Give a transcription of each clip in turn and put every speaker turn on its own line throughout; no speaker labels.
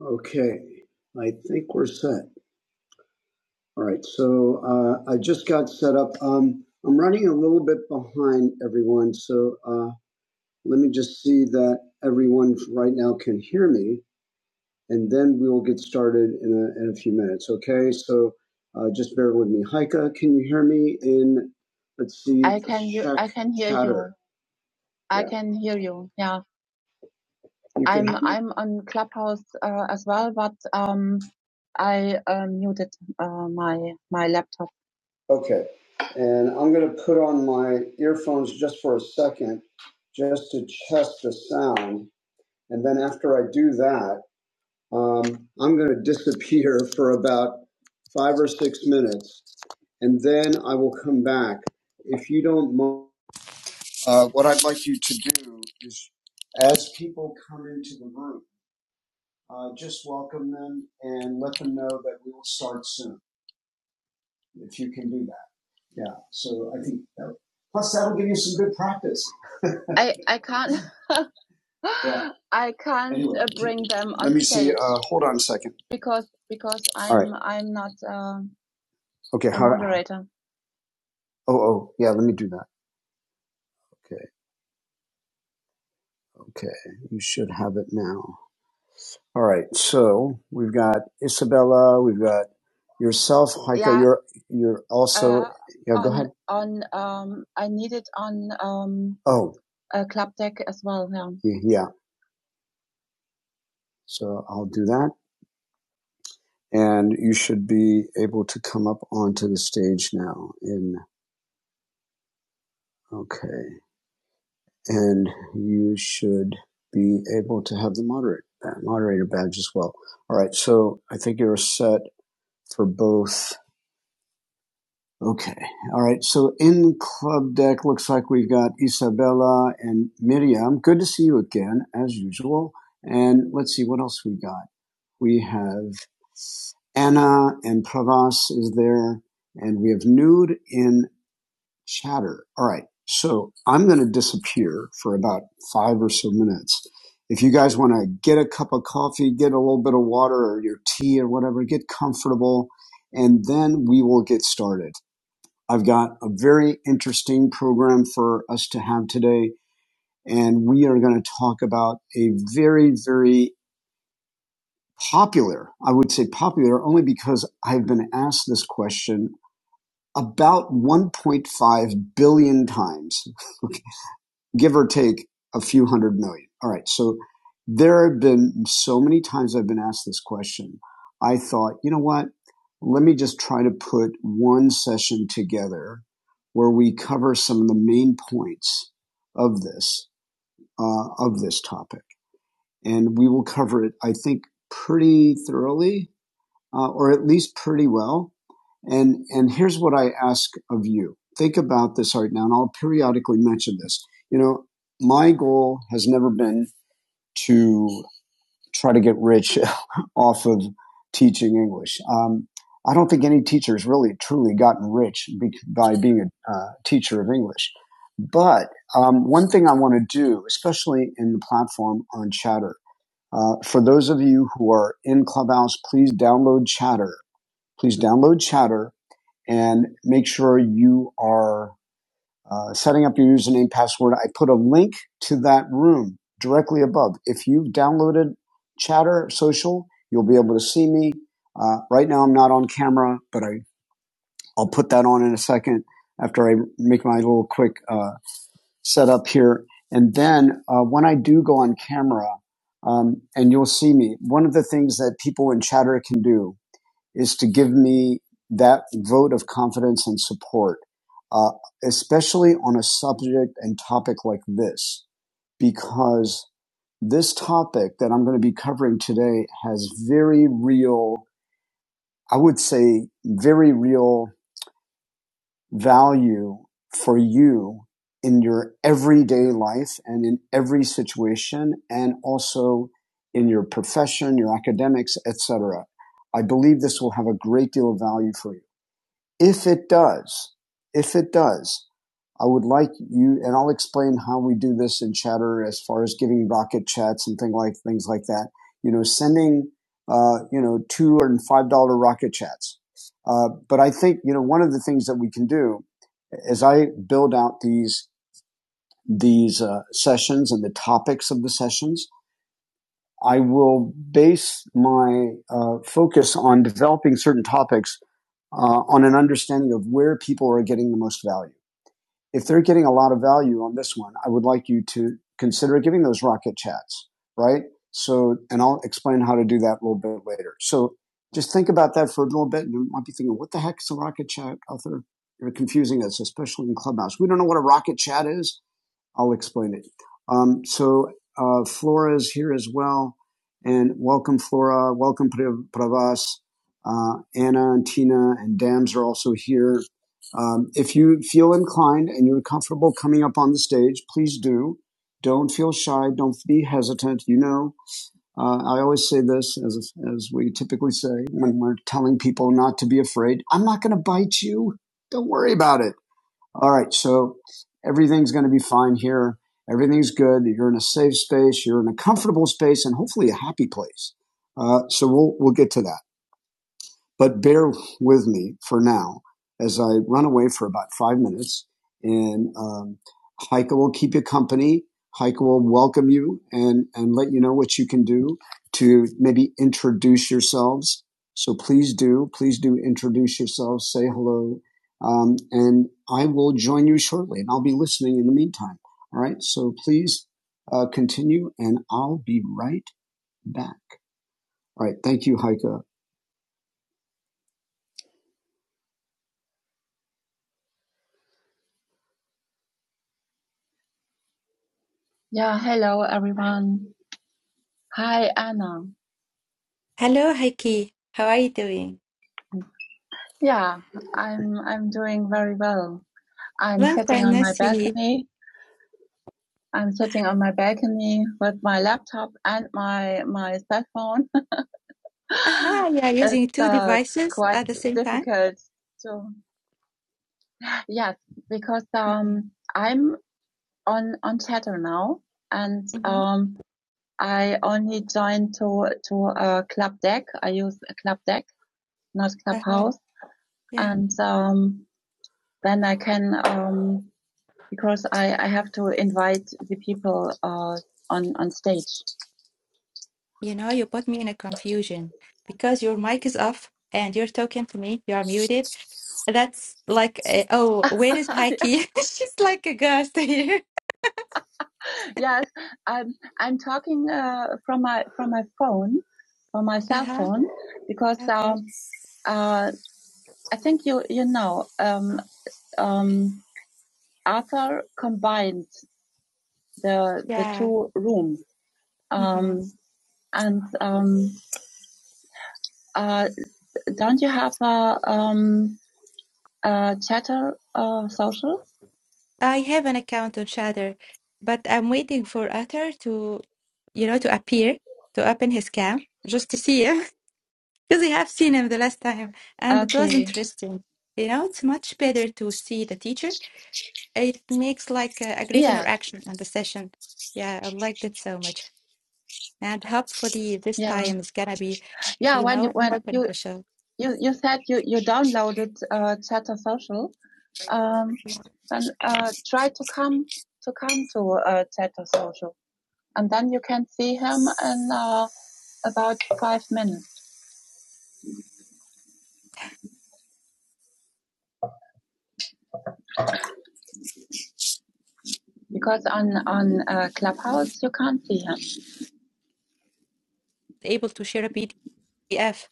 Okay, I think we're set. All right, so uh, I just got set up. Um, I'm running a little bit behind everyone, so uh, let me just see that everyone right now can hear me, and then we will get started in a, in a few minutes. Okay, so uh, just bear with me. Haika, can you hear me? In let's see. I can hear. I can hear chatter. you. I Yeah. can hear you. yeah. Okay. I'm I'm on Clubhouse uh, as well, but um, I uh, muted uh, my my laptop. Okay. And I'm going to put on my earphones just for a second, just to test the sound. And then after I do that, um, I'm going to disappear for about five or six minutes, and then I will come back. If you don't mind, uh, what I'd like you to do is, as people come into the room uh, just welcome them and let them know that we will start soon if you can do that. Yeah. So I think that, plus that'll give you some good practice. I I can't Yeah. I can't Anyway, uh, bring them let on Let me stage see. Uh, hold on a second. because because i right. I'm I'm not um, Okay. the How? moderator. How, Oh, oh, yeah. Let me do that. Okay. Okay. You should have it now. All right, so we've got Isabella, we've got yourself, Heike. Yeah, You're you're also uh, yeah. Go on ahead. on um, I need it on um, Oh uh, Club Deck as well. Yeah. yeah, so I'll do that, and you should be able to come up onto the stage now. In okay, and you should be able to have the moderate uh, moderator badge as well. All right, so I think you're set for both. Okay. All right. So in club deck, looks like we've got Isabella and Miriam. Good to see you again, as usual. And let's see what else we got. We have Anna and Pravas is there, and we have Nude in Chatter. All right. So I'm going to disappear for about five or so minutes. If you guys want to get a cup of coffee, get a little bit of water or your tea or whatever, get comfortable, and then we will get started. I've got a very interesting program for us to have today, and we are going to talk about a very, very popular, I would say popular only because I've been asked this question about 1.5 billion times. give or take a few hundred million. All right. So there have been so many times I've been asked this question. I thought, you know what? Let me just try to put one session together where we cover some of the main points of this uh, of this topic, and we will cover it. I think pretty thoroughly uh, or at least pretty well. And and here's what I ask of you: think about this right now, and I'll periodically mention this. You know, my goal has never been to try to get rich off of teaching English. Um, I don't think any teacher has really truly gotten rich be- by being a uh, teacher of English. But um, one thing I want to do, especially in the platform on Chatter, uh, for those of you who are in Clubhouse, please download Chatter please download Chatter and make sure you are uh, setting up your username password. I put a link to that room directly above. If you've downloaded Chatter Social, you'll be able to see me. Uh, right now, I'm not on camera, but I, I'll put that on in a second after I make my little quick uh, setup here. And then uh, when I do go on camera, um, and you'll see me, one of the things that people in Chatter can do is to give me that vote of confidence and support, uh, especially on a subject and topic like this, because this topic that I'm going to be covering today has very real, I would say, very real value for you in your everyday life and in every situation and also in your profession, your academics, etc. I believe this will have a great deal of value for you. If it does, if it does, I would like you, and I'll explain how we do this in Chatter as far as giving rocket chats and things like things like that. You know, sending uh, you know two and five dollar rocket chats. Uh, but I think you know one of the things that we can do as I build out these these uh, sessions and the topics of the sessions I will base my uh, focus on developing certain topics uh, on an understanding of where people are getting the most value. If they're getting a lot of value on this one, I would like you to consider giving those rocket chats, right? So, and I'll explain how to do that a little bit later. So, just think about that for a little bit, and you might be thinking, "What the heck is a rocket chat, Arthur? You're confusing us, especially in Clubhouse. We don't know what a rocket chat is." I'll explain it. Um, so uh, Flora is here as well, and welcome Flora, welcome Pravas, uh, Anna and Tina and Dams are also here. Um, if you feel inclined and you're comfortable coming up on the stage, please do. Don't feel shy. Don't be hesitant. You know, uh, I always say this, as as we typically say when we're telling people not to be afraid. I'm not going to bite you. Don't worry about it all right. So everything's going to be fine here. Everything's good. You're in a safe space. You're in a comfortable space and hopefully a happy place. Uh, so we'll, we'll get to that. But bear with me for now as I run away for about five minutes and um, Heike will keep you company. Heike will welcome you and, and let you know what you can do to maybe introduce yourselves. So please do, please do introduce yourselves, say hello. Um, and I will join you shortly and I'll be listening in the meantime. All right. So please uh, continue and I'll be right back. All right. Thank you, Heike. Yeah. Hello, everyone. Hi, Anna.
Hello, Heike. How are you doing?
Yeah, I'm I'm doing very well. I'm
Long
sitting
time
on
no
my
see.
balcony. I'm sitting on my balcony with my laptop and my my cell phone.
Aha, you are using
it's
two
uh,
devices
quite
at the same time?
difficult to yes because
Mm-hmm.
um I'm on on Chatter now and
Mm-hmm.
um I only joined to to uh, Club Deck. I use Club Deck, not
Uh-huh.
Clubhouse,
Yeah.
and um then I can um because I, I have to invite the people uh, on on stage.
You know, you put me in a confusion because your mic is off and you're talking to me. You are muted. That's like, uh, oh, where is Heike? She's like a ghost here.
yes, I'm I'm talking uh, from my from my phone, from my cell
Uh-huh.
phone, because
Okay.
um, uh, I think you you know um, um, Arthur combined the the
Yeah.
two rooms,
Mm-hmm.
um, and um, uh, don't you have a um, a chatter uh, social?
I have an account on Shatter, but I'm waiting for Utter to, you know, to appear, to open his cam just to see Because I have seen him the last time and it was
Okay.
interesting. You know, it's much better to see the teacher. It makes like a, a great
Yeah.
interaction in the session. Yeah, I liked it so much. And hopefully this
Yeah.
time it's gonna be,
Yeah.
you
When you
know, more
when you
beneficial.
you you said you you downloaded uh, Chatter Social. Um, then uh, try to come to come to uh, Chatter Social, and then you can see him in uh, about five minutes because on on uh, Clubhouse you can't see him.
Able to share a PDF.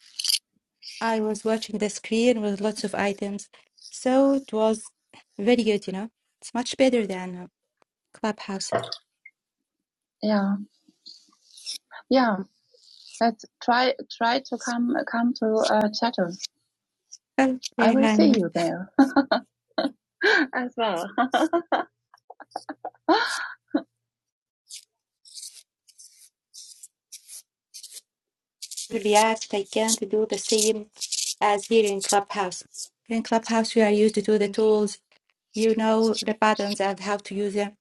I was watching the screen with lots of items. So it was very good, you know. It's much better than uh, Clubhouse.
Yeah, yeah. Let's try try to come come to uh, Chatter. I will see
Okay,
you there as well.
react I can't do the same as here in Clubhouse. In Clubhouse, we are used to do the tools, you know, the buttons and how to use them.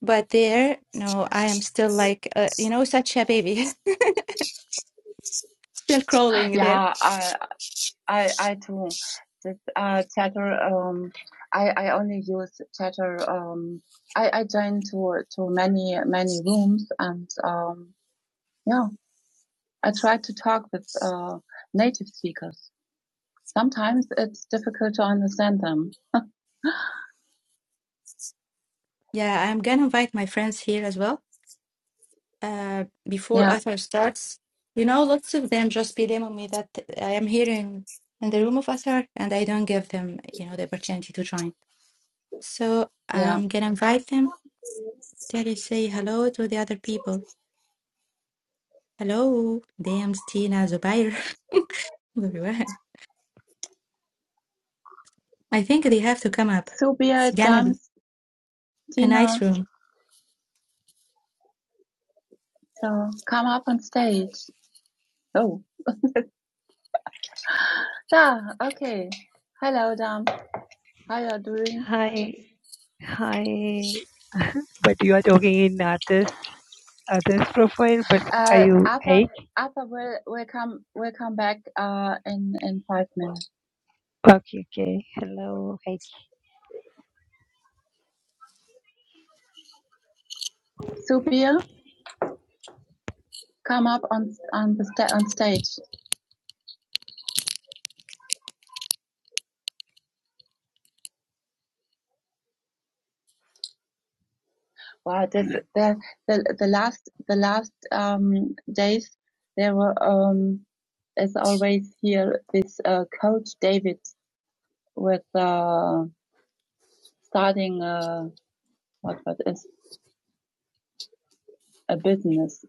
But there, no, I am still like, uh, you know, such a baby, still crawling there.
yeah, I I I too. This uh, chatter. Um, I I only use chatter. Um, I I join to to many many rooms and um, yeah. I try to talk with uh, native speakers. Sometimes it's difficult to understand them.
Yeah, I'm gonna invite my friends here as well. Uh, before
Yeah,
Arthur starts, you know, lots of them just be on me that I am here in, in the room of Arthur and I don't give them, you know, the opportunity to join. So
yeah.
I'm gonna invite them Daddy say hello to the other people. Hello, Dams, Tina, Zubair, everyone. I think they have to come up. It's
Subia,
gonna be
Dams,
a nice
Tina,
room.
so come up on stage. Oh, yeah. Okay. Hello, Dam. How are you doing?
Hi, hi. But you are talking in others, others profile. But are
Uh,
you
Arthur,
hey?
Arthur will will come will come back uh in in five minutes.
Okay, okay. Hello, hey.
Subir, come up on on the sta- on stage. Wow, this, the the the last the last um days there were um as always here this uh, coach David with uh starting uh what what is a business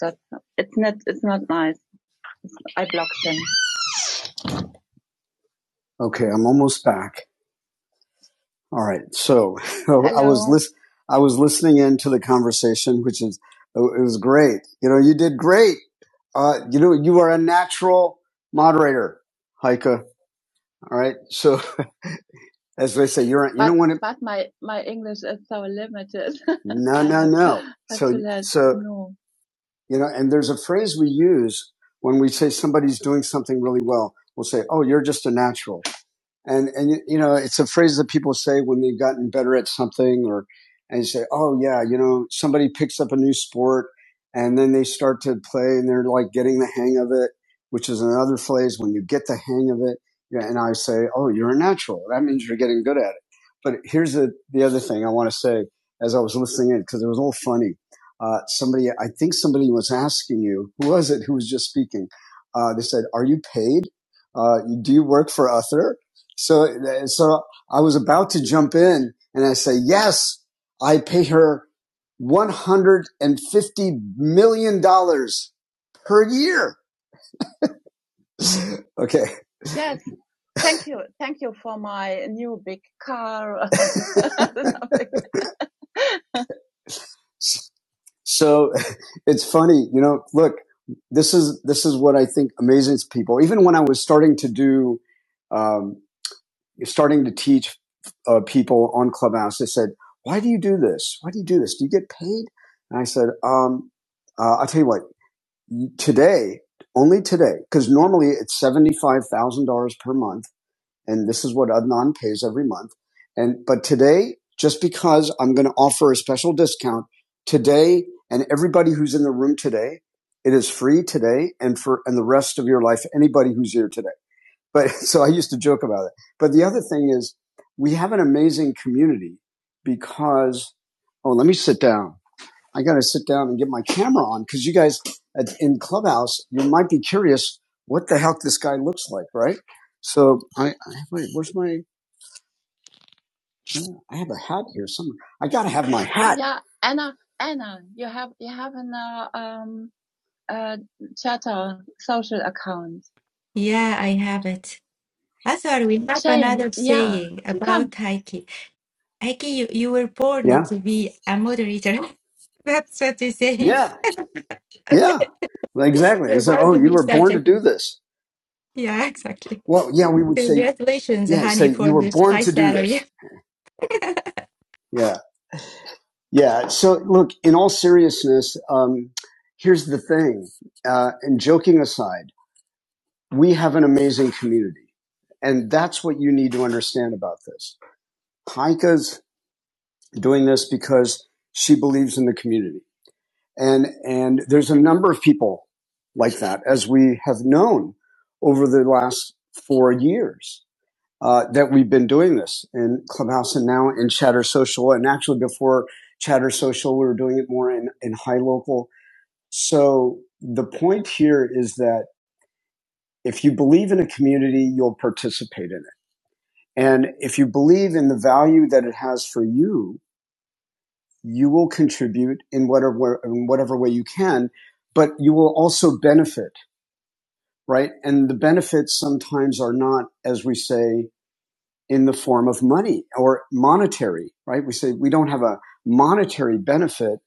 that it's not it's not nice. I blocked him. Okay, I'm almost back. All right. So I was lis- I was listening into the conversation, which is it was great. You know, you did great. Uh, you know, you are a natural moderator, Heike. All right. So as they say, you're you But don't want to. but my my English is so limited. No, no, no. So let so no. you know, and there's a phrase we use when we say somebody's doing something really well. We'll say, "Oh, you're just a natural." And and you know, it's a phrase that people say when they've gotten better at something, or and you say, "Oh yeah, you know, somebody picks up a new sport, and then they start to play, and they're like getting the hang of it," which is another phrase when you get the hang of it. Yeah, and I say, "Oh, you're a natural. That means you're getting good at it." But here's the the other thing I want to say as I was listening in because it was all funny. Uh, somebody, I think somebody was asking you, who was it who was just speaking? Uh, they said, "Are you paid? Uh, do you work for Uther?" So, so I was about to jump in and I say, yes, I pay her $150 million dollars per year. okay. Yes, thank you, thank you for my new big car. So it's funny, you know, look, this is, this is what I think amazes people. Even when I was starting to do, um, starting to teach uh, people on Clubhouse they said, why do you do this? Why do you do this? Do you get paid? And I said, um, uh, I'll tell you what, today, only today, because normally it's $75,000 per month. And this is what Adnan pays every month. And, but today, just because I'm going to offer a special discount today and everybody who's in the room today, it is free today and for, and the rest of your life, anybody who's here today. But so I used to joke about it. But the other thing is we have an amazing community because, oh, let me sit down. I got to sit down and get my camera on because you guys in Clubhouse, you might be curious what the heck this guy looks like, right? So I, I wait, where's my, I have a hat here somewhere. I got to have my hat. Yeah, Anna, Anna, you have you have an uh, um uh Twitter social account.
Yeah, I have it. I thought we have
Shane,
another
yeah,
saying
come.
about Heike. Heike, you, you were born
Yeah.
to be a moderator. That's what we say.
Yeah. Yeah, exactly.
You're
So,
born
oh,
to
you
be
were
such
born
a.
to do
thing.
this.
Yeah, exactly.
Well, yeah, we would say,
Congratulations,
yeah, say
honey,
you
for
were
this
born
high
to do
salary.
this. Yeah, yeah. So, look, in all seriousness, um, here's the thing. Uh, and joking aside, we have an amazing community, and that's what you need to understand about this. Heike's doing this because she believes in the community, and and there's a number of people like that, as we have known over the last four years uh, that we've been doing this in Clubhouse and now in Chatter Social. And actually, before Chatter Social, we were doing it more in, in High Local. So the point here is that if you believe in a community, you'll participate in it. And if you believe in the value that it has for you, you will contribute in whatever, in whatever way you can, but you will also benefit, right? And the benefits sometimes are not, as we say, in the form of money or monetary, right? We say we don't have a monetary benefit,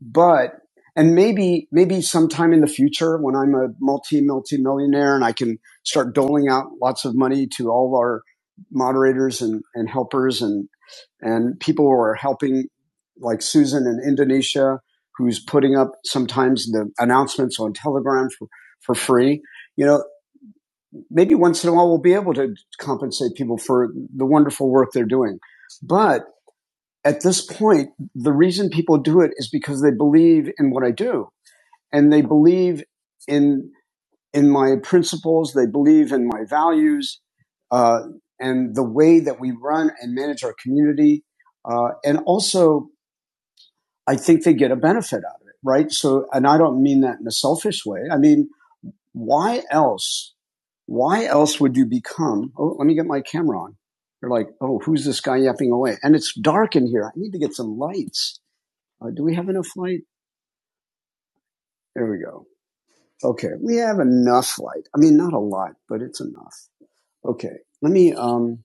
but and maybe maybe sometime in the future when I'm a multi multi millionaire and I can start doling out lots of money to all of our moderators and, and helpers and and people who are helping like Susan in Indonesia who's putting up sometimes the announcements on Telegram for, for free. You know, maybe once in a while we'll be able to compensate people for the wonderful work they're doing. But at this point, the reason people do it is because they believe in what I do and they believe in in my principles, they believe in my values, uh, and the way that we run and manage our community. Uh, and also, I think they get a benefit out of it, right? So, and I don't mean that in a selfish way. I mean, why else? Why else would you become? Oh, let me get my camera on. They're like, oh, who's this guy yapping away? And it's dark in here. I need to get some lights. Uh, do we have enough light? There we go. Okay, we have enough light. I mean, not a lot, but it's enough. Okay, let me. Um,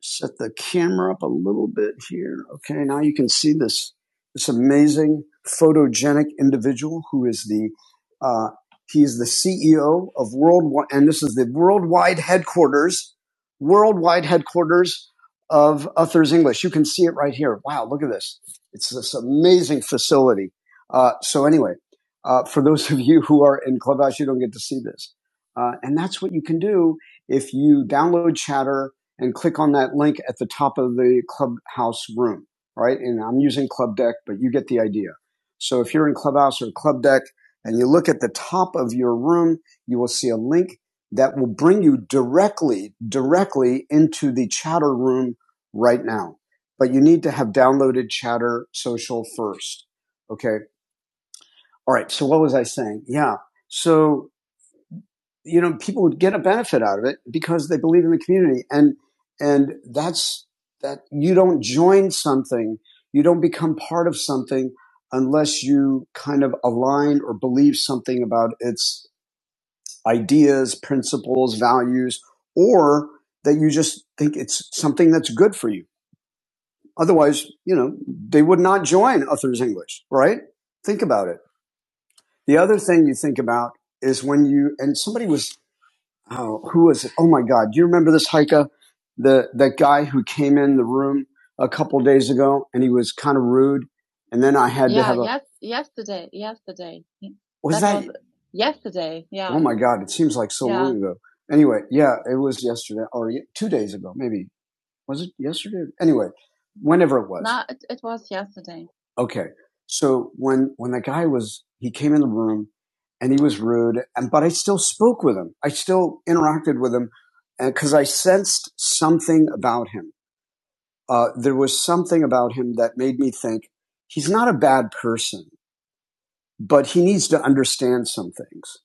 set the camera up a little bit here. Okay, now you can see this this amazing photogenic individual who is the uh, he is the CEO of worldwide, and this is the worldwide headquarters, worldwide headquarters of Uthers English. You can see it right here. Wow, look at this! It's this amazing facility. Uh, so anyway, uh, for those of you who are in Clubhouse, you don't get to see this, uh, and that's what you can do if you download Chatter and click on that link at the top of the clubhouse room, right? And I'm using Club Deck, but you get the idea. So if you're in Clubhouse or Club Deck and you look at the top of your room, you will see a link that will bring you directly, directly into the chatter room right now. But you need to have downloaded Chatter Social first. Okay. All right. So what was I saying? Yeah. So you know, people would get a benefit out of it because they believe in the community. And, and that's that you don't join something, you don't become part of something unless you kind of align or believe something about its ideas, principles, values, or that you just think it's something that's good for you. Otherwise, you know, they would not join Others English, right? Think about it. The other thing you think about is when you, and somebody was oh, who was it? Oh my God. Do you remember this hiker? The, that guy who came in the room a couple days ago and he was kind of rude. And then I had yeah, to Yeah, have a, yes, yesterday, yesterday. was That that, was yesterday. Yeah, oh my God, it seems like so yeah, long ago. Anyway, yeah, it was yesterday or two days ago, maybe. Was it yesterday? Anyway, whenever it was. No, it, it was yesterday. Okay. So when when the guy was he came in the room and he was rude, and but I still spoke with him. I still interacted with him because I sensed something about him. Uh, there was something about him that made me think he's not a bad person, but he needs to understand some things.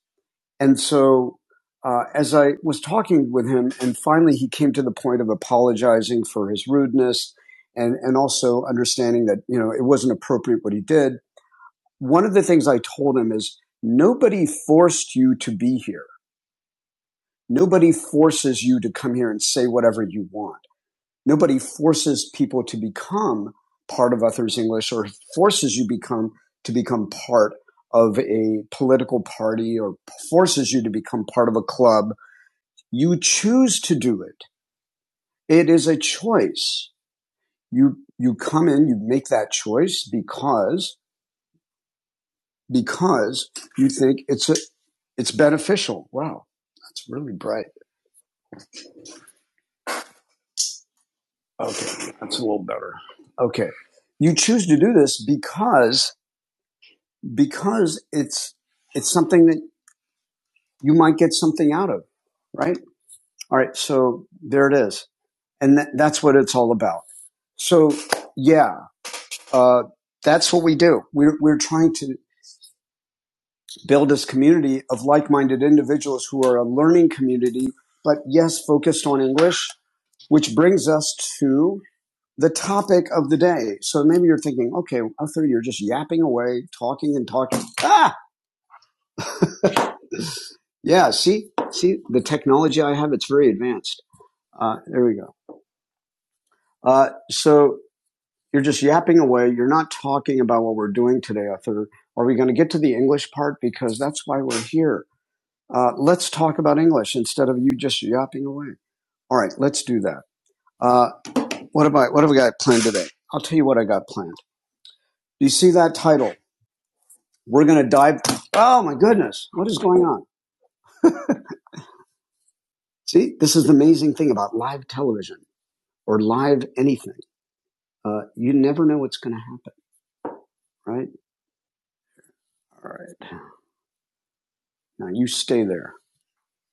And so, uh, as I was talking with him, and finally he came to the point of apologizing for his rudeness, and and also understanding that you know it wasn't appropriate what he did. One of the things I told him is nobody forced you to be here. Nobody forces you to come here and say whatever you want. Nobody forces people to become part of Others English or forces you become to become part of a political party or forces you to become part of a club you choose to do it. It is a choice. You, you come in, you make that choice because, because you think it's a, it's beneficial. Wow. That's really bright. Okay. That's a little better. Okay. You choose to do this because, because it's, it's something that you might get something out of, right? All right. So there it is. And that, that's what it's all about. So yeah, uh, that's what we do. We're, we're trying to build this community of like-minded individuals who are a learning community, but yes, focused on English, which brings us to the topic of the day. So maybe you're thinking, okay, Arthur, you're just yapping away, talking and talking. Ah, yeah, see, see the technology I have, it's very advanced. Uh, there we go. Uh, so you're just yapping away. You're not talking about what we're doing today, Arthur. Are we going to get to the English part? Because that's why we're here. Uh, let's talk about English instead of you just yapping away. All right, let's do that. Uh, what about what have we got planned today? I'll tell you what I got planned. Do you see that title? We're going to dive. Oh my goodness, what is going on? See, this is the amazing thing about live television or live anything. Uh, you never know what's going to happen, right? All right, now you stay there.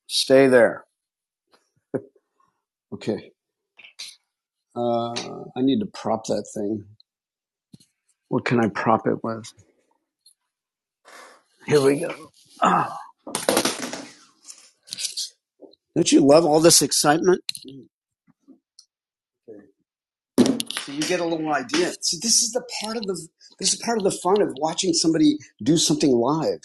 Stay there. Okay. Uh, I need to prop that thing. What can I prop it with? Here we go. Ah, don't you love all this excitement? So you get a little idea. See, this is the part of the this is part of the fun of watching somebody do something live,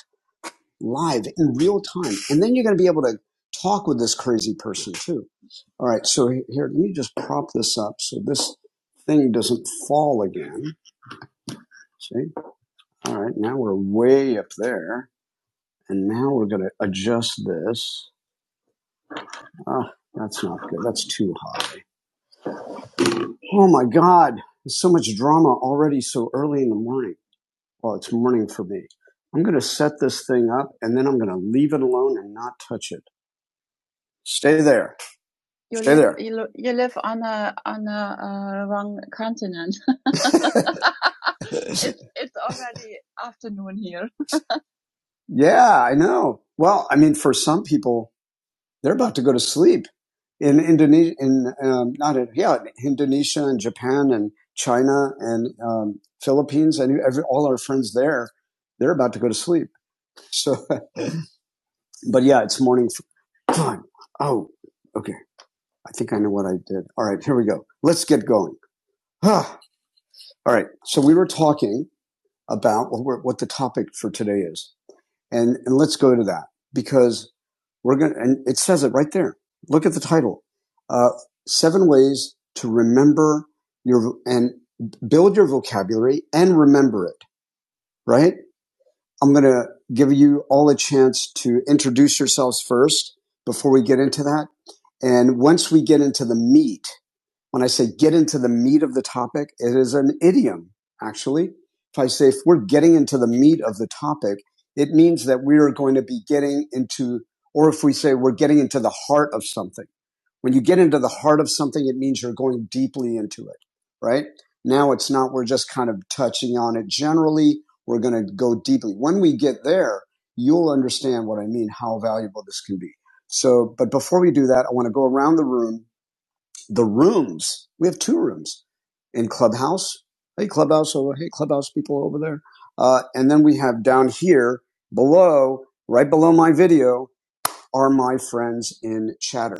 live in real time, and then you're going to be able to talk with this crazy person too. All right, so he- here, let me just prop this up so this thing doesn't fall again. See? All right, now we're way up there, and now we're going to adjust this. Ah, that's not good. That's too high. Oh my God, there's so much drama already so early in the morning. Well, it's morning for me. I'm going to set this thing up and then I'm going to leave it alone and not touch it. Stay there. You Stay live, there. you, lo- you live on a on a uh, wrong continent. it's it's already afternoon here. Yeah, I know. Well, I mean, for some people, they're about to go to sleep in Indonesia, in um, not in, yeah, Indonesia and Japan and China and um, Philippines and every, all our friends there, they're about to go to sleep. So But yeah, it's morning. f- Fine. Oh, okay. I think I know what I did. All right, here we go. Let's get going. Ah. All right. So we were talking about what, we're, what the topic for today is, and and let's go to that because we're going to and it says it right there. Look at the title. Uh, seven ways to remember your and build your vocabulary and remember it. Right. I'm going to give you all a chance to introduce yourselves first before we get into that. And once we get into the meat, when I say get into the meat of the topic, it is an idiom, actually. If I say if we're getting into the meat of the topic, it means that we are going to be getting into, or if we say we're getting into the heart of something. When you get into the heart of something, it means you're going deeply into it, right? Now it's not, we're just kind of touching on it generally. We're going to go deeply. When we get there, you'll understand what I mean, how valuable this can be. So, but before we do that, I want to go around the room. The rooms, we have two rooms in Clubhouse. Hey, Clubhouse over, hey, Clubhouse people over there. Uh, and then we have down here below, right below my video, are my friends in chatter.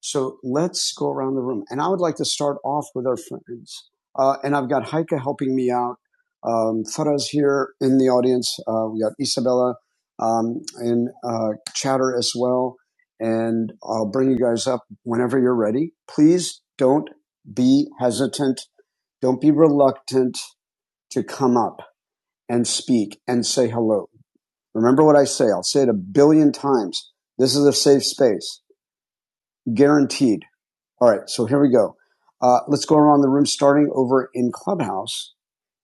So let's go around the room. And I would like to start off with our friends. Uh, and I've got Heike helping me out. Um, Faraz here in the audience. Uh, we got Isabella um, in uh, chatter as well. And I'll bring you guys up whenever you're ready. Please don't be hesitant. Don't be reluctant to come up and speak and say hello. Remember what I say. I'll say it a billion times. This is a safe space guaranteed. All right, so here we go. Uh, let's go around the room, starting over in Clubhouse,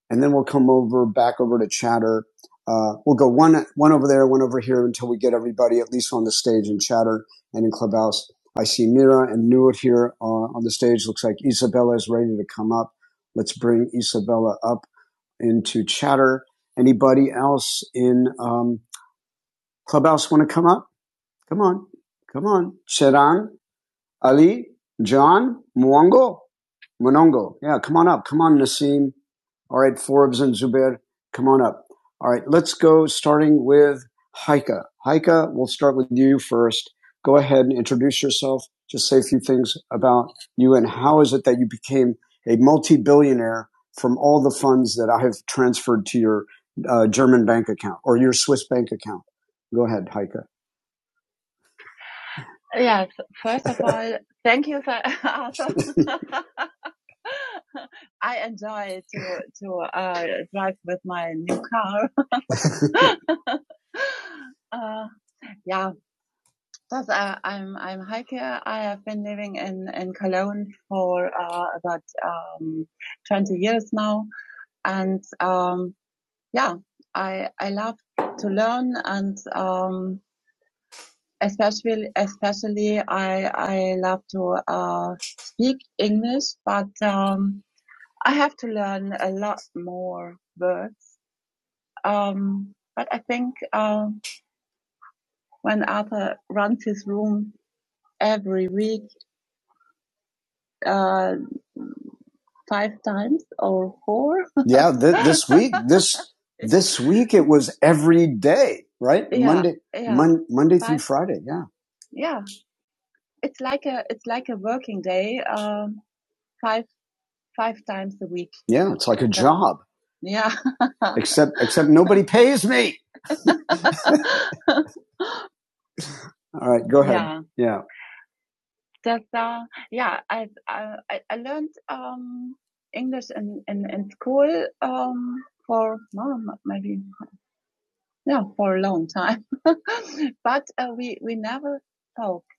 and then we'll come over back over to Chatter. Uh, we'll go one one over there, one over here, until we get everybody at least on the stage in Chatter and in Clubhouse. I see Mira and Newt here uh, on the stage. Looks like Isabella is ready to come up. Let's bring Isabella up into Chatter. Anybody else in um, Clubhouse want to come up? Come on, come on, Charan. Ali, John, Mwongo, Monongo. Yeah, come on up. Come on, Nassim. All right, Forbes and Zubair, come on up. All right, let's go starting with Haika. Haika, we'll start with you first. Go ahead and introduce yourself. Just say a few things about you and how is it that you became a multi-billionaire from all the funds that I have transferred to your uh, German bank account or your Swiss bank account. Go ahead, Haika. Yes, first of all, thank you for asking. I enjoy to to uh, drive with my new car. uh, yeah, thus, uh, I'm I'm Heike. I have been living in in Cologne for uh, about um, 20 years now, and um, yeah, I I love to learn and um, especially especially I I love to uh, speak English, but um, I have to learn a lot more words. Um, but I think um, when Arthur runs his room every week uh, five times or four, Yeah, th- this week, this this week it was every day, right? yeah, Monday, yeah, mon- Monday through five. Friday. Yeah. Yeah, it's like a it's like a working day. Um, five five times a week. Yeah, it's like a job, Yeah. except except nobody pays me. All right, go ahead. Yeah. Yeah. that uh, yeah I, I I- learned um English in in, in school um for well, maybe yeah for a long time but uh, we we never talked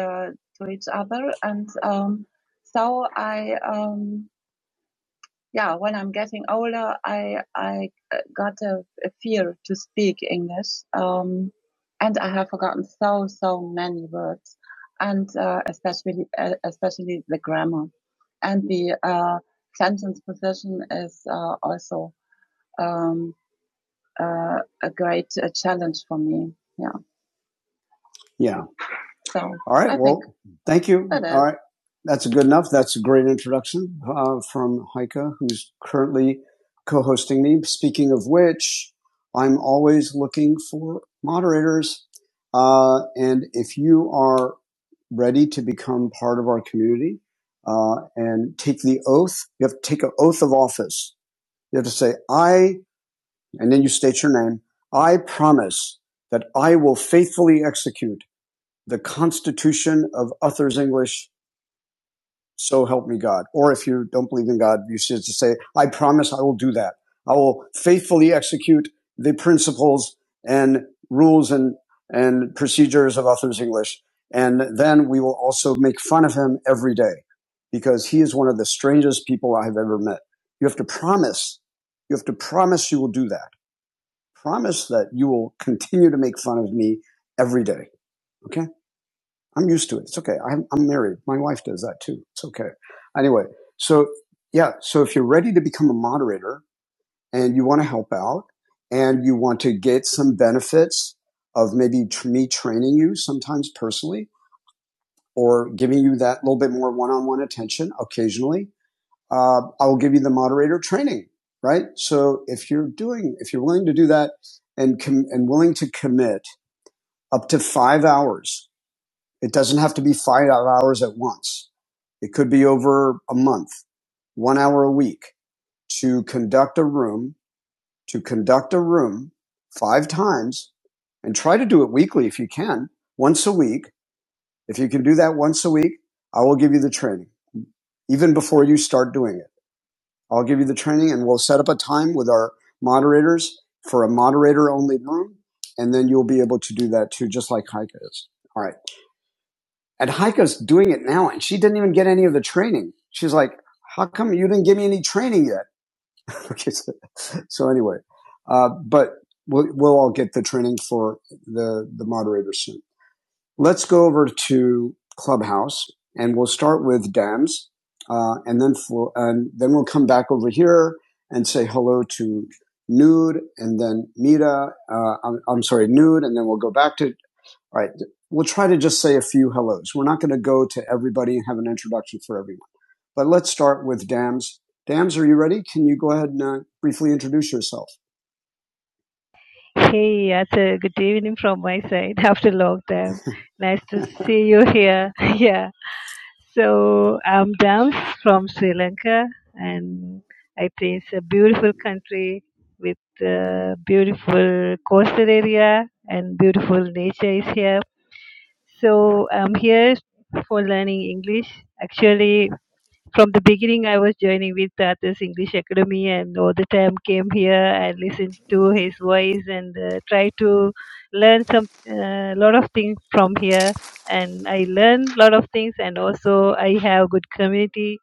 uh, to each other and um so I um yeah, when I'm getting older, I I uh, got a, a fear to speak English, um, and I have forgotten so so many words, and uh, especially uh, especially the grammar, and the uh, sentence position is uh, also um, uh, a great uh, challenge for me. Yeah. Yeah. So All right. I well, thank you. All right, That's good enough. That's a great introduction uh, from Heike, who's currently co hosting me. Speaking of which, I'm always looking for moderators. Uh, and if you are ready to become part of our community uh, and take the oath, you have to take an oath of office. You have to say, I, and then you state your name, I promise that I will faithfully execute the Constitution of Uther's English, so help me God. Or if you don't believe in God, you should say, I promise I will do that. I will faithfully execute the principles and rules and, and procedures of Uther's English. And then we will also make fun of him every day because he is one of the strangest people I have ever met. You have to promise, you have to promise you will do that. Promise that you will continue to make fun of me every day. Okay. I'm used to it. It's okay. I'm, I'm married. My wife does that too. It's okay. Anyway, so yeah, so if you're ready to become a moderator and you want to help out and you want to get some benefits of maybe me training you sometimes personally or giving you that little bit more one-on-one attention occasionally, uh, I will give you the moderator training, right? So if you're doing, if you're willing to do that and com- and willing to commit up to five hours it doesn't have to be five hours at once. It could be over a month, one hour a week to conduct a room, to conduct a room five times and try to do it weekly if you can, once a week. If you can do that once a week, I will give you the training even before you start doing it. I'll give you the training and we'll set up a time with our moderators for a moderator only room. And then you'll be able to do that too, just like Heike is. All right. And Heiko's doing it now, and she didn't even get any of the training. She's like, "How come you didn't give me any training yet?" Okay, so, so anyway, uh, but we'll, we'll all get the training for the the moderator soon. Let's go over to Clubhouse, and we'll start with Dams, uh, and then for, and then we'll come back over here and say hello to Nude, and then Mita. Uh, I'm, I'm sorry, Nude, and then we'll go back to all right. We'll try to just say a few hellos. We're not going to go to everybody and have an introduction for everyone. But let's start with Dams. Dams, are you ready? Can you go ahead and uh, briefly introduce yourself?
Hey, Arthur. Good evening from my side. After long time, nice to see you here. yeah. So I'm Dams from Sri Lanka, and I think it's a beautiful country with uh, beautiful coastal area and beautiful nature is here So I'm here for learning English. Actually, from the beginning, I was joining with Tata's English Academy, and all the time came here and listened to his voice and uh, try to learn some uh, lot of things from here. And I learn lot of things, and also I have good community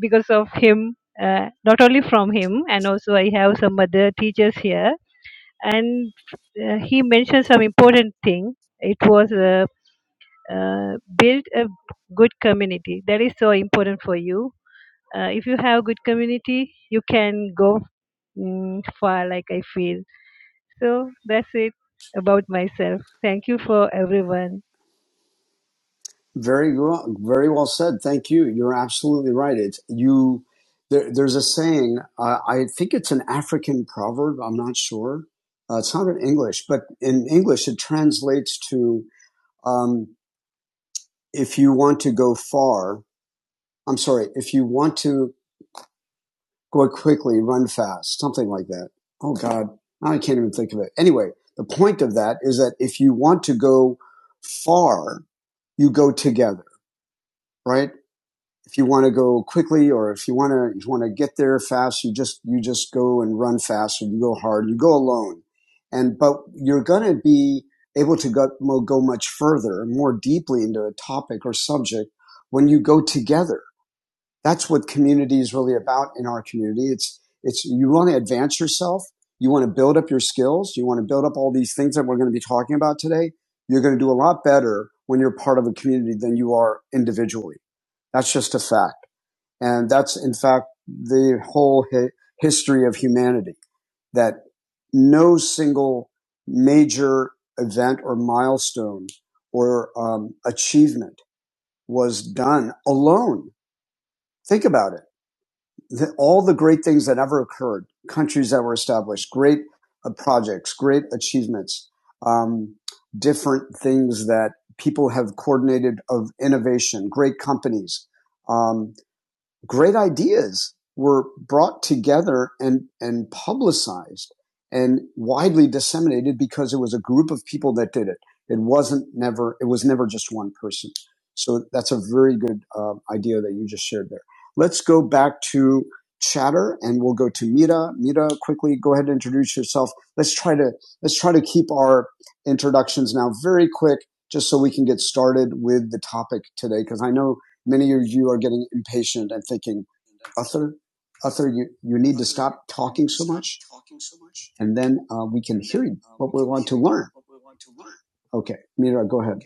because of him. Uh, not only from him, and also I have some other teachers here, and uh, he mentioned some important thing it was uh, uh, build a good community that is so important for you uh, if you have good community you can go mm, far like i feel so that's it about myself thank you for everyone
Very well, very well said. Thank you. You're absolutely right. It's you. There, there's a saying. Uh, I think it's an African proverb. I'm not sure. Uh, it's not in English, but in English it translates to um, if you want to go far. I'm sorry. If you want to go quickly, run fast, something like that. Oh God, now I can't even think of it. Anyway, the point of that is that if you want to go far, you go together, right? If you want to go quickly or if you want to, you want to get there fast, you just, you just go and run fast or you go hard, you go alone. And, but you're going to be able to go, go much further and more deeply into a topic or subject when you go together that's what community is really about in our community. It's, it's, you want to advance yourself. You want to build up your skills. You want to build up all these things that we're going to be talking about today. You're going to do a lot better when you're part of a community than you are individually. That's just a fact. And that's, in fact, the whole hi- history of humanity that no single major event or milestone or um, achievement was done alone. Think about it the, all the great things that ever occurred, countries that were established, great uh, projects, great achievements, um, different things that people have coordinated of innovation, great companies, um, great ideas were brought together and, and publicized and widely disseminated because it was a group of people that did it. It wasn't never, it was never just one person. So that's a very good uh, idea that you just shared there. Let's go back to chatter and we'll go to Mita. Mita, quickly go ahead and introduce yourself. Let's try to, let's try to keep our introductions now very quick just so we can get started with the topic today. Cause I know many of you are getting impatient and thinking, "Arthur, Arthur, you, you need to stop talking so much, and then uh, we can hear you, what we want to learn. Okay, Mira, go ahead.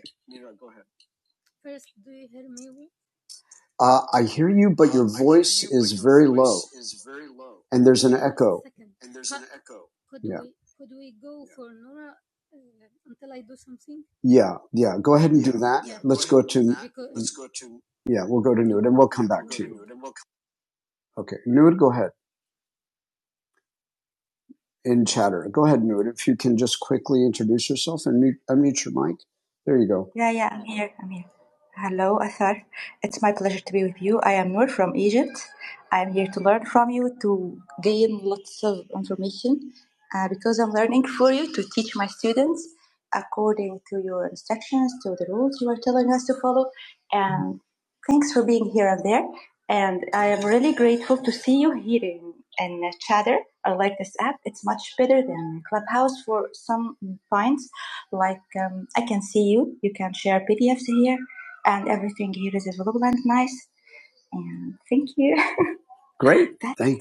First, do you hear me? Uh, I hear you, but your voice is very low, and there's an echo. Second. And there's an echo. Could Yeah. we could we go for Nora uh, until I do something? Yeah, yeah. Go ahead and do that. Yeah. Let's go to Because- Let's go to. yeah. We'll go to Nude, and we'll come back to you. Okay, Nude, go ahead. in chatter. Go ahead, Nuit. If you can just quickly introduce yourself and mute, unmute your mic. There you go. Yeah, yeah, I'm here. I'm here. Hello, Athar. It's my pleasure to be with you. I am Noor from Egypt. I'm here to learn from you, to gain lots of information, uh, because I'm learning for you to teach my students according to your instructions, to the rules you are telling us to follow. And thanks for being here and there. And I am really grateful to see you here in, in Chatter I like this app. It's much better than Clubhouse for some points. Like um, I can see you. You can share PDFs here, and everything here is available and nice. And thank you. Great. Thank,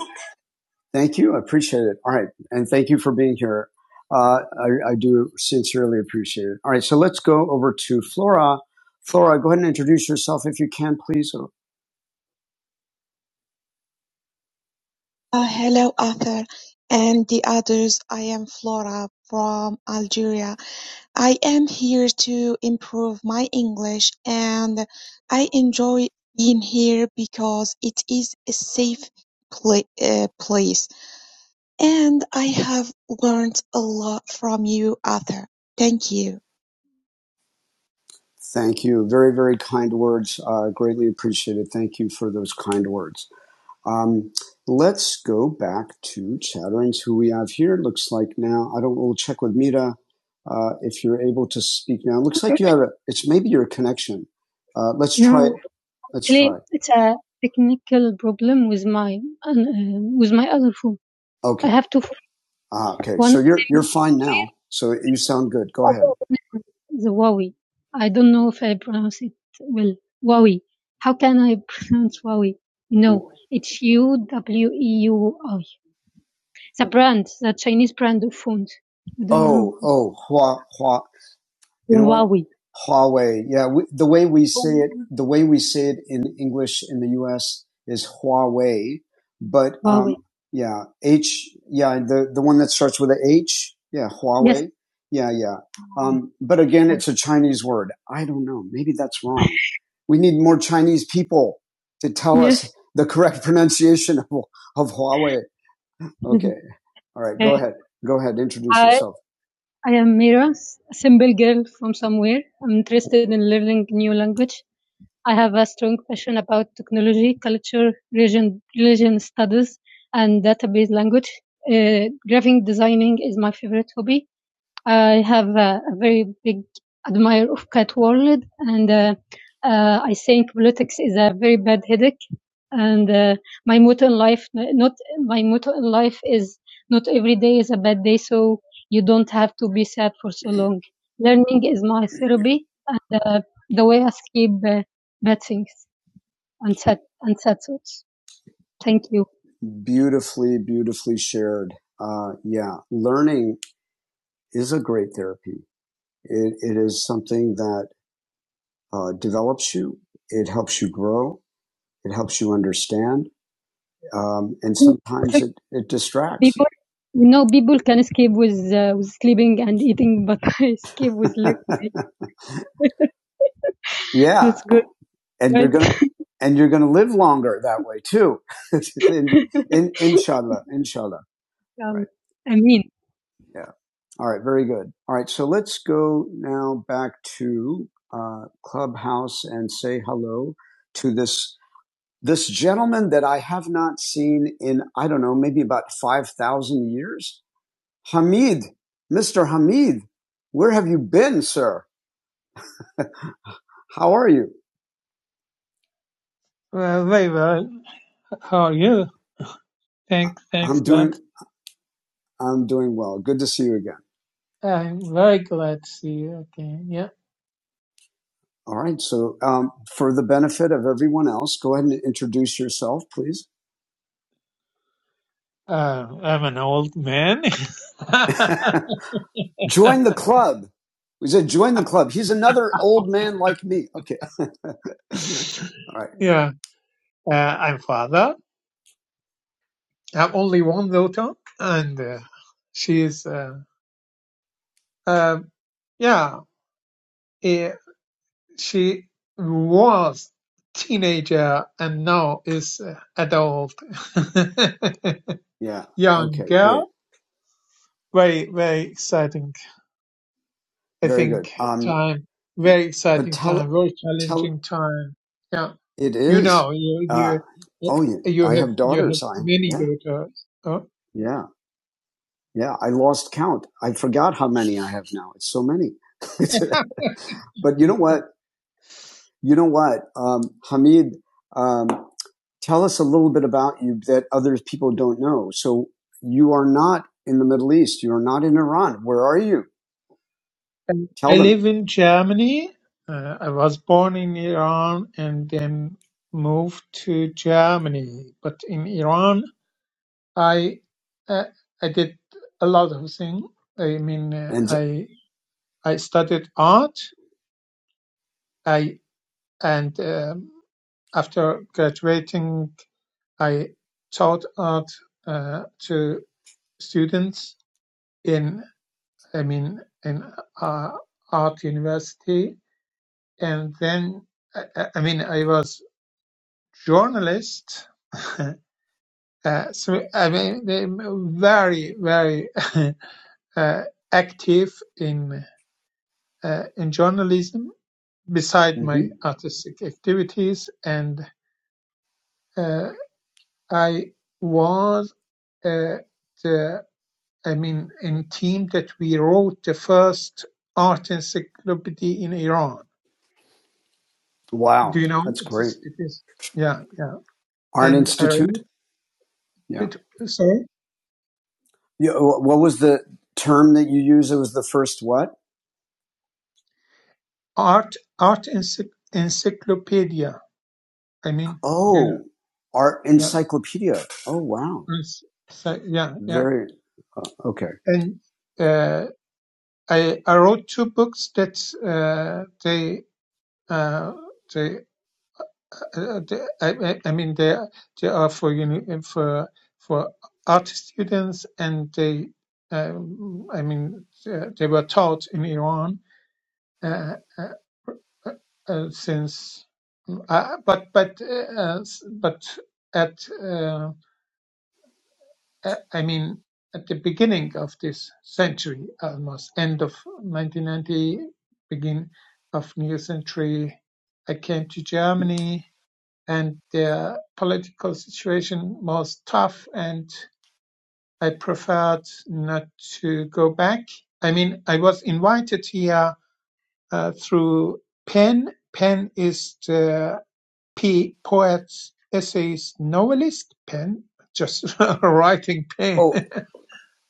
thank you. I appreciate it. All right. And thank you for being here. Uh, I, I do sincerely appreciate it. All right. So let's go over to Flora. Flora, go ahead and introduce yourself if you can, please. Oh,
Ah, hello, Arthur and the others. I am Flora from Algeria. I am here to improve my English and I enjoy being here because it is a safe pla uh, place. And I have learned a lot from you, Arthur. Thank you.
Thank you. Very, very kind words. Uh, greatly appreciated. Thank you for those kind words. Um, let's go back to Chatterings, who we have here. Looks like now, I don't, we'll check with Mita uh, if you're able to speak now. It looks okay. like you have a, it's maybe your connection. Uh, let's no, try it. Let's try it. it's a technical problem with my uh, with my other phone. Okay. I Okay. have to Ah, okay. one. So you're, you're fine now. So you sound good. Go ahead. The Huawei. I don't know if I pronounce it well. Huawei. How can I pronounce Huawei? No, it's U W E U I. The brand, the Chinese brand of phones. I know. Oh, oh, Hua, Hua. You Huawei. Huawei. Yeah, we, the way we say it, the way we say it in English in the U.S. is Huawei, but Huawei. um, yeah, H. Yeah, the the one that starts with a H. Yeah, Yes. Huawei. yes. Yeah, yeah. Um, but again, it's a Chinese word. I don't know. Maybe that's wrong. We need more Chinese people to tell Yes. us the correct pronunciation of, of Huawei. Okay. All right. Go Okay. ahead. Go ahead. Introduce Hi, yourself. I am Mira, a simple girl from somewhere. I'm interested in learning new language. I have a strong passion about technology, culture, religion, religion studies, and database language. Uh, graphic designing is my favorite hobby. I have a, a very big admirer of Cat World, and uh, uh, I think politics is a very bad headache. And uh, my motto in life, not my motto in life is not every day is a bad day, so you don't have to be sad for so long. Learning is my therapy, the the way I escape uh, bad things and sad and sad thoughts. Thank you. Beautifully, beautifully shared. Uh, yeah, learning is a great therapy. It, it is something that uh, develops you. It helps you grow. It helps you understand. Um, and sometimes it, it distracts. people you know people can escape with uh, with sleeping and eating but I escape with living. yeah. that's good And right? you're right going to, and you're going to live longer that way too. in, in, inshallah, inshallah. um, Right. I mean Yeah. All right. Very good. All right. So let's go now back to uh, Clubhouse and say hello to this this gentleman that I have not seen in I don't know maybe about five thousand years. Hamid, Mr. Hamid, where have you been, sir? How are you?
Well, very well. How are you? Thanks,
I'm
thanks a
doing
lot.
I'm doing well. Good to see you again.
I'm very glad to see you again. Yeah.
All right. So um, for the benefit of everyone else, go ahead and introduce yourself, please.
Uh, I'm an old man.
Join the club. We said join the club. He's another old man like me. Okay. All right.
yeah. Uh, I'm father. I have only one daughter, and uh, she is, uh, uh, yeah, eh, she was teenager and now is uh, adult.
Yeah.
Young
Okay. Great.
girl. Very, very exciting I
Very
think
good. Um,
time, very
but
exciting time,
tell,
very
tell
challenging time. Now
it
you
is.
know you
Uh,
you
oh, yeah.
you
I
have
have
you have
daughters. I,
many
yeah.
daughters. Oh,
Yeah. Yeah. I lost count. I forgot how many I have now. It's so many. but you know what? You know what, um, Hamid? Um, tell us a little bit about you that other people don't know. So you are not in the Middle East. You are not in Iran. Where are you?
and I
Tell
live
them.
in Germany. Uh, I was born in Iran and then moved to Germany. But in Iran, I uh, I did a lot of things. I mean, uh,
And
I I studied art. I and um, after graduating I taught art uh, to students in, I mean, in uh, art university, and then I, I mean, I was journalist. uh, so I mean, they very, very uh, active in uh, in journalism beside my
mhm.
artistic activities, and uh, I was uh, the I mean, in team that we wrote the first art encyclopedia in Iran. Do
wow,
you know?
that's
It
great.
is. It is. Yeah, yeah.
Art
And I
Institute.
wrote
Yeah.
it. Sorry,
yeah. What was the term that you used? It was the first what?
art art encyc- encyclopedia. I mean, do you know?
Oh, Art
Yeah.
Encyclopedia. Oh, wow.
it's- So, yeah, yeah.
Very okay.
And uh, I I wrote two books that uh, they uh, they Uh, the- I, I I mean, they, they are for uni, for for art students, and they, um, I mean, they, they were taught in Iran uh, uh, uh, uh, since, uh, but but uh, s- but at uh, uh, I mean at the beginning of this century, almost end of 1990, begin of new century, I came to Germany and their political situation was tough and I preferred not to go back. I mean, I was invited here uh, through Penn. Penn is the P poet, essayist, novelist. Penn, just writing Penn.
Oh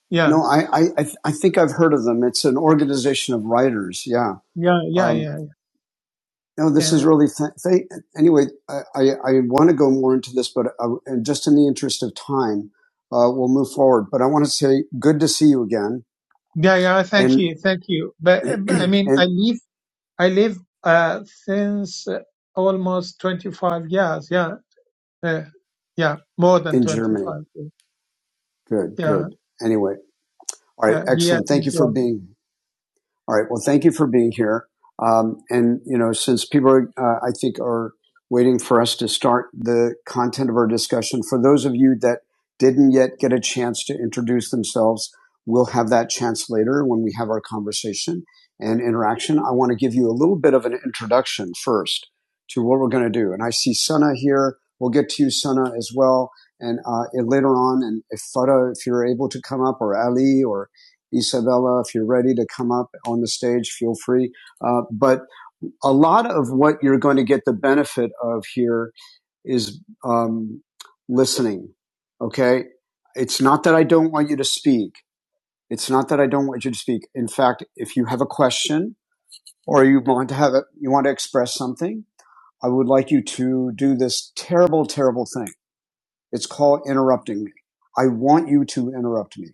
yeah,
no, I I I I think I've heard of them. It's an organization of writers. Yeah.
yeah, yeah,
Um,
yeah,
No, this is
yeah,
really th- th- anyway. I, I, I want to go more into this, but uh, and just in the interest of time, uh, we'll move forward. But I want to say good to see you again,
yeah, yeah. Thank
and
you, thank you. But um, I mean,
and
I live, I live uh, since uh, almost twenty-five years. Yeah, Uh, yeah, more than
in Germany.
25 years.
Good,
Yeah,
good. Anyway, all right,
yeah, here
excellent. Thank
in
you for
Germany.
being. All right. Well, thank you for being here. Um, and you know, since people are, uh, I think, are waiting for us to start the content of our discussion, for those of you that didn't yet get a chance to introduce themselves, we'll have that chance later when we have our conversation and interaction. I want to give you a little bit of an introduction first to what we're going to do. And I see Sana here. We'll get to you, Sana, as well. And, uh, and later on, and if Fada, if you're able to come up, or Ali, or Isabella, if you're ready to come up on the stage, feel free. Uh, but a lot of what you're going to get the benefit of here is um, listening. Okay. It's not that I don't want you to speak. It's not that I don't want you to speak. In fact, if you have a question or you want to have it, you want to express something, I would like you to do this terrible, terrible thing. It's called interrupting me. I want you to interrupt me.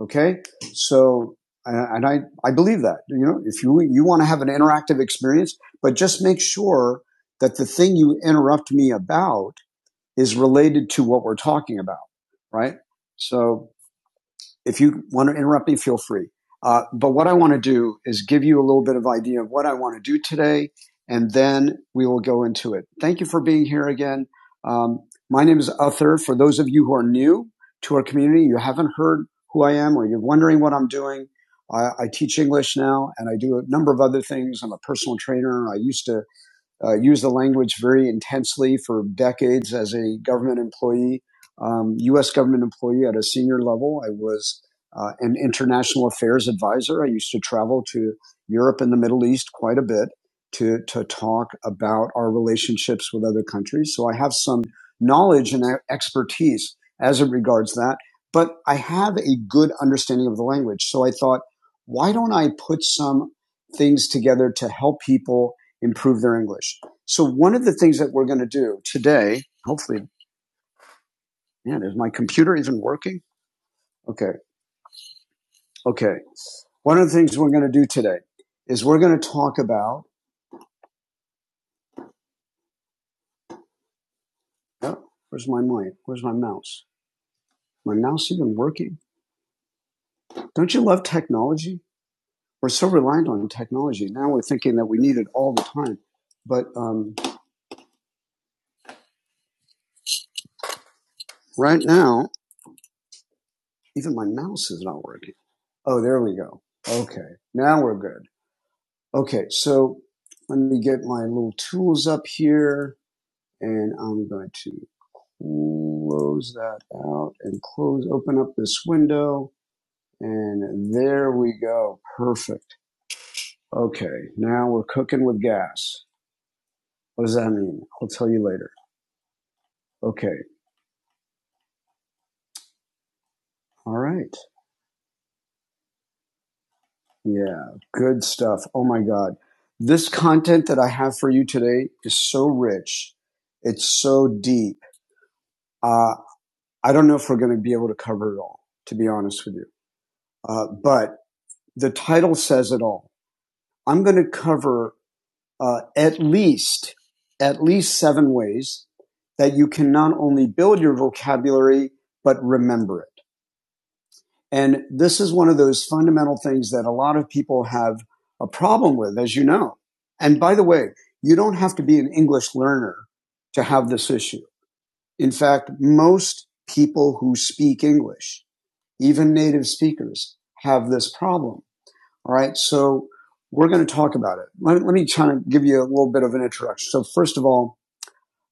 Okay. So, and I, I believe that, you know, if you, you want to have an interactive experience, but just make sure that the thing you interrupt me about is related to what we're talking about. Right. So if you want to interrupt me, feel free. Uh, but what I want to do is give you a little bit of idea of what I want to do today, and then we will go into it. Thank you for being here again. Um, my name is Uther. For those of you who are new to our community, you haven't heard who I am, or you're wondering what I'm doing. I, I teach English now, and I do a number of other things. I'm a personal trainer. I used to uh, used the language very intensely for decades as a government employee, um, U.S. government employee at a senior level. I was uh, an international affairs advisor. I used to travel to Europe and the Middle East quite a bit to to talk about our relationships with other countries. So I have some knowledge and e-, expertise as it regards that, but I have a good understanding of the language. So I thought, why don't I put some things together to help people improve their English. So one of the things that we're going to do today, hopefully, man, is my computer even working? Okay, okay. One of the things we're going to do today is we're going to talk about. Oh, where's my mic? Where's my mouse? My mouse even working? Don't you love technology? We're so reliant on technology. Now we're thinking that we need it all the time. But um, right now, even my mouse is not working. Oh, there we go. Okay, now we're good. Okay, so let me get my little tools up here and I'm going to close that out and close, open up this window. And there we go. Perfect. Okay, now we're cooking with gas. What does that mean? I'll tell you later. Okay, all right. Yeah, good stuff. Oh my God. This content that I have for you today is so rich, it's so deep. Uh, I don't know if we're going to be able to cover it all, to be honest with you Uh, but the title says it all. I'm going to cover uh, at least at least seven ways that you can not only build your vocabulary but remember it. And this is one of those fundamental things that a lot of people have a problem with, as you know. And by the way, you don't have to be an English learner to have this issue. In fact, most people who speak English, even native speakers, have this problem. All right. So we're going to talk about it. Let, let me try to give you a little bit of an introduction. So first of all,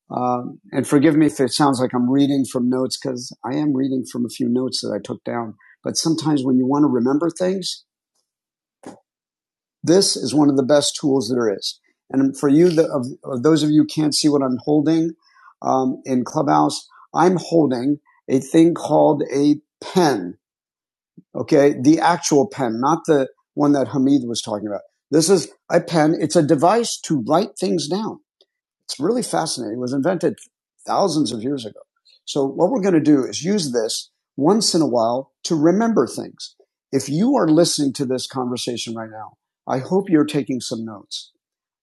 um, and forgive me if it sounds like I'm reading from notes because I am reading from a few notes that I took down. But sometimes when you want to remember things, this is one of the best tools there is. And for you, the, of, of those of you who can't see what I'm holding um, in Clubhouse, I'm holding a thing called a pen. Okay. The actual pen, not the one that Hamid was talking about. This is a pen. It's a device to write things down. It's really fascinating. It was invented thousands of years ago. So what we're going to do is use this once in a while to remember things. If you are listening to this conversation right now, I hope you're taking some notes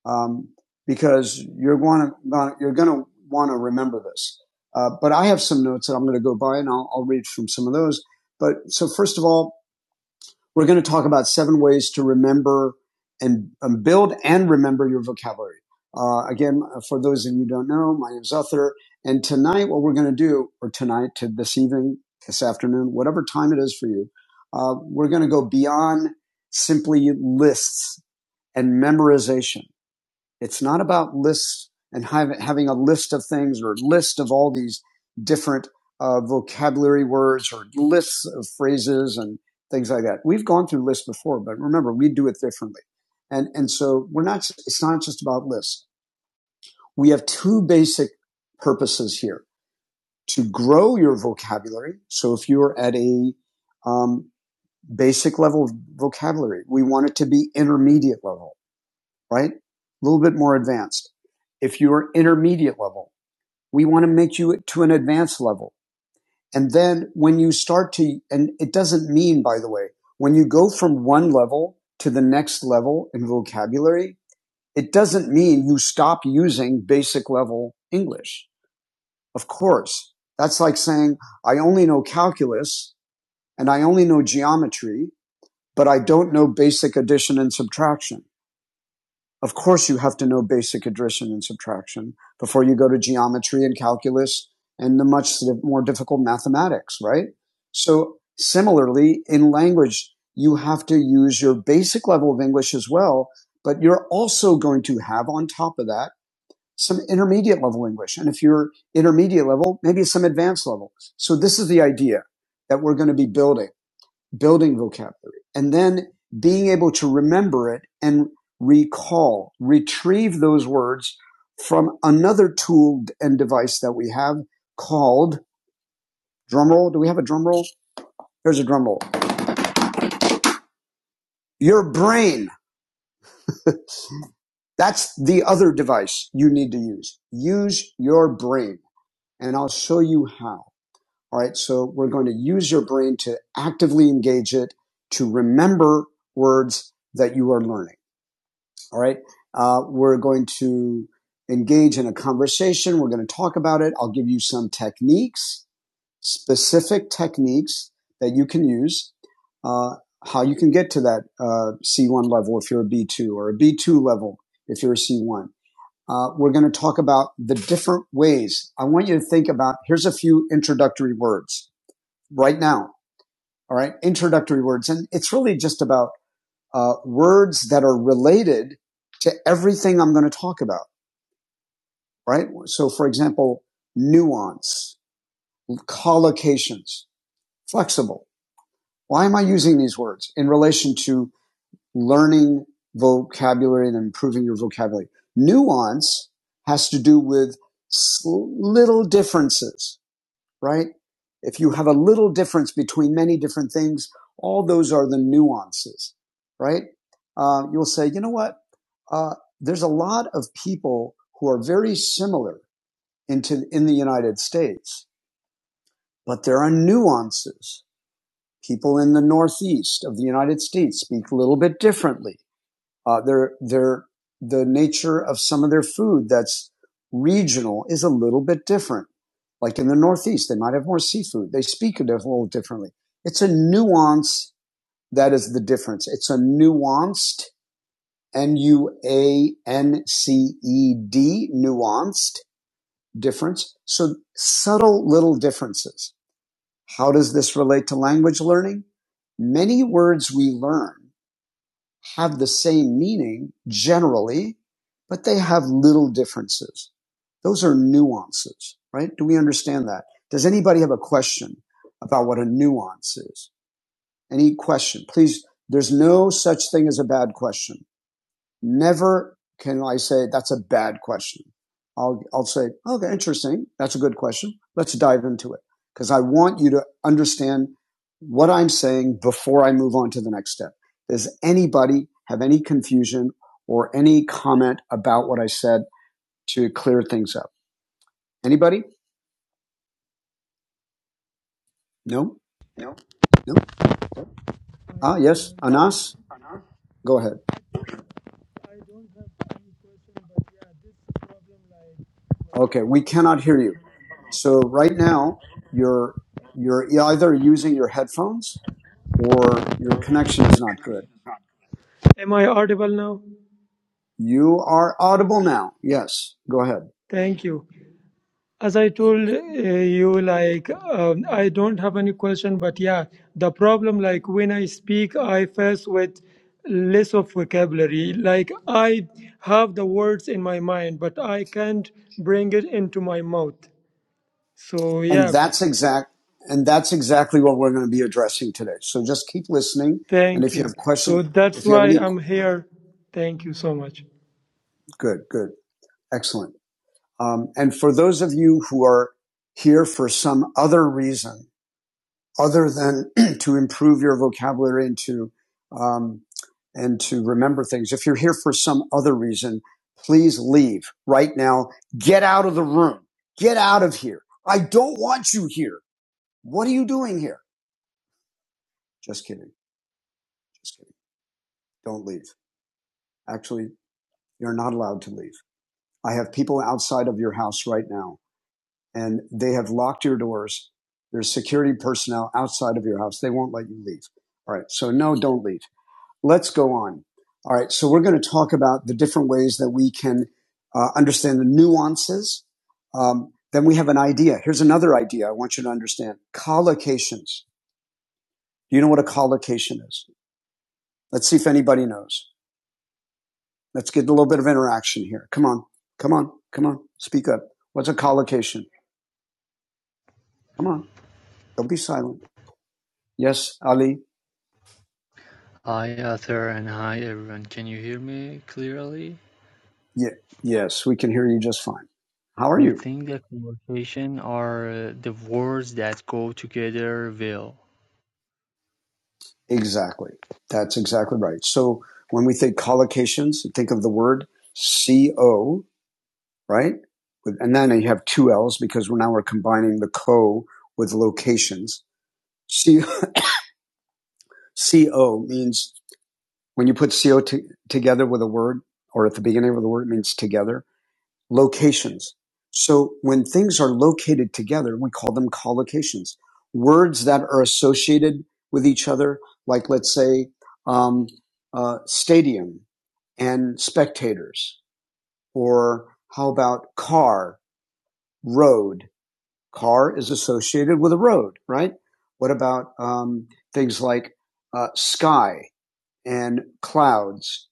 um, because you're going to you're going to want to remember this. Uh, but I have some notes that I'm going to go by and I'll, I'll read from some of those. But so first of all, we're going to talk about seven ways to remember and um, build and remember your vocabulary. Uh, again, uh, for those of you who don't know, my name is Uther. And tonight, what we're going to do, or tonight to this evening, this afternoon, whatever time it is for you, uh, we're going to go beyond simply lists and memorization. It's not about lists and having a list of things or a list of all these different uh, vocabulary words or lists of phrases and things like that. We've gone through lists before, but remember, we do it differently. And, and so we're not, it's not just about lists. We have two basic purposes here to grow your vocabulary. So if you're at a um, basic level of vocabulary, we want it to be intermediate level right? A little bit more advanced. If you're intermediate level, we want to make you to an advanced level. And then when you start to, and it doesn't mean, by the way, when you go from one level to the next level in vocabulary, it doesn't mean you stop using basic level English. Of course, that's like saying, I only know calculus and I only know geometry, but I don't know basic addition and subtraction. Of course you have to know basic addition and subtraction before you go to geometry and calculus and the much more difficult mathematics, right? So similarly, in language, you have to use your basic level of English as well, but you're also going to have on top of that some intermediate level English. And if you're intermediate level, maybe some advanced level. So this is the idea that we're going to be building building vocabulary, and then being able to remember it and recall, retrieve those words from another tool and device that we have called drum roll. Do we have a drum roll? There's a drum roll. Your brain. That's the other device you need to use. Use your brain, and I'll show you how. All right, so we're going to use your brain to actively engage it to remember words that you are learning. All right. Uh, we're going to engage in a conversation. We're going to talk about it. I'll give you some techniques, specific techniques that you can use, uh, how you can get to that uh, C1 level if you're a B2 or a B2 level if you're a C1. Uh, we're going to talk about the different ways. I want you to think about here's a few introductory words right now. All right. Introductory words. And it's really just about uh, words that are related to everything I'm going to talk about, right? So for example, nuance, collocations, flexible. Why am I using these words in relation to learning vocabulary and improving your vocabulary? Nuance has to do with little differences right? If you have a little difference between many different things, all those are the nuances, right? Uh, you'll say, you know what? Uh, there's a lot of people who are very similar into in the United States, but there are nuances. People in the Northeast of the United States speak a little bit differently uh, their their the nature of some of their food that's regional is a little bit different. Like in the Northeast, they might have more seafood. They speak a little differently. It's a nuance that is the difference. It's a nuanced N U A N C E D nuanced difference. So subtle little differences. How does this relate to language learning? Many words we learn have the same meaning generally, but they have little differences. Those are nuances, right? Do we understand that? Does anybody have a question about what a nuance is? Any question? Please, there's no such thing as a bad question. Never can I say that's a bad question. I'll, I'll say, okay, interesting. That's a good question. Let's dive into it. Because I want you to understand what I'm saying before I move on to the next step. Does anybody have any confusion or any comment about what I said to clear things up? Anybody? No? No? Ah, yes.
everyone.
Anas, go ahead.
I don't have any question, but yeah, this problem like
Okay, we
forgetting.
cannot hear you. So right now, you're you're either using your headphones or your connection is not good.
Am I audible now?
You are audible now. Yes, go ahead.
Thank you. As I told uh, you, like um, I don't have any question, but yeah, the problem like when I speak, I face with less of vocabulary. Like I have the words in my mind, but I can't bring it into my mouth. So
And
yeah,
that's exact and that's exactly what we're going to be addressing today. So just keep listening and
thank
if you
you.
have
So
question,
that's
if you have
why
any
I'm here. Thank you so much.
good, good. Excellent. Um, and for those of you who are here for some other reason, other than to improve your vocabulary and to um, and to remember things. If you're here for some other reason, please leave right now. Get out of the room. Get out of here. I don't want you here. What are you doing here? Just kidding. Just kidding. Don't leave. Actually, you're not allowed to leave. I have people outside of your house right now and they have locked your doors. There's security personnel outside of your house. They won't let you leave. All right. So no, don't leave. let's go on. All right. So we're going to talk about the different ways that we can uh, understand the nuances. Um, then we have an idea. Here's another idea I want you to understand. Collocations. Do you know what a collocation is? Let's see if anybody knows. Let's get a little bit of interaction here. Come on. Come on. Come on. Speak up. What's a collocation? Come on. Don't be silent. Yes, Ali.
Hi Arthur and hi everyone. Can you hear me clearly?
Yeah. Yes, we can hear you just fine. How are
I
you?
think the conversation are uh, the words that go together well.
Exactly. That's exactly right. So when we think collocations, think of the word CO, right? And then you have two L's because we're now we're combining the co with locations. C- CO means when you put CO to, together with a word or at the beginning of the word, it means together. locations. So when things are located together, we call them collocations. Words that are associated with each other, like let's say um, uh, stadium and spectators, or how about car, road? Car is associated with a road, right? What about um, things like uh, sky and clouds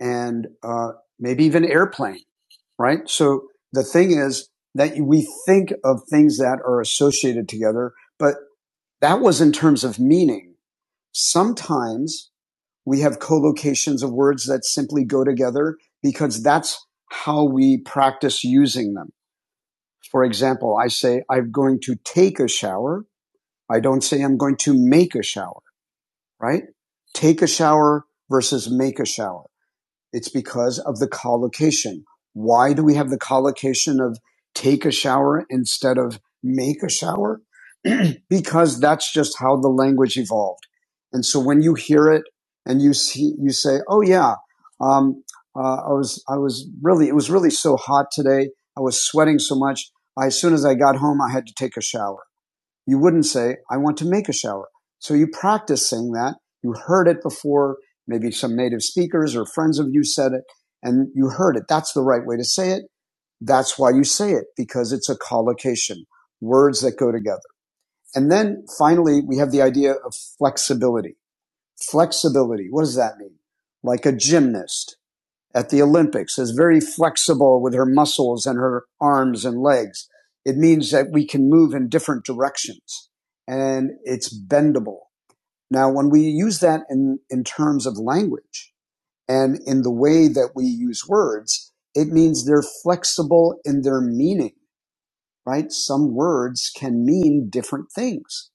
and uh, maybe even airplane? right? So the thing is that we think of things that are associated together, but that was in terms of meaning. Sometimes we have collocations of words that simply go together because that's how we practice using them. For example, I say, I'm going to take a shower. I don't say I'm going to make a shower, right? Take a shower versus make a shower. It's because of the collocation. Why do we have the collocation of take a shower instead of make a shower? because that's just how the language evolved. And so when you hear it and you see, you say, "Oh yeah, um, uh, I was, I was really, it was really so hot today. I was sweating so much. I, as soon as I got home, I had to take a shower." You wouldn't say, I want to make a shower. So you practice saying that. You heard it before. Maybe some native speakers or friends of you said it and you heard it. That's the right way to say it. That's why you say it because it's a collocation, words that go together. And then finally, we have the idea of flexibility. Flexibility. What does that mean? Like a gymnast at the Olympics is very flexible with her muscles and her arms and legs. It means that we can move in different directions and it's bendable. Now, when we use that in, in terms of language and in the way that we use words, it means they're flexible in their meaning, right? Some words can mean different things.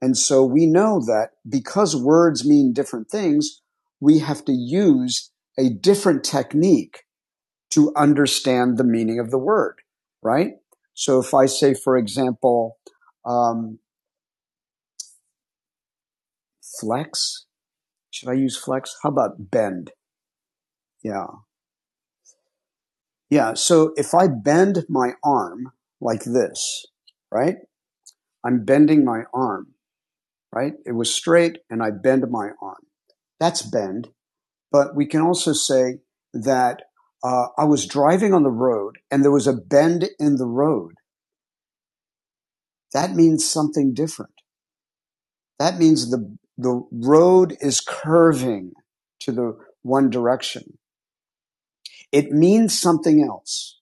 And so we know that because words mean different things, we have to use a different technique to understand the meaning of the word, right? So if I say, for example, um, flex, should I use flex? How about bend? Yeah. Yeah. So if I bend my arm like this, right? I'm bending my arm, right? It was straight and I bend my arm. That's bend. But we can also say that uh, I was driving on the road and there was a bend in the road. That means something different That means the, the road is curving to the one direction. It means something else,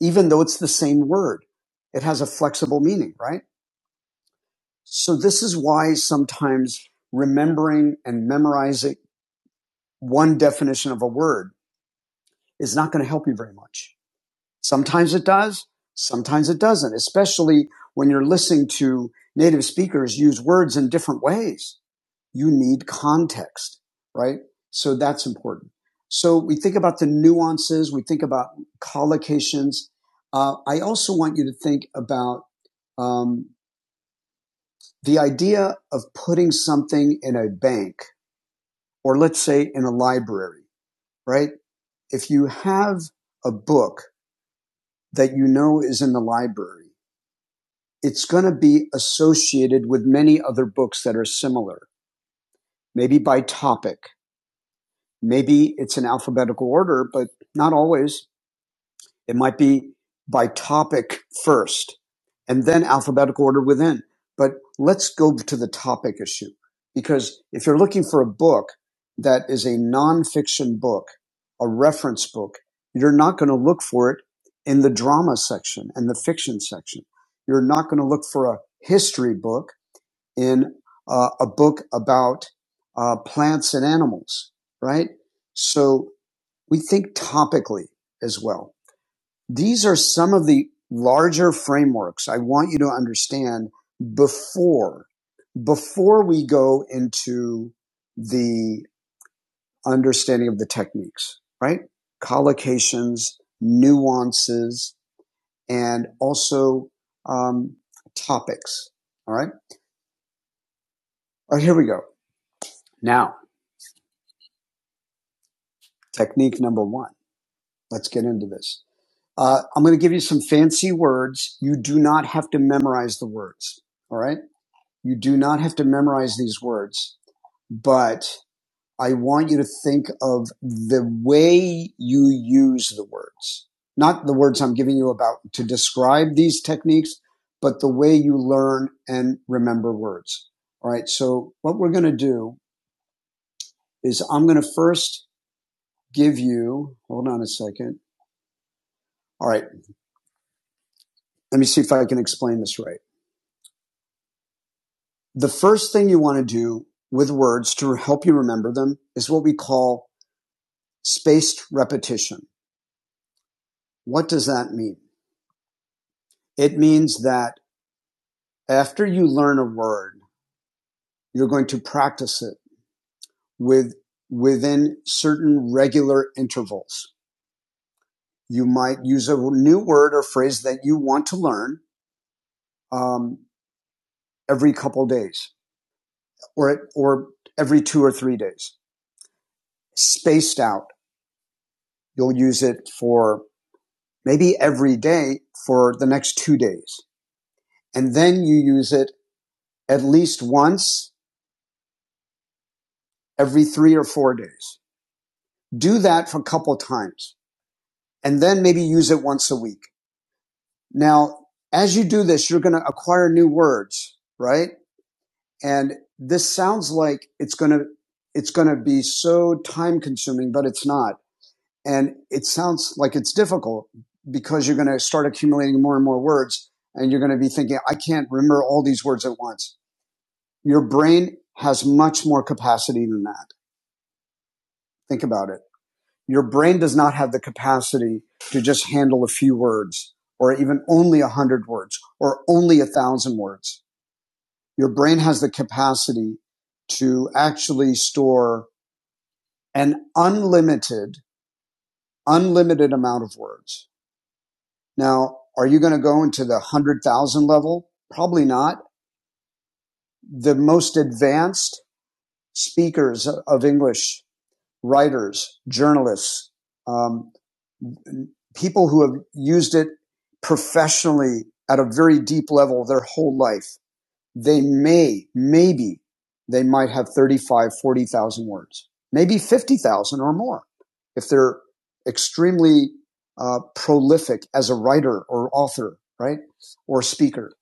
even though it's the same word. It has a flexible meaning, right? So this is why sometimes remembering and memorizing one definition of a word is not going to help you very much. Sometimes it does. Sometimes it doesn't, especially when you're listening to native speakers use words in different ways you need context, right? So that's important. So we think about the nuances, we think about collocations. Uh, I also want you to think about um, the idea of putting something in a bank or let's say in a library, right? If you have a book that you know is in the library, it's going to be associated with many other books that are similar, maybe by topic, Maybe it's in alphabetical order, but not always. It might be by topic first and then alphabetical order within. But let's go to the topic issue because if you're looking for a book that is a nonfiction book, a reference book, you're not going to look for it in the drama section and the fiction section. You're not going to look for a history book in uh, a book about uh, plants and animals, right? So we think topically as well. These are some of the larger frameworks I want you to understand before before we go into the understanding of the techniques, right? Collocations, nuances, and also um, topics. All right. All right. Here we go. Now, technique number one. Let's get into this. Uh, I'm going to give you some fancy words. You do not have to memorize the words. All right. You do not have to memorize these words, but I want you to think of the way you use the words, not the words I'm giving you about to describe these techniques, but the way you learn and remember words. All right. So what we're going to do is I'm going to first give you, hold on a second. All right. Let me see if I can explain this right. the first thing you want to do with words to help you remember them is what we call spaced repetition. What does that mean? It means that after you learn a word, you're going to practice it with within certain regular intervals. You might use a new word or phrase that you want to learn um, every couple days, or or every two or three days, spaced out. You'll use it for maybe every day for the next two days. And then you use it at least once every three or four days. Do that for a couple times and then maybe use it once a week. Now, as you do this, you're going to acquire new words, right? And this sounds like it's going to, it's going to be so time consuming, but it's not. And it sounds like it's difficult because you're going to start accumulating more and more words and you're going to be thinking, I can't remember all these words at once. Your brain has much more capacity than that. Think about it. Your brain does not have the capacity to just handle a few words or even only a hundred words or only a thousand words. Your brain has the capacity to actually store an unlimited, unlimited amount of words. Now, are you going to go into the 100,000 level? Probably not. The most advanced speakers of English writers, journalists, um, people who have used it professionally at a very deep level their whole life. They may, maybe they might have 35, 40,000 words, maybe 50,000 or more if they're extremely uh, prolific as a writer or author, right? Or speaker,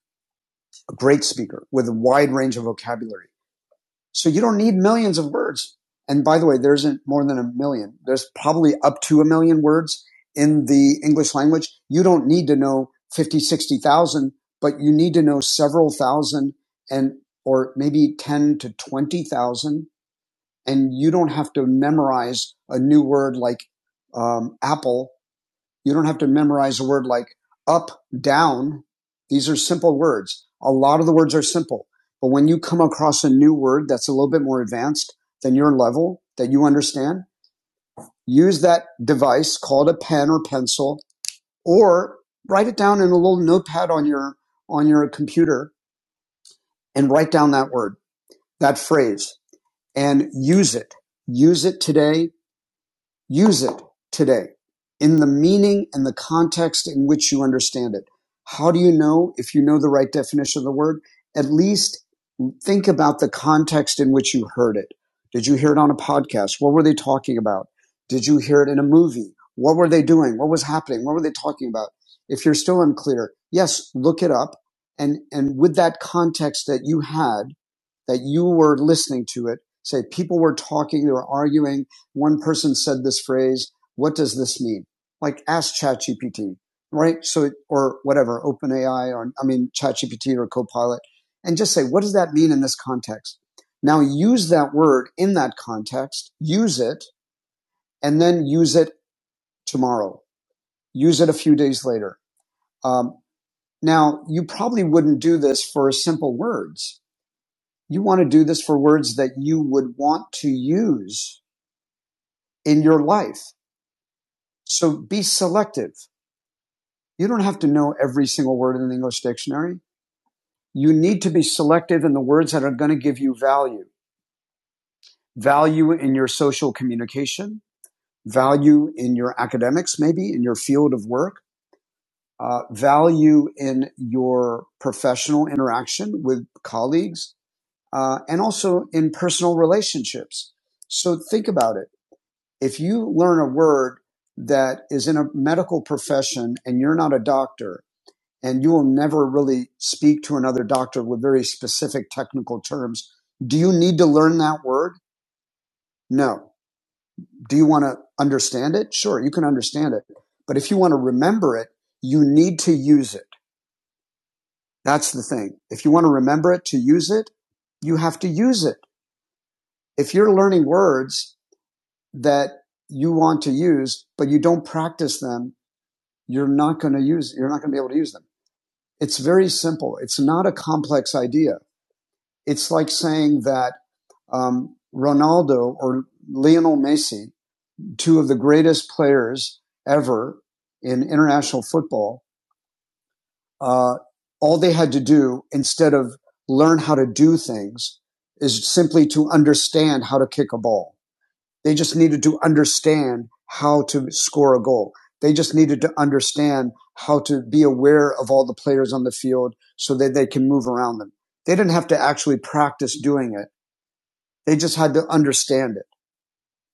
a great speaker with a wide range of vocabulary. So you don't need millions of words. And by the way, there isn't more than a million. There's probably up to a million words in the English language. You don't need to know 50, 60,000, but you need to know several thousand and, or maybe 10 to 20,000. And you don't have to memorize a new word like um, apple you don't have to memorize a word like up, down. These are simple words. A lot of the words are simple. But when you come across a new word that's a little bit more advanced than your level that you understand, use that device called a pen or pencil or write it down in a little notepad on your on your computer and write down that word, that phrase and use it. Use it today Use it today in the meaning and the context in which you understand it. How do you know if you know the right definition of the word? At least think about the context in which you heard it. Did you hear it on a podcast? What were they talking about? Did you hear it in a movie? What were they doing? What was happening? What were they talking about? If you're still unclear, yes, look it up. And, and with that context that you had, that you were listening to it. Say people were talking, they were arguing. One person said this phrase. What does this mean? Like ask ChatGPT, right? So, or whatever, OpenAI or, I mean, ChatGPT or Copilot and just say, what does that mean in this context? Now use that word in that context, use it, and then use it tomorrow. Use it a few days later. Um, now you probably wouldn't do this for simple words You want to do this for words that you would want to use in your life. So be selective. You don't have to know every single word in the English dictionary. You need to be selective in the words that are going to give you value. Value in your social communication, value in your academics, maybe in your field of work, uh, value in your professional interaction with colleagues, uh, and also in personal relationships. So think about it if you learn a word that is in a medical profession and you're not a doctor and you will never really speak to another doctor with very specific technical terms, do you need to learn that word? No. Do you want to understand it? Sure, you can understand it. But if you want to remember it, you need to use it. That's the thing. If you want to remember it to use it, you have to use it. If you're learning words that you want to use, but you don't practice them you're not going to use, you're not going to be able to use them. It's very simple. It's not a complex idea. It's like saying that um, Ronaldo or Lionel Messi, two of the greatest players ever in international football, uh, all they had to do instead of learn how to do things is simply to understand how to kick a ball They just needed to understand how to score a goal. They just needed to understand how to be aware of all the players on the field so that they can move around them. They didn't have to actually practice doing it. They just had to understand it.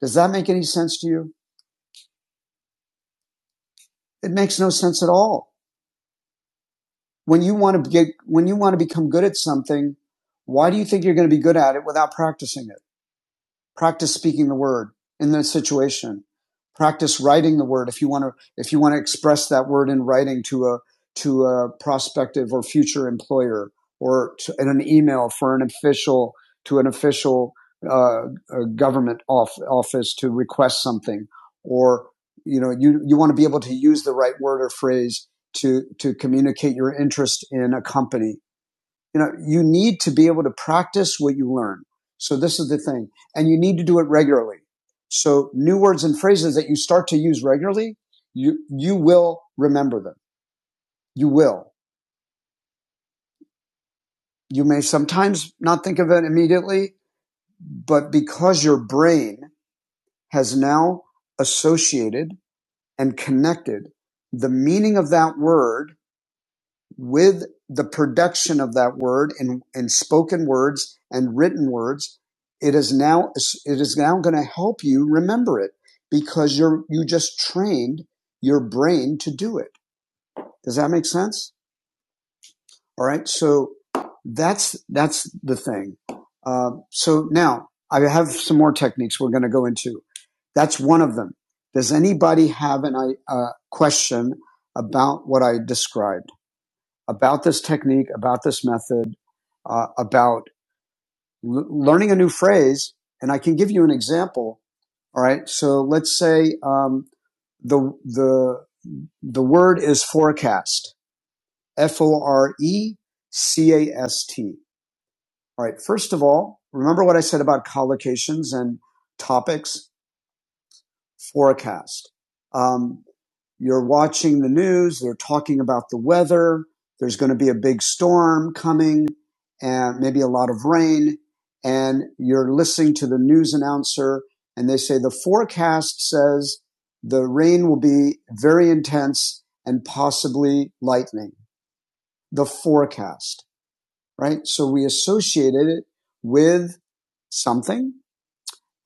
Does that make any sense to you? It makes no sense at all. When you want to get, when you want to become good at something, why do you think you're going to be good at it without practicing it? Practice speaking the word in the situation. Practice writing the word if you want to if you want to express that word in writing to a to a prospective or future employer or to, in an email for an official to an official uh, uh, government off, office to request something or you know you you want to be able to use the right word or phrase to to communicate your interest in a company you know, you need to be able to practice what you learn. So this is the thing. And you need to do it regularly. So new words and phrases that you start to use regularly, you, you will remember them. You will. You may sometimes not think of it immediately, but because your brain has now associated and connected the meaning of that word with the production of that word in, in spoken words and written words, it is now it is now going to help you remember it because you're you just trained your brain to do it. Does that make sense? All right. So that's that's the thing. Uh, so now I have some more techniques we're going to go into. That's one of them. Does anybody have an uh, question about what I described? about this technique, about this method, uh, about l- learning a new phrase. And I can give you an example. All right. So let's say um, the the the word is forecast. F O R E C A S T. All right. First of all, remember what I said about collocations and topics. Forecast. Um, you're watching the news, they're talking about the weather, there's going to be a big storm coming and maybe a lot of rain and you're listening to the news announcer and they say the forecast says the rain will be very intense and possibly lightning. The forecast, right? So we associated it with something.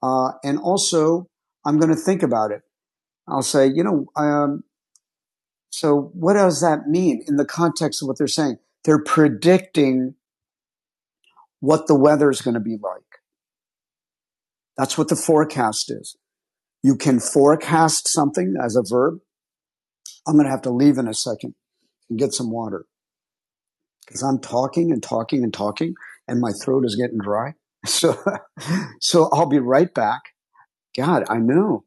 Uh, and also I'm going to think about it. I'll say, you know, um, So what does that mean in the context of what they're saying? They're predicting what the weather is going to be like. That's what the forecast is. You can forecast something as a verb. I'm going to have to leave in a second and get some water because I'm talking and talking and talking and my throat is getting dry. So, so I'll be right back. God, I know.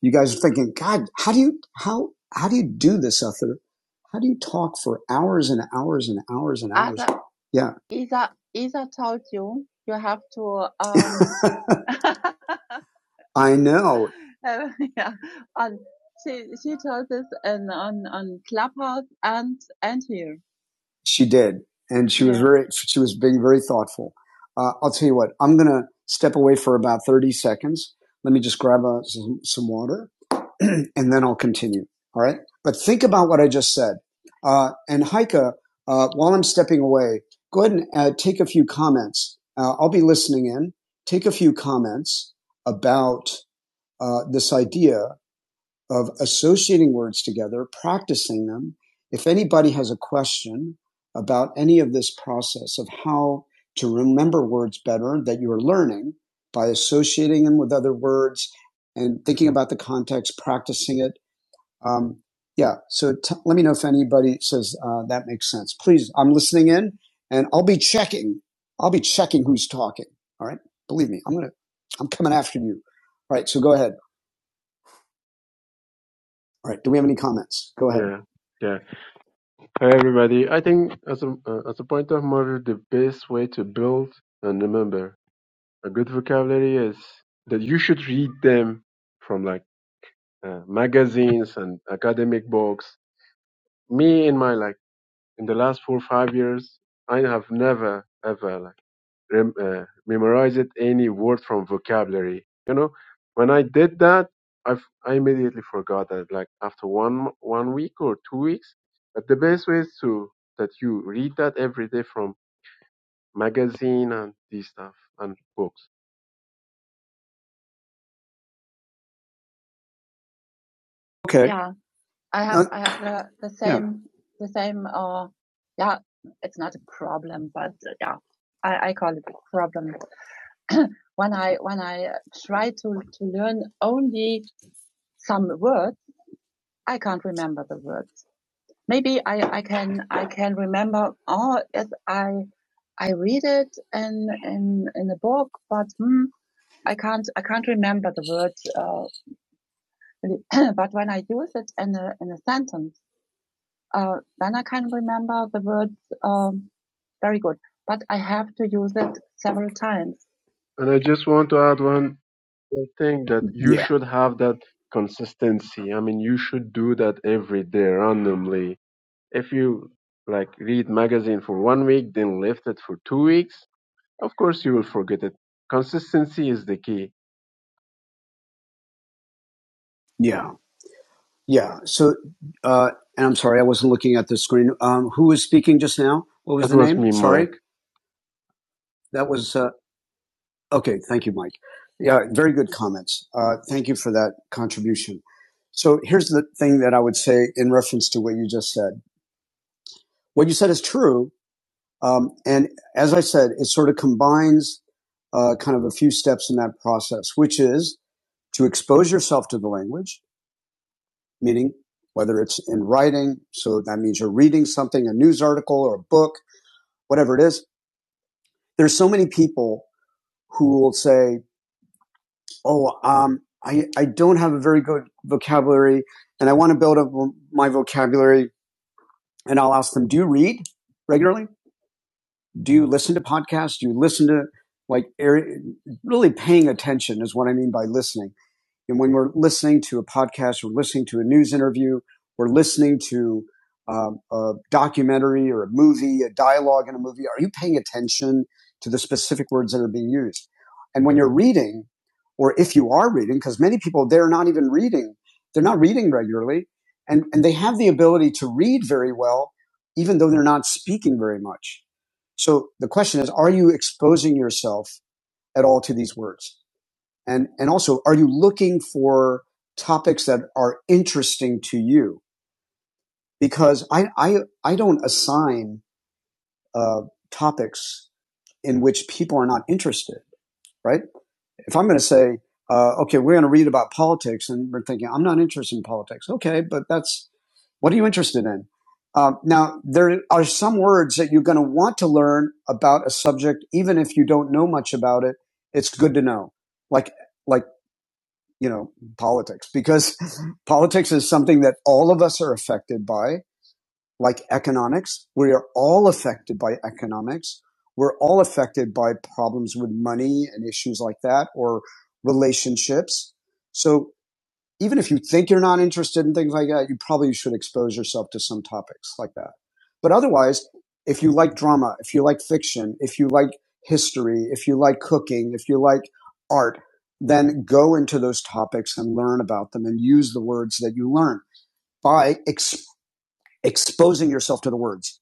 You guys are thinking, God, how do you, how, how do you do this, Ether? How do you talk for hours and hours and hours and hours? I- Yeah. Isa, Isa told you, you have to, um, I know. Uh, yeah, and she she told us in on on Clubhouse and and here. She did, and she was Yeah. very she was being very thoughtful. Uh, I'll tell you what. I'm gonna step away for about thirty seconds. Let me just grab uh some, some water, and then I'll continue. All right. But think about what I just said. Uh, and Heike, uh, while I'm stepping away, go ahead and uh, take a few comments. Uh, I'll be listening in. Take a few comments about uh, this idea of associating words together, practicing them. If anybody has a question about any of this process of how to remember words better that you are learning by associating them with other words and thinking about the context, practicing it. Um, yeah, so t- let me know if anybody says uh, that makes sense. Please, I'm listening in and I'll be checking. I'll be checking who's talking. All right. Believe me, I'm going to, I'm coming after you. All right. So go ahead. All right. Do we have any comments? Go ahead.
Yeah, yeah. Hi, everybody. I think as a uh, as a point of model, the best way to build and remember a good vocabulary is that you should read them from like uh, magazines and academic books. Me in my like in the last four or five years, I have never ever like rem- uh, memorized any word from vocabulary. You know, when I did that, I I immediately forgot that. Like after one one week or two weeks, but the best way is to that you read that every day from magazine and this stuff and books.
Okay. Yeah, I Uh, have uh, I have the the yeah. same yeah. the same uh yeah it's not a problem but uh, yeah I I call it a problem when I when I uh, try to to learn only some words I can't remember the words maybe I I can I can remember oh yes I I read it in in in a book but hmm, I can't I can't remember the words uh, but when I use it in a in a sentence uh, then I can remember the words um, very good. But I have to use it several times.
And I just want to add one more thing that you
Yeah,
should have that consistency. I mean, you should do that every day randomly If you like read magazine for one week, then left it for two weeks, of course you will forget it. Consistency is the key.
yeah, yeah. So, uh, and I'm sorry, I wasn't looking at the screen. Um, who was speaking just now? What was
It
the
was
name?
me,
Sorry,
Mike.
that was uh, okay. Thank you, Mike. Yeah, very good comments. Uh, thank you for that contribution. So here's the thing that I would say in reference to what you just said. What you said is true, Um, and as I said, it sort of combines uh, kind of a few steps in that process, which is to expose yourself to the language, meaning whether it's in writing. So that means you're reading something, a news article or a book, whatever it is. There's so many people who will say, Oh, um, I, I don't have a very good vocabulary and I want to build up my vocabulary. And I'll ask them, do you read regularly? do you listen to podcasts? Do you listen to like really paying attention is what I mean by listening and when we're listening to a podcast, we're listening to a news interview, we're listening to um, a documentary or a movie, a dialogue in a movie, are you paying attention to the specific words that are being used? And when you're reading, or if you are reading, because many people, they're not even reading, they're not reading regularly, and, and they have the ability to read very well, even though they're not speaking very much. So the question is, are you exposing yourself at all to these words? And, and also, are you looking for topics that are interesting to you? Because I, I, I don't assign uh, topics in which people are not interested, right? If I'm going to say, uh, okay, we're going to read about politics, and we're thinking, I'm not interested in politics. Okay, but that's what are you interested in? Um, now, there are some words that you're going to want to learn about a subject, even if you don't know much about it. It's good to know, like like you know, politics because politics is something that all of us are affected by, like economics. We are all affected by economics. We're all affected by problems with money and issues like that or relationships. So even if you think you're not interested in things like that, you probably should expose yourself to some topics like that. But otherwise, if you like drama, if you like fiction, if you like history, if you like cooking, if you like art, then go into those topics and learn about them and use the words that you learn by ex- exposing yourself to the words,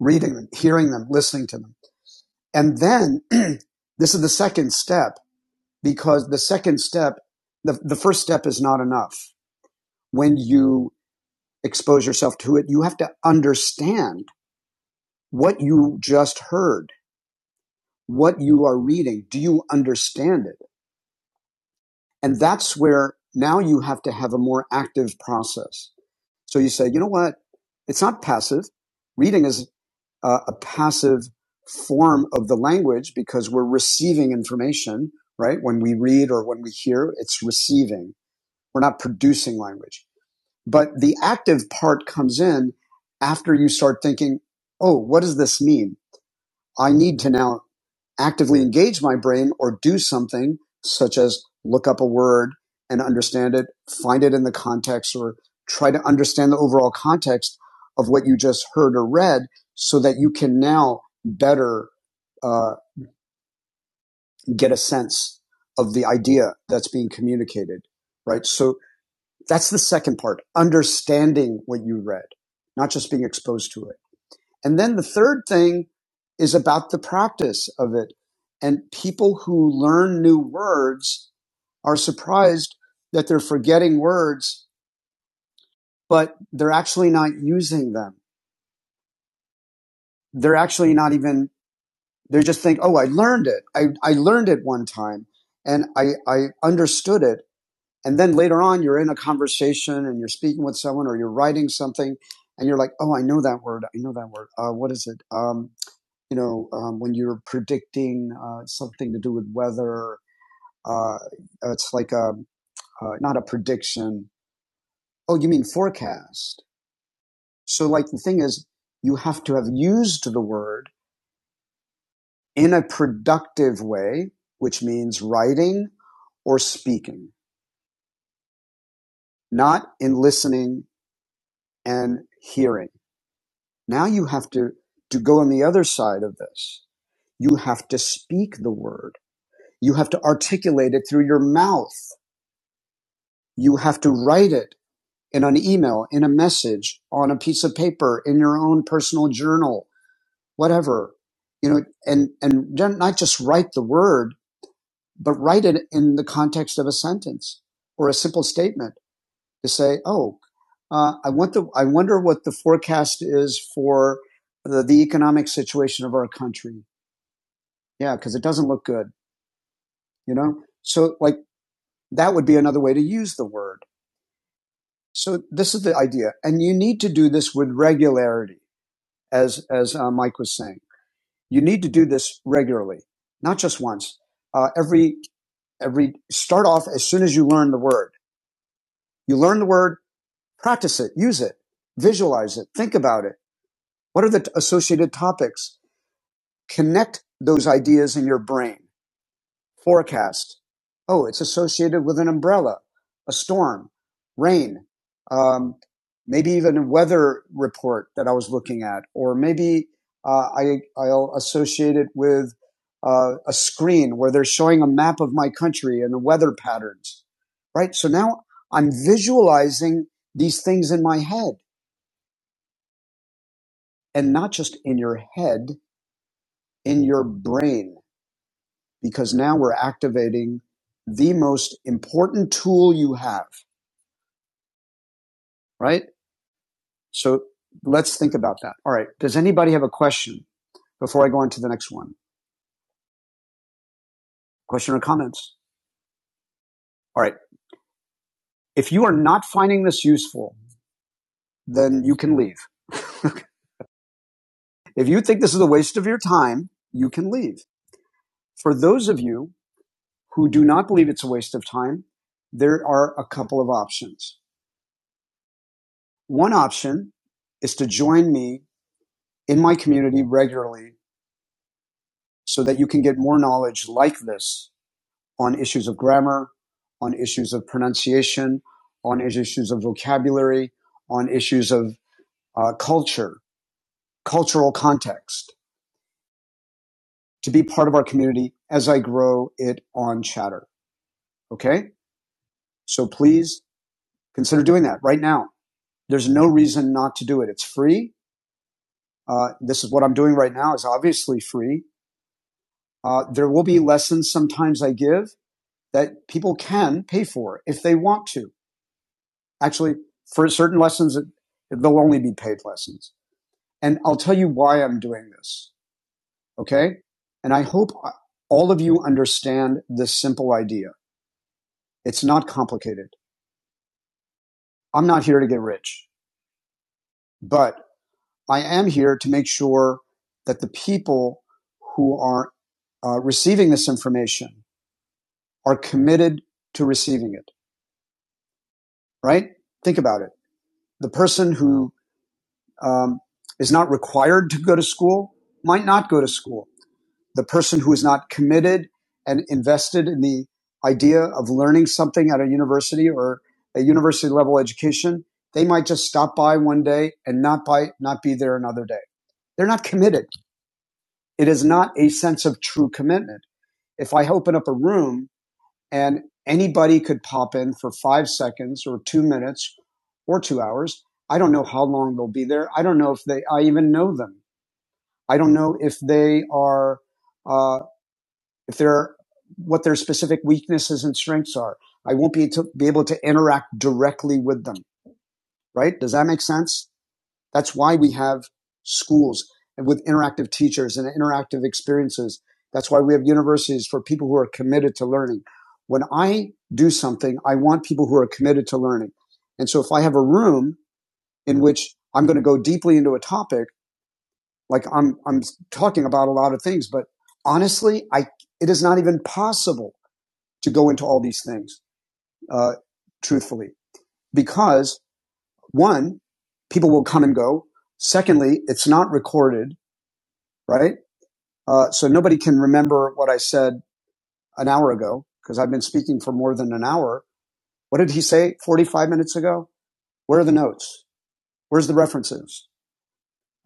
reading them, hearing them, listening to them. And then this is the second step because the second step, the, the first step is not enough. When you expose yourself to it, you have to understand what you just heard, what you are reading. Do you understand it? And that's where now you have to have a more active process. So you say, you know what? It's not passive. Reading is uh, a passive form of the language because we're receiving information, right? When we read or when we hear, it's receiving. We're not producing language. But the active part comes in after you start thinking, oh, what does this mean? I need to now actively engage my brain or do something such as look up a word and understand it, find it in the context or try to understand the overall context of what you just heard or read so that you can now better uh, get a sense of the idea that's being communicated, right? So that's the second part, understanding what you read, not just being exposed to it. And then the third thing is about the practice of it. And people who learn new words are surprised that they're forgetting words, but they're actually not using them. They're actually not even, they just think, oh, I learned it. I, I learned it one time and I, I understood it And then later on, you're in a conversation and you're speaking with someone or you're writing something and you're like, oh, I know that word. I know that word. Uh, what is it? Um, you know, um, when you're predicting uh, something to do with weather, uh, it's like a, uh, not a prediction. Oh, you mean forecast. So, like, the thing is, you have to have used the word in a productive way, which means writing or speaking, not in listening and hearing. Now you have to, to go on the other side of this. You have to speak the word. You have to articulate it through your mouth. You have to write it in an email, in a message, on a piece of paper, in your own personal journal, whatever. You know, and, and not not just write the word, but write it in the context of a sentence or a simple statement to say, Oh, uh, I want the, I wonder what the forecast is for the, the economic situation of our country Yeah, because it doesn't look good, you know? So, like, that would be another way to use the word. So, this is the idea. And you need to do this with regularity, as, as uh, Mike was saying. You need to do this regularly, not just once. Uh, every, every, start off as soon as you learn the word. You learn the word, practice it, use it, visualize it, think about it. What are the associated topics? Connect those ideas in your brain. forecast. Oh, it's associated with an umbrella, a storm, rain, um, maybe even a weather report that I was looking at, or maybe uh, I, I'll associate it with uh, a screen where they're showing a map of my country and the weather patterns, right? So now I'm visualizing these things in my head and not just in your head, in your brain because now we're activating the most important tool you have, right? So let's think about that. All right. Does anybody have a question before I go on to the next one? Question or comments? All right. If you are not finding this useful, then you can leave. if you think this is a waste of your time, you can leave. For those of you who do not believe it's a waste of time, there are a couple of options. One option is to join me in my community regularly so that you can get more knowledge like this on issues of grammar, on issues of pronunciation, on issues of vocabulary, on issues of uh, culture, cultural context, to be part of our community as I grow it on Chatter. Okay? So please consider doing that right now. There's no reason not to do it. It's free. Uh, this is what I'm doing right now is obviously free. Uh, there will be lessons sometimes I give that people can pay for if they want to actually for certain lessons, it, they'll only be paid lessons. And I'll tell you why I'm doing this. Okay. And I hope all of you understand this simple idea. It's not complicated. I'm not here to get rich, but I am here to make sure that the people who are uh, receiving this information are committed to receiving it, right? Think about it. The person who um, is not required to go to school might not go to school the person who is not committed and invested in the idea of learning something at a university or a university level education, they might just stop by one day and not by not be there another day. They're not committed. It is not a sense of true commitment. If I open up a room and anybody could pop in for five seconds or two minutes or two hours, I don't know how long they'll be there. I don't know if they I even know them. I don't know if they are uh, if they're what their specific weaknesses and strengths are. I won't be, to, be able to interact directly with them, right? Does that make sense? That's why we have schools and with interactive teachers and interactive experiences. That's why we have universities for people who are committed to learning. When I do something, I want people who are committed to learning. And so if I have a room in which I'm going to go deeply into a topic, like I'm, I'm talking about a lot of things, but honestly, I, it is not even possible to go into all these things, uh, truthfully, because one, people will come and go. Secondly, it's not recorded, right? Uh, so nobody can remember what I said an hour ago because I've been speaking for more than an hour. What did he say 45 minutes ago? Where are the notes? Where's the references?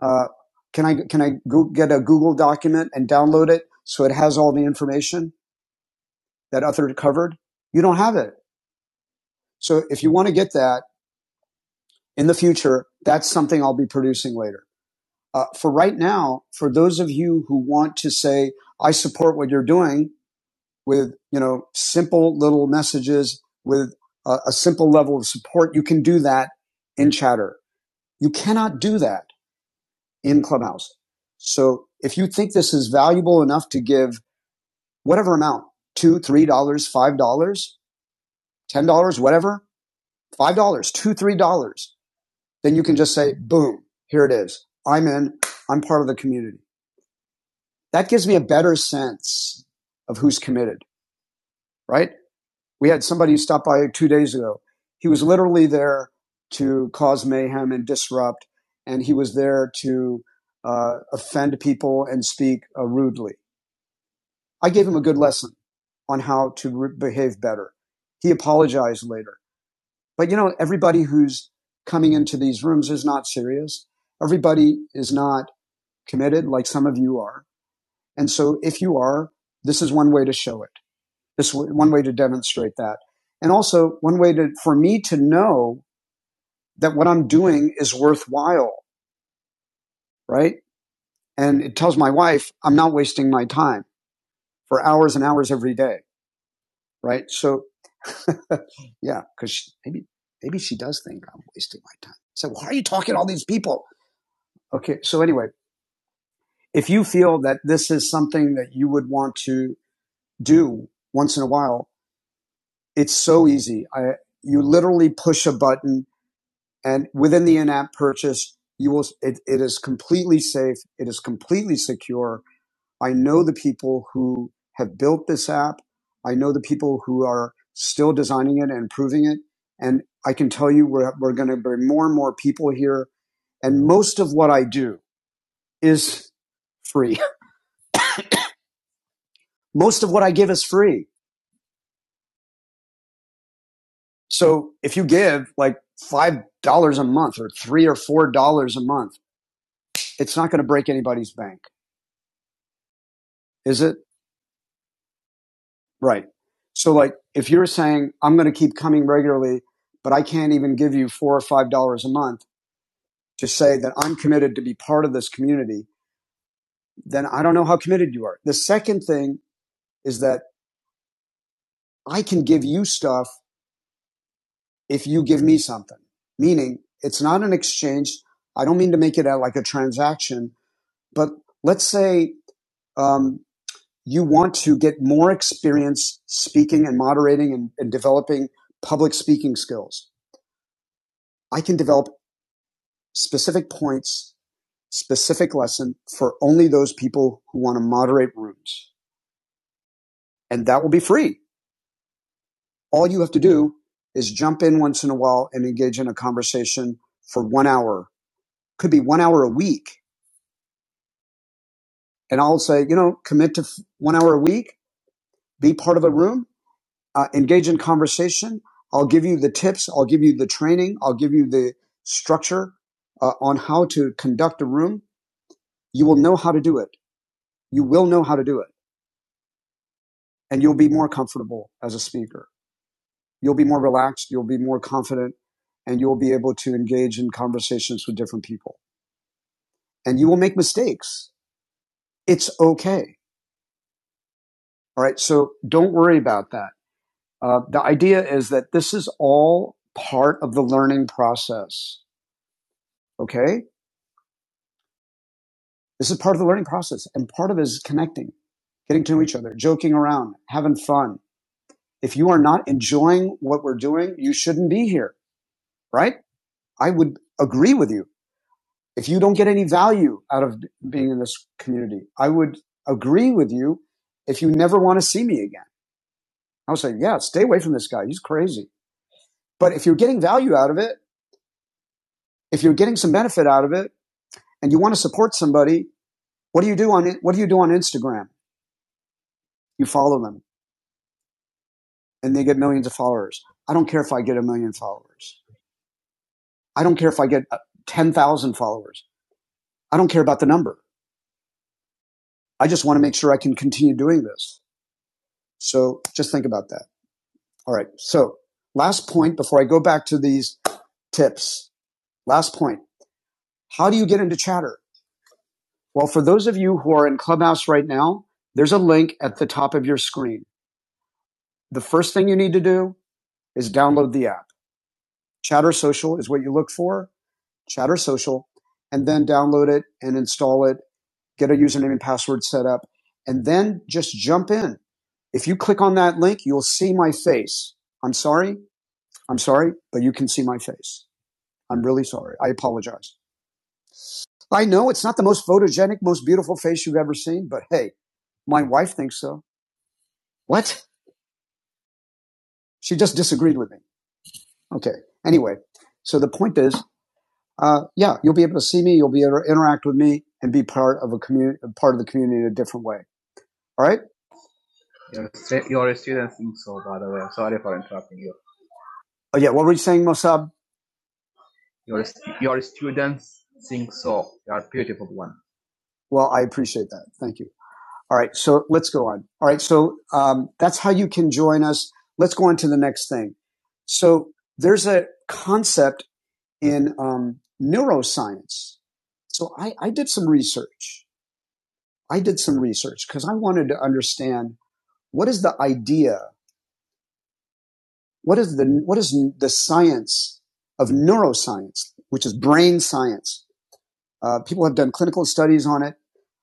Uh, can I, can I go get a Google document and download it so it has all the information that other covered? You don't have it. So if you want to get that, in the future, that's something I'll be producing later. Uh, for right now, for those of you who want to say, I support what you're doing with, you know, simple little messages with a, a simple level of support, you can do that in chatter. You cannot do that in clubhouse. So if you think this is valuable enough to give whatever amount, two, dollars, three dollars, five dollars, ten dollars, whatever, five dollars, two, dollars, three dollars, then you can just say, boom, here it is. I'm in. I'm part of the community. That gives me a better sense of who's committed, right? We had somebody who stopped by two days ago. He was literally there to cause mayhem and disrupt, and he was there to uh, offend people and speak uh, rudely. I gave him a good lesson on how to re- behave better. He apologized later. But you know, everybody who's coming into these rooms is not serious. Everybody is not committed like some of you are. And so if you are, this is one way to show it. This one way to demonstrate that. And also one way to, for me to know that what I'm doing is worthwhile, right? And it tells my wife I'm not wasting my time for hours and hours every day, right? So yeah, cause maybe, maybe she does think I'm wasting my time. So why are you talking to all these people? Okay. So anyway, if you feel that this is something that you would want to do once in a while, It's so easy. I, you literally push a button and within the in-app purchase, you will, it, it is completely safe. It is completely secure. I know the people who have built this app. I know the people who are still designing it and improving it. And I can tell you we're, we're going to bring more and more people here. And most of what I do is free. Most of what I give is free. So if you give like $5 a month or three or $4 a month, it's not going to break anybody's bank, is it? Right. So, like, if you're saying, I'm going to keep coming regularly, but I can't even give you four or five dollars a month to say that I'm committed to be part of this community, then I don't know how committed you are. The second thing is that I can give you stuff if you give me something, meaning it's not an exchange. I don't mean to make it out like a transaction, but let's say um, you want to get more experience speaking and moderating and, and developing public speaking skills. I can develop specific points, specific lesson for only those people who want to moderate rooms. And that will be free. All you have to do is jump in once in a while and engage in a conversation for one hour. Could be one hour a week. And I'll say, you know, commit to one hour a week, be part of a room uh, engage in conversation. I'll give you the tips. I'll give you the training. I'll give you the structure uh, on how to conduct a room. You will know how to do it. You will know how to do it and you'll be more comfortable as a speaker. You'll be more relaxed. You'll be more confident and you'll be able to engage in conversations with different people and you will make mistakes. It's okay. All right. So don't worry about that. Uh, the idea is that this is all part of the learning process. Okay This is part of the learning process. And part of it is connecting, getting to know each other, joking around, having fun. If you are not enjoying what we're doing, you shouldn't be here, right? I would agree with you. If you don't get any value out of being in this community, I would agree with you if you never want to see me again. I would say, yeah, stay away from this guy. He's crazy. But if you're getting value out of it, if you're getting some benefit out of it and you want to support somebody, what do you do on, what do you do on Instagram? You follow them. and they get millions of followers. I don't care if I get a million followers. I don't care if I get uh, 10,000 followers. I don't care about the number. I just want to make sure I can continue doing this. So just think about that. All right. So last point before I go back to these tips. Last point. How do you get into chatter? Well, for those of you who are in Clubhouse right now, there's a link at the top of your screen. The first thing you need to do is download the app. Chatter Social is what you look for Chatter Social, and then download it and install it, get a username and password set up, and then just jump in. If you click on that link, you'll see my face. I'm sorry. I'm sorry, but you can see my face. I'm really sorry. I apologize. I know it's not the most photogenic, most beautiful face you've ever seen, but hey, my wife thinks so. What? She just disagreed with me. Okay. Anyway, so the point is, uh, yeah, you'll be able to see me, you'll be able to interact with me, and be part of a community, part of the community in a different way. All right. Oh, yeah. What were you saying, Mossab? Well, I appreciate that. Thank you. All right. So let's go on. All right. So um, that's how you can join us. Let's go on to the next thing. So there's a concept in um, neuroscience. So I, I did some research. I did some research because I wanted to understand what is the idea, what is the what is the science of neuroscience, which is brain science. Uh, people have done clinical studies on it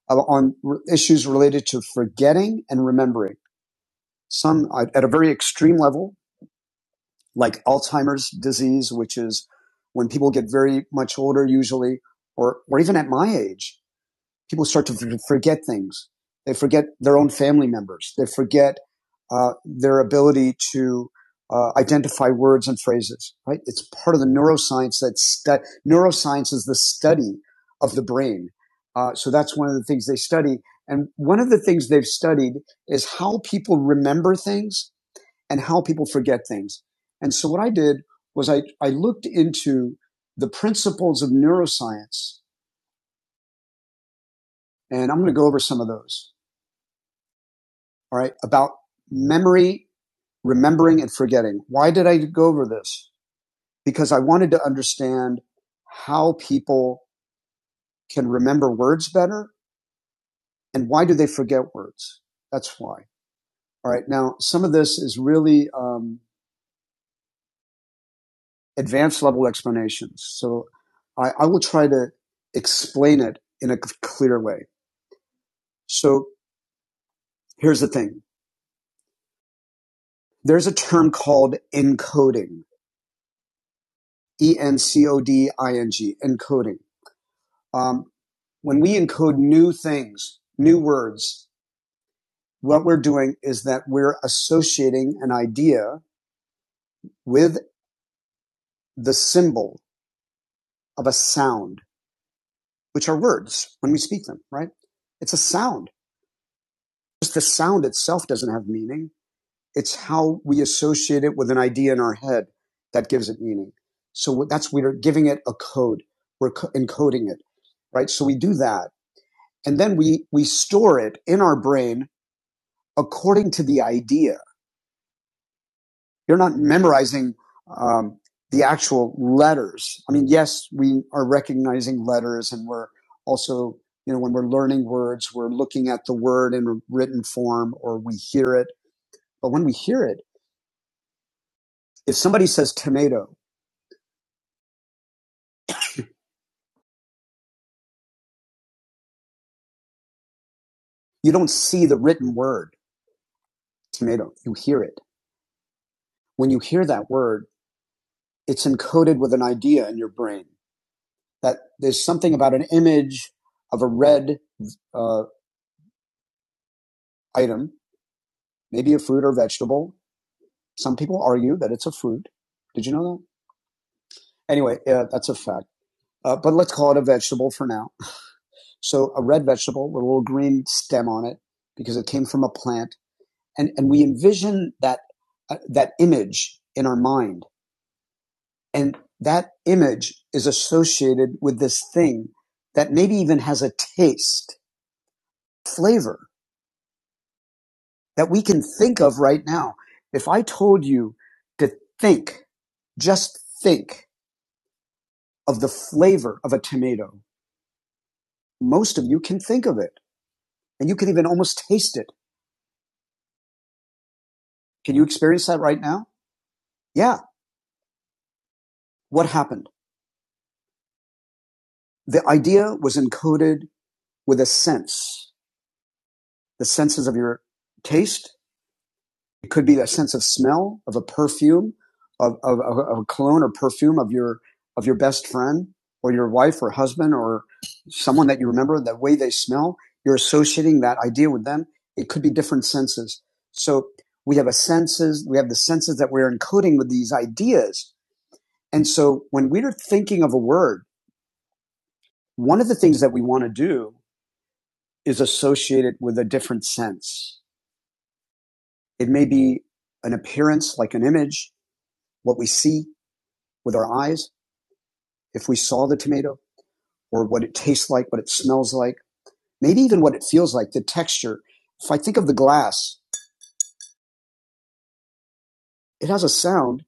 uh, on issues related to forgetting and remembering. Some uh, at a very extreme level, like Alzheimer's disease, which is when people get very much older, usually, or or even at my age, people start to forget things. They forget their own family members. They forget uh, their ability to uh, identify words and phrases. Right? It's part of the neuroscience that stu- neuroscience is the study of the brain. Uh, so that's one of the things they study. And one of the things they've studied is how people remember things and how people forget things. And so what I did was I, I looked into the principles of neuroscience, and I'm going to go over some of those. all right, about memory, remembering, and forgetting. Why did I go over this? Because I wanted to understand how people can remember words better and why do they forget words. That's why. All right, now some of this is really um, advanced level explanations. So I, I will try to explain it in a clear way. So here's the thing there's a term called encoding, E N C O D I N G, encoding. Um, when we encode new things, new words, what we're doing is that we're associating an idea with the symbol of a sound, which are words when we speak them, right? It's a sound. Just the sound itself doesn't have meaning. It's how we associate it with an idea in our head that gives it meaning. So that's, we're giving it a code. We're co- encoding it, right? So we do that. And then we, we store it in our brain according to the idea You're not memorizing um, the actual letters. I mean, yes, we are recognizing letters and we're also, you know, when we're learning words, we're looking at the word in written form or we hear it. But when we hear it, if somebody says tomato, you don't see the written word tomato, you hear it. When you hear that word, it's encoded with an idea in your brain that there's something about an image of a red uh, item, maybe a fruit or vegetable, Some people argue that it's a fruit. Did you know that? Anyway, uh, that's a fact. Uh, but let's call it a vegetable for now. So a red vegetable with a little green stem on it because it came from a plant, and and we envision that uh, that image in our mind, and that image is associated with this thing that maybe even has a taste, flavor that we can think of right now. If I told you to think, just think of the flavor of a tomato most of you can think of it and you can even almost taste it. Can you experience that right now? Yeah. What happened? The idea was encoded with a sense, the senses of your taste. It could be a sense of smell, of a perfume, of, of, of a cologne or perfume of your, of your best friend or your wife or husband or someone that you remember, the way they smell. You're associating that idea with them. It could be different senses. So we have a senses, we have the senses that we're encoding with these ideas And so when we're thinking of a word, one of the things that we want to do is associate it with a different sense. It may be an appearance, like an image, what we see with our eyes, if we saw the tomato, or what it tastes like, what it smells like, maybe even what it feels like, the texture. If I think of the glass, it has a sound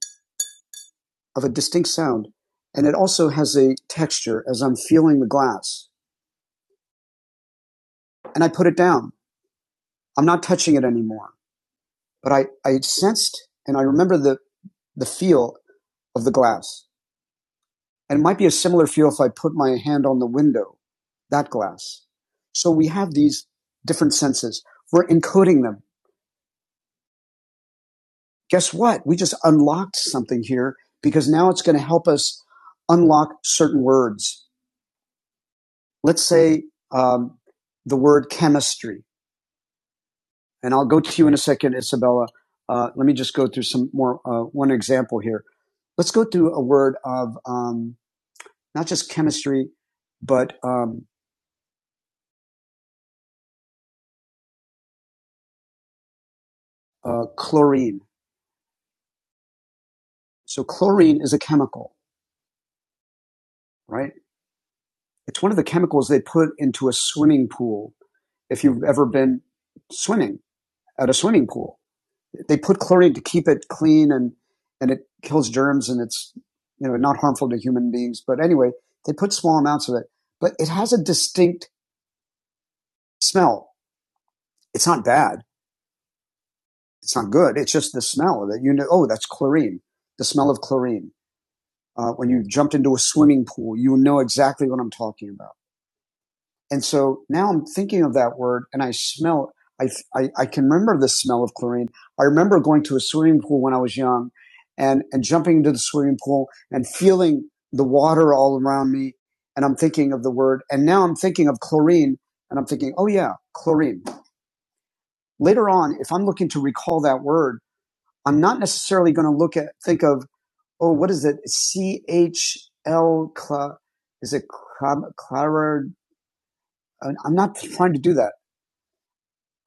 of a distinct sound, and it also has a texture as I'm feeling the glass. And I put it down. I'm not touching it anymore. But I, I sensed and I remember the the feel of the glass. And it might be a similar feel if I put my hand on the window, that glass. So we have these different senses. We're encoding them. Guess what? We just unlocked something here because now it's going to help us unlock certain words. Let's say um, the word chemistry, and I'll go to you in a second, Isabella. Uh, let me just go through some more uh, one example here. Let's go through a word of um, not just chemistry, but um, uh, chlorine. So chlorine is a chemical, right? It's one of the chemicals they put into a swimming pool. If you've ever been swimming at a swimming pool, they put chlorine to keep it clean and, and it kills germs and it's, you know, not harmful to human beings. But anyway, they put small amounts of it, but it has a distinct smell. It's not bad. It's not good. It's just the smell that you know, oh, that's chlorine, the smell of chlorine. Uh, when you jumped into a swimming pool, you know exactly what I'm talking about. And so now I'm thinking of that word and I smell, I, I, I can remember the smell of chlorine. I remember going to a swimming pool when I was young and, and jumping into the swimming pool and feeling the water all around me. And I'm thinking of the word. And now I'm thinking of chlorine and I'm thinking, oh yeah, chlorine. Later on, if I'm looking to recall that word, I'm not necessarily going to look at, think of, oh, what is it? CHL, cla- is it clar- clar- I'm not trying to do that.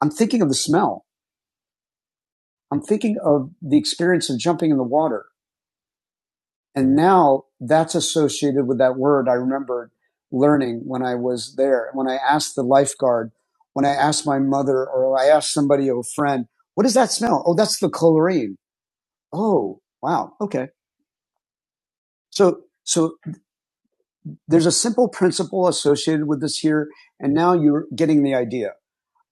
I'm thinking of the smell. I'm thinking of the experience of jumping in the water. And now that's associated with that word I remembered learning when I was there. When I asked the lifeguard, when I asked my mother, or I asked somebody, or a friend, what does that smell? Oh, that's the chlorine. Oh, wow. Okay. So, so there's a simple principle associated with this here. And now you're getting the idea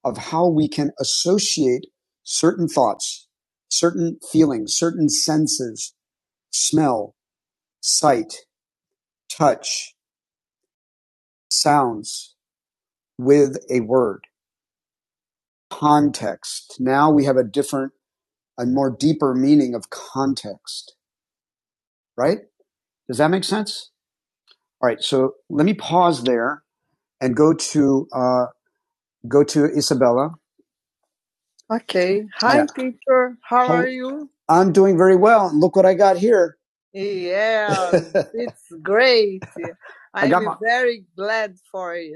of how we can associate certain thoughts, certain feelings, certain senses, smell, sight, touch, sounds with a word. Context. Now we have a different, a more deeper meaning of context, right? Does that make sense? All right. So let me pause there and go to, uh, go to Isabella. Okay. Hi, Yeah. teacher. How Hi. are you? I'm doing very well. look what I got here. Yeah, it's great. I I'm I got my, very glad for you.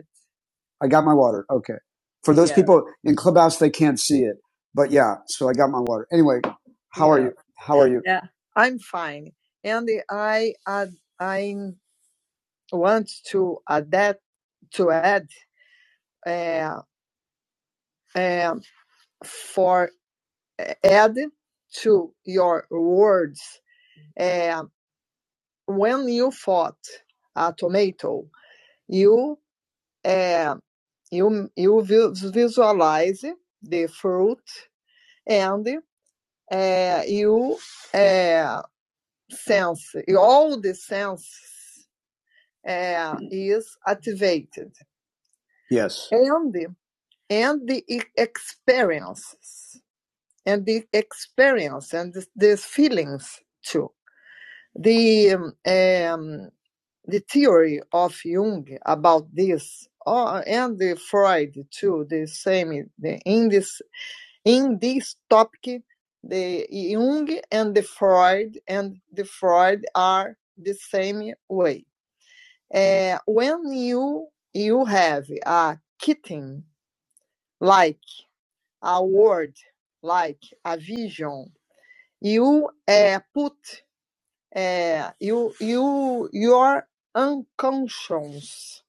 I got my water. Okay. For those Yeah. people in Clubhouse, they can't see it, but yeah. So I got my water. Anyway, how yeah. are Yeah. you? How are you? Yeah. I'm fine. Andy, I add, I want to add that to add uh, um, for add to your words. Uh, when you fought a tomato, you uh, you you visualize the fruit and uh, you uh, sense e all the sense uh, is activated Yes. and and the e- experiences and the experience and the, the feelings too the um, um, the theory of jung about this oh, and the freud too the same in the, In this topic, the Jung and the Freud and the Freud are the same way. Uh, when you you have a kitten, like a word, like a vision, you uh, put uh, you you your unconscious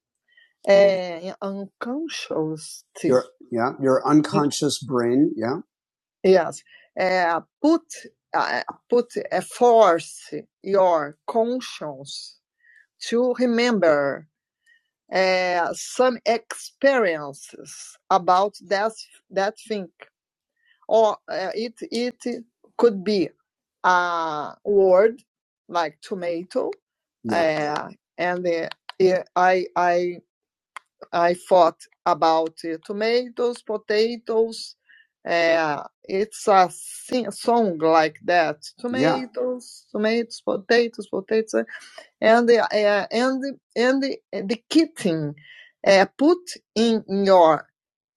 uh, unconscious Your yeah, your unconscious brain. Yeah. Yes. Uh, put uh, put uh, force your conscience to remember uh, some experiences about that that thing, or uh, it it could be a word like tomato, Yeah. uh, and uh, I I I thought about uh, tomatoes, potatoes. Uh, it's a sing- song like that. Yeah. Tomatoes, tomatoes, potatoes, potatoes, and the uh, and the- and the, the kitten uh, put in your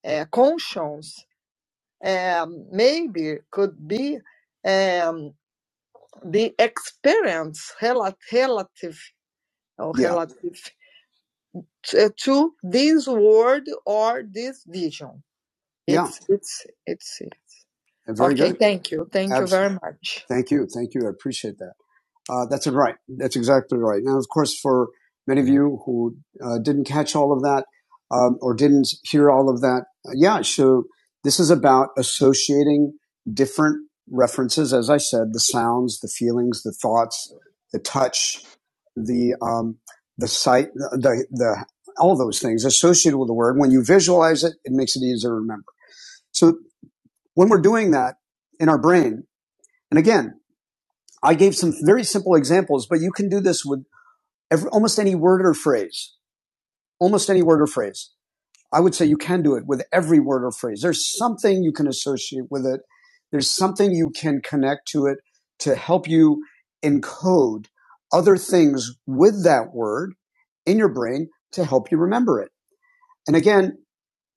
uh, conscience um, maybe could be um, the experience rela- relative or Yeah. relative to, to this word or this vision. Yeah, It's it's it's very okay. good. Thank you. Thank Absolutely. you very much. Thank you. Thank you. I appreciate that. Uh, that's right. That's exactly right. Now, of course, for many of you who uh, didn't catch all of that um, or didn't hear all of that, uh, yeah, so this is about associating different references, as I said, the sounds, the feelings, the thoughts, the touch, the, um, the sight, the, the, all those things associated with the word. When you visualize it, it makes it easier to remember. So. When we're doing that in our brain, and again, I gave some very simple examples, but you can do this with every, almost any word or phrase, almost any word or phrase. I would say you can do it with every word or phrase. There's something you can associate with it. There's something you can connect to it to help you encode other things with that word in your brain to help you remember it. And again,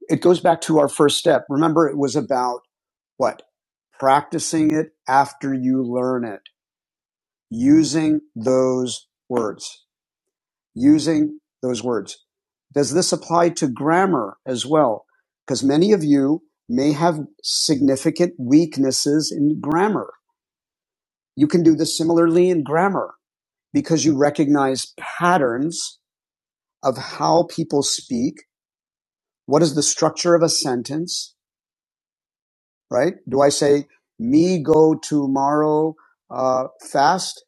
it goes back to our first step. Remember, it was about what? Practicing it after you learn it, using those words, using those words. Does this apply to grammar as well? Because many of you may have significant weaknesses in grammar. You can do this similarly in grammar because you recognize patterns of how people speak. What is the structure of a sentence, right? Do I say, me go tomorrow uh, fast?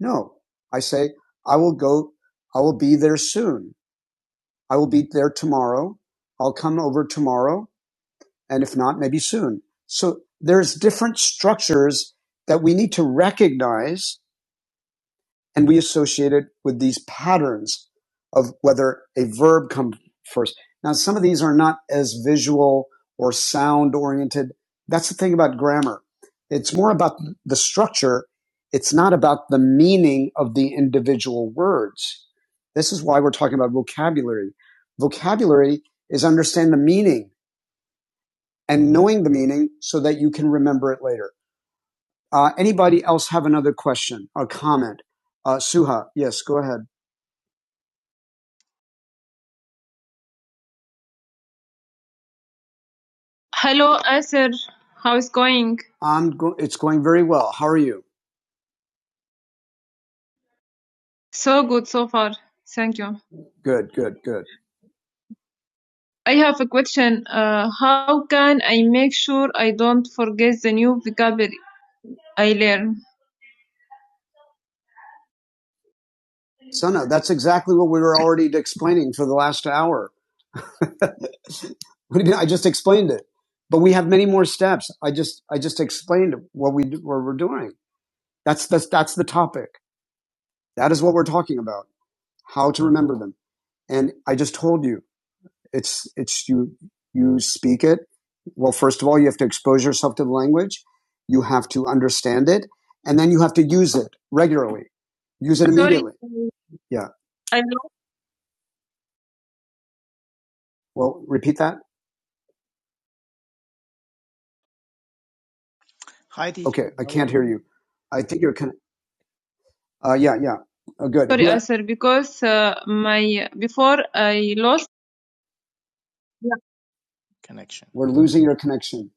No, I say, I will go, I will be there soon. I will be there tomorrow. I'll come over tomorrow. And if not, maybe soon. So there's different structures that we need to recognize and we associate it with these patterns of whether a verb comes first. Now, some of these are not as visual or sound oriented. That's the thing about grammar. It's more about the structure. It's not about the meaning of the individual words. This is why we're talking about vocabulary. Vocabulary is understand the meaning and knowing the meaning so that you can remember it later. Uh, anybody else have another question or comment? Uh, Suha, yes, go ahead. How is going? I'm go- it's going very well. How are you? So good so far. Thank you. Good, good, good. I have a question. Uh, how can I make sure I don't forget the new vocabulary I learn? So no, that's exactly what we were already explaining for the last hour. I just explained it, but we have many more steps. I just I just explained what we do, what we're doing. That's that's that's the topic. That is what we're talking about. How to remember them. And I just told you It's it's you you speak it. Well, first of all, you have to expose yourself to the language. You have to understand it, and then you have to use it regularly. Use it immediately. Yeah. I know. Well, repeat that.
Hi,
Okay,
teacher.
I
How are
can't hear
you?
you. I think you're kind of. Uh, yeah, yeah. Oh, good. Sorry, sir, because uh, my before I lost. Yeah.
Connection.
We're losing your connection.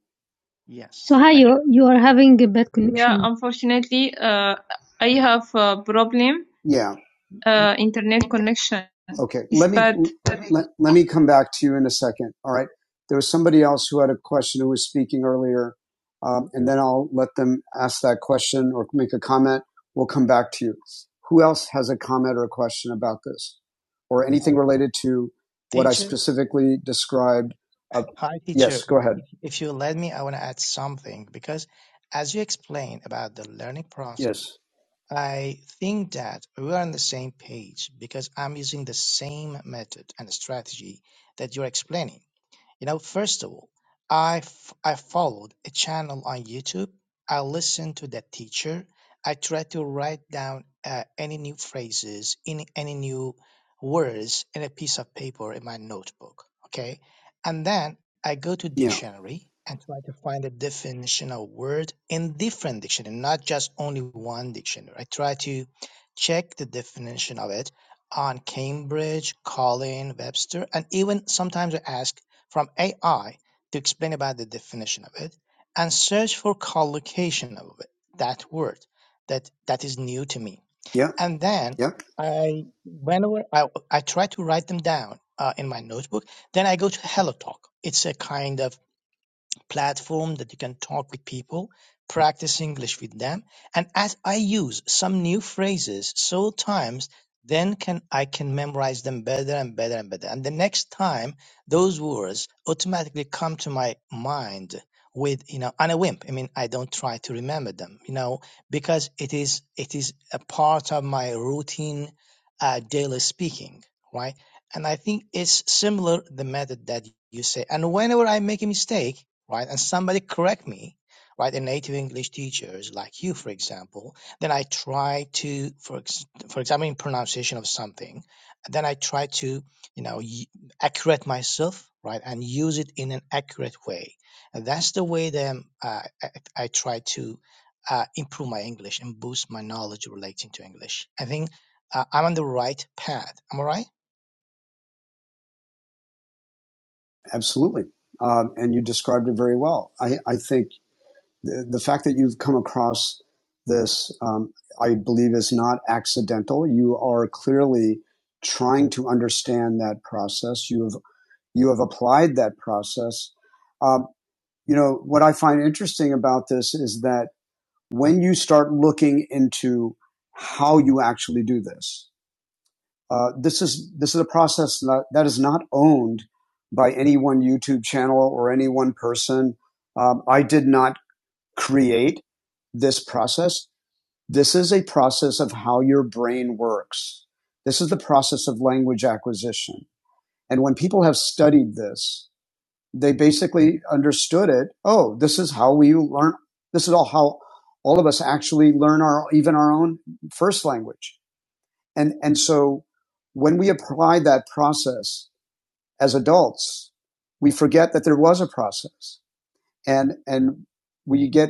So
Yes.
hi, you you are having a bad Yeah, connection. unfortunately, uh, I have a problem. Yeah. Uh, internet connection Okay. is Let me bad. let, let me come back to you in a second. All right. There was somebody else who had a question who was speaking earlier, um, and then I'll let them ask that question or make a comment. We'll come back to you. Who else has a comment or a question about this, or anything related to what I
Teacher.
specifically described? Uh,
Hi, teacher.
yes. Go ahead.
If if you let me, I want to add something because as you explained about the learning process,
Yes.
I think that we are on the same page because I'm using the same method and strategy that you're explaining. You know, first of all, I f- I followed a channel on YouTube. I listened to that teacher. I tried to write down uh, any new phrases, any any new words in a piece of paper in my notebook. Okay, and then I go to
Yeah.
dictionary and try to find a definition of word in different dictionary, not just only one dictionary. I try to check the definition of it on Cambridge, Colin, Webster, and even sometimes I ask from AI to explain about the definition of it and search for collocation of it, that word that that is new to me.
Yeah.
And then
Yep,
I whenever I I try to write them down uh, in my notebook, then I go to HelloTalk. It's a kind of platform that you can talk with people, practice English with them. And as I use some new phrases so times, then can I can memorize them better and better and better. And the next time those words automatically come to my mind with you know on a whim. I mean I don't try to remember them, you know, because it is it is a part of my routine uh, daily speaking, right? And I think it's similar the method that you say. And whenever I make a mistake, right? And somebody correct me, right? A native English teachers like you, for example, then I try to, for ex- for example, in pronunciation of something, then I try to, you know, y- accurate myself, right, and use it in an accurate way. And that's the way that um, uh, I, I try to uh, improve my English and boost my knowledge relating to English. I think uh, I'm on the right path. Am I right?
absolutely. Um, and you described it very well. I, I think the, the fact that you've come across this, um, I believe, is not accidental. You are clearly trying to understand that process. You have you have applied that process. Um, you know what I find interesting about this is that when you start looking into how you actually do this, Uh, this is this is a process that, that is not owned by any one YouTube channel or any one person. Um, I did not create this process. This is a process of how your brain works. This is the process of language acquisition. And when people have studied this, they basically understood it. Oh, this is how we learn. This is all how all of us actually learn our even our own first language. And, and so when we apply that process as adults, we forget that there was a process and, and we get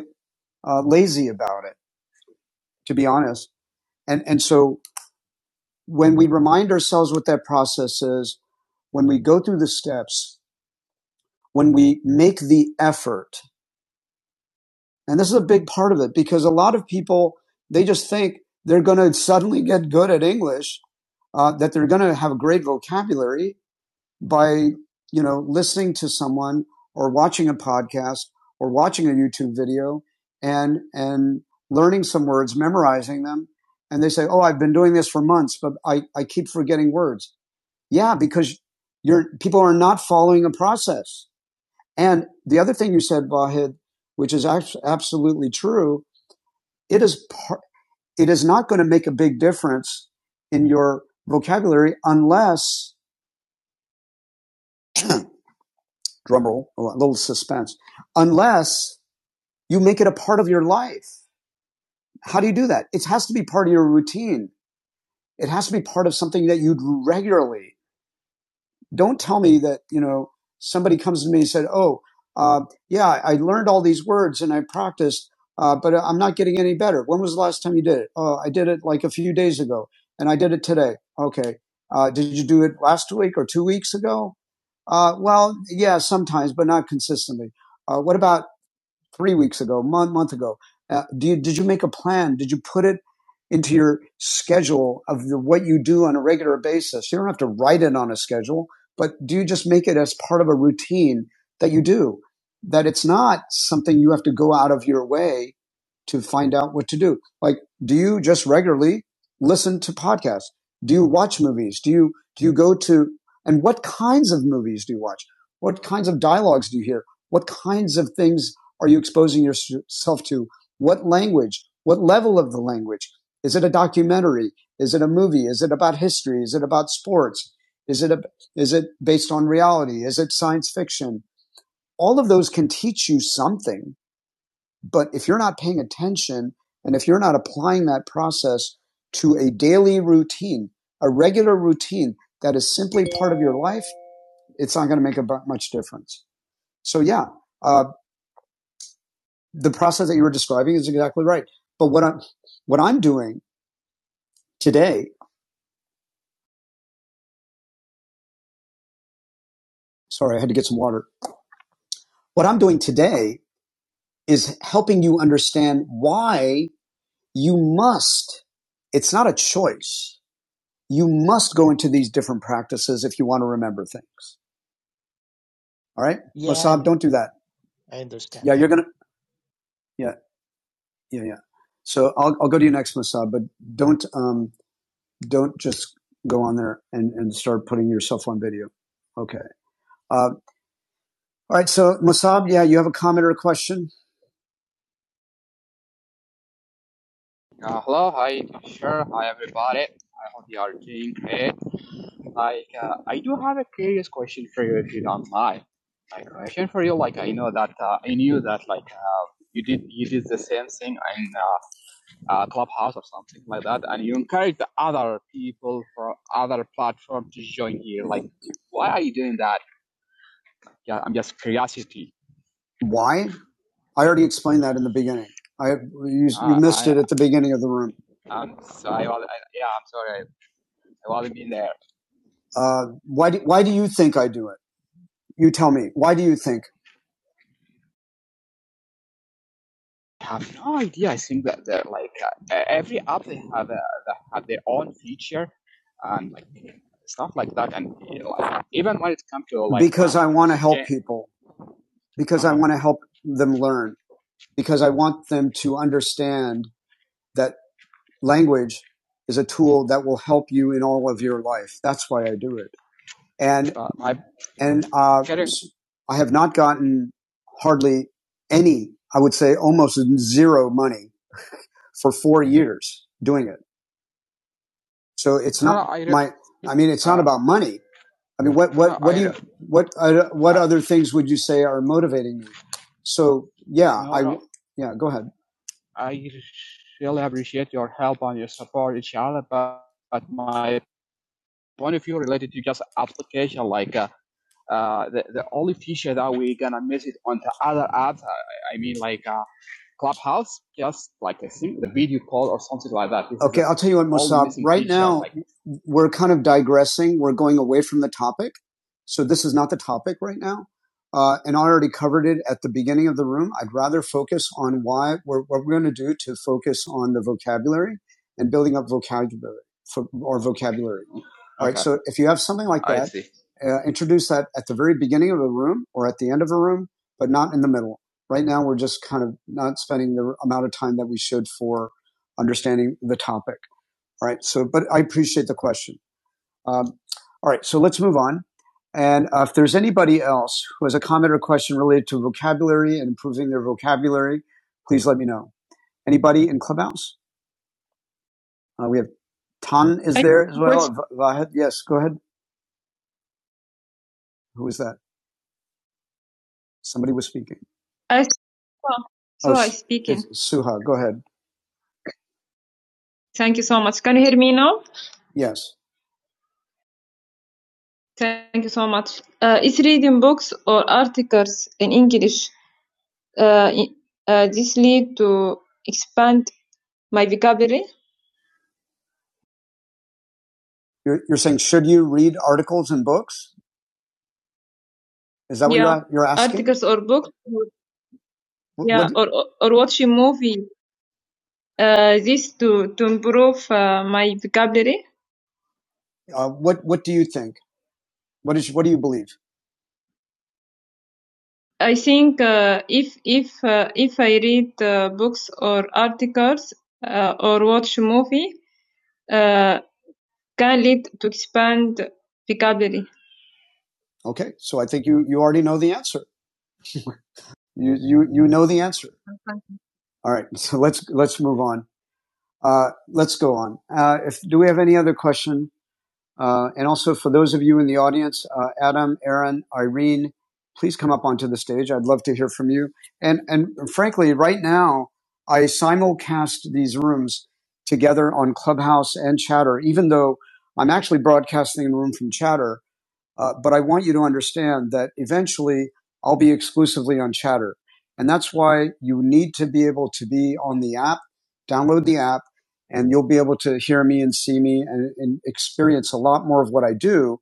uh, lazy about it, to be honest. And, and so when we remind ourselves what that process is, when we go through the steps, when we make the effort, and this is a big part of it because a lot of people, they just think they're going to suddenly get good at English, uh, that they're going to have a great vocabulary. by, you know, listening to someone or watching a podcast or watching a YouTube video and, and learning some words, memorizing them. And they say, Oh, I've been doing this for months, but I, I keep forgetting words. Yeah, because you're, people are not following a process. And the other thing you said, Vahid, which is absolutely true, it is par- it is not going to make a big difference in your vocabulary unless drumroll, a little suspense, unless you make it a part of your life. How do you do that? It has to be part of your routine. It has to be part of something that you do regularly. Don't tell me that, you know, somebody comes to me and said, Oh, uh, yeah, I learned all these words and I practiced, uh, but I'm not getting any better. When was the last time you did it? Oh, I did it like a few days ago and I did it today. Okay. Uh, did you do it last week or two weeks ago? Uh, well, yeah, sometimes, but not consistently. Uh, what about three weeks ago, month month ago. Uh, do you, did you make a plan? Did you put it into your schedule of the, what you do on a regular basis? You don't have to write it on a schedule, but do you just make it as part of a routine that you do? That it's not something you have to go out of your way to find out what to do. Like, do you just regularly listen to podcasts? Do you watch movies? Do you, do you go to, and what kinds of movies do you watch? What kinds of dialogues do you hear? What kinds of things are you exposing yourself to? What language? What level of the language? Is it a documentary? Is it a movie? Is it about history? Is it about sports? Is it, a, is it based on reality? Is it science fiction? All of those can teach you something but if you're not paying attention and if you're not applying that process to a daily routine, a regular routine that is simply part of your life, it's not going to make a much difference. So yeah, uh, the process that you were describing is exactly right. But what I'm, what I'm doing today, sorry, I had to get some water. What I'm doing today is helping you understand why you must, it's not a choice. You must go into these different practices if you want to remember things. All right,
Yeah, I
Mossab, don't do
understand.
that.
I understand
Yeah,
that.
you're gonna. Yeah, yeah, yeah. So I'll I'll go to you next, Mossab, but don't um don't just go on there and and start putting yourself on video. Okay. Uh, all right. So Mossab, yeah, you have a comment or a question? Why? I already explained that in the beginning. I used at the beginning of the room. Uh, why do Why do you think I do it? You tell me. Why do you think want to help people? Because I want to help them learn. Because I want them to understand that. language is a tool that will help you in all of your life. That's why I do it. And uh, I have not gotten hardly any, I would say almost zero money for four years doing it. So it's not, I mean, it's about money. I mean, what, what, what, uh, what other things would you say are motivating you? So yeah, yeah, go ahead. I'll tell you we're kind of digressing. We're going away from the topic. So this is not the topic right now. Uh, and I already covered it at the beginning of the room. I'd rather focus on why we're, what we're going to do to focus on the vocabulary and building up vocabulary for, or vocabulary. So if you have something like uh, introduce that at the very beginning of a room or at the end of a room, but not in the middle. Right now, we're just kind of not spending the amount of time that we should for understanding the topic. All right. So, but I appreciate the question. Um, all right, so let's move on. And uh, if there's anybody else who has a comment or question related to vocabulary and improving their vocabulary, please let me know. Anybody in Clubhouse? Uh, we have Tan is I- there as well. was- Vahed, yes, go ahead. Who is that? Somebody was speaking. I saw, Oh, I speaking. it's Suha, go ahead. Thank you so much. Can you hear me now? Yes. Thank you so much. Uh, is reading books or articles in English uh, uh, this lead to expand my vocabulary, You're, you're saying, should you read articles and books? Is that what Yeah. you're, asking? articles or books, yeah, what- or or or watch a movie. Uh, this to to improve uh, my vocabulary. uh, what what do you think? What is what do you believe? I think uh, if if uh, if I read uh, books or articles uh, or watch a movie, uh, can lead to expand vocabulary. Okay, so I think you you already know the answer. You you you know the answer. All right, so let's let's move on. Uh, let's go on. Uh, if do we have any other question? Uh, and also for those of you in the audience, uh, Adam, Aaron, Irene, please come up onto the stage. I'd love to hear from you. And and frankly, right now I simulcast these rooms together on Clubhouse and Chatter, even though I'm actually broadcasting the room from Chatter Uh, but I want you to understand that eventually I'll be exclusively on Chatter. And that's why you need to be able to be on the app, download the app, and you'll be able to hear me and see me and, and experience a lot more of what I do,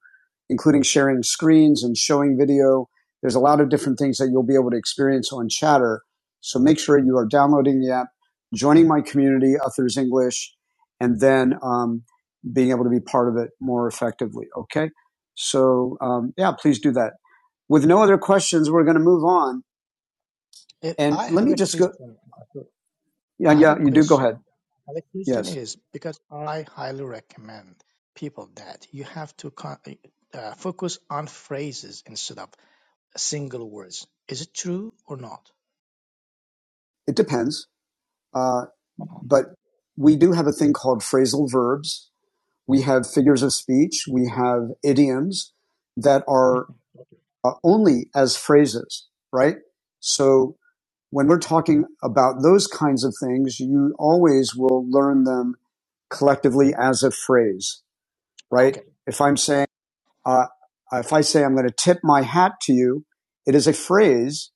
including sharing screens and showing video. There's a lot of different things that you'll be able to experience on Chatter. So make sure you are downloading the app, joining my community, Authors English, and then um, being able to be part of it more effectively. Okay. So um, yeah, please do that. With no other questions, we're going to move on.
If
And
I
let
have
me
a
just go.
question.
Yeah,
I have a
yeah, you do. Go
question.
ahead.
And The question
Yes,
is because I highly recommend people that you have to con- uh, focus on phrases instead of single words. Is it true or not?
it depends. Uh,
Uh-uh.
but we do have a thing called phrasal verbs. We have figures of speech. We have idioms that are
Mhm.
uh, only as phrases, right? So when we're talking about those kinds of things, you always will learn them collectively as a phrase, right?
Okay.
If I'm saying Uh, if I say I'm going to tip my hat to you, it is a phrase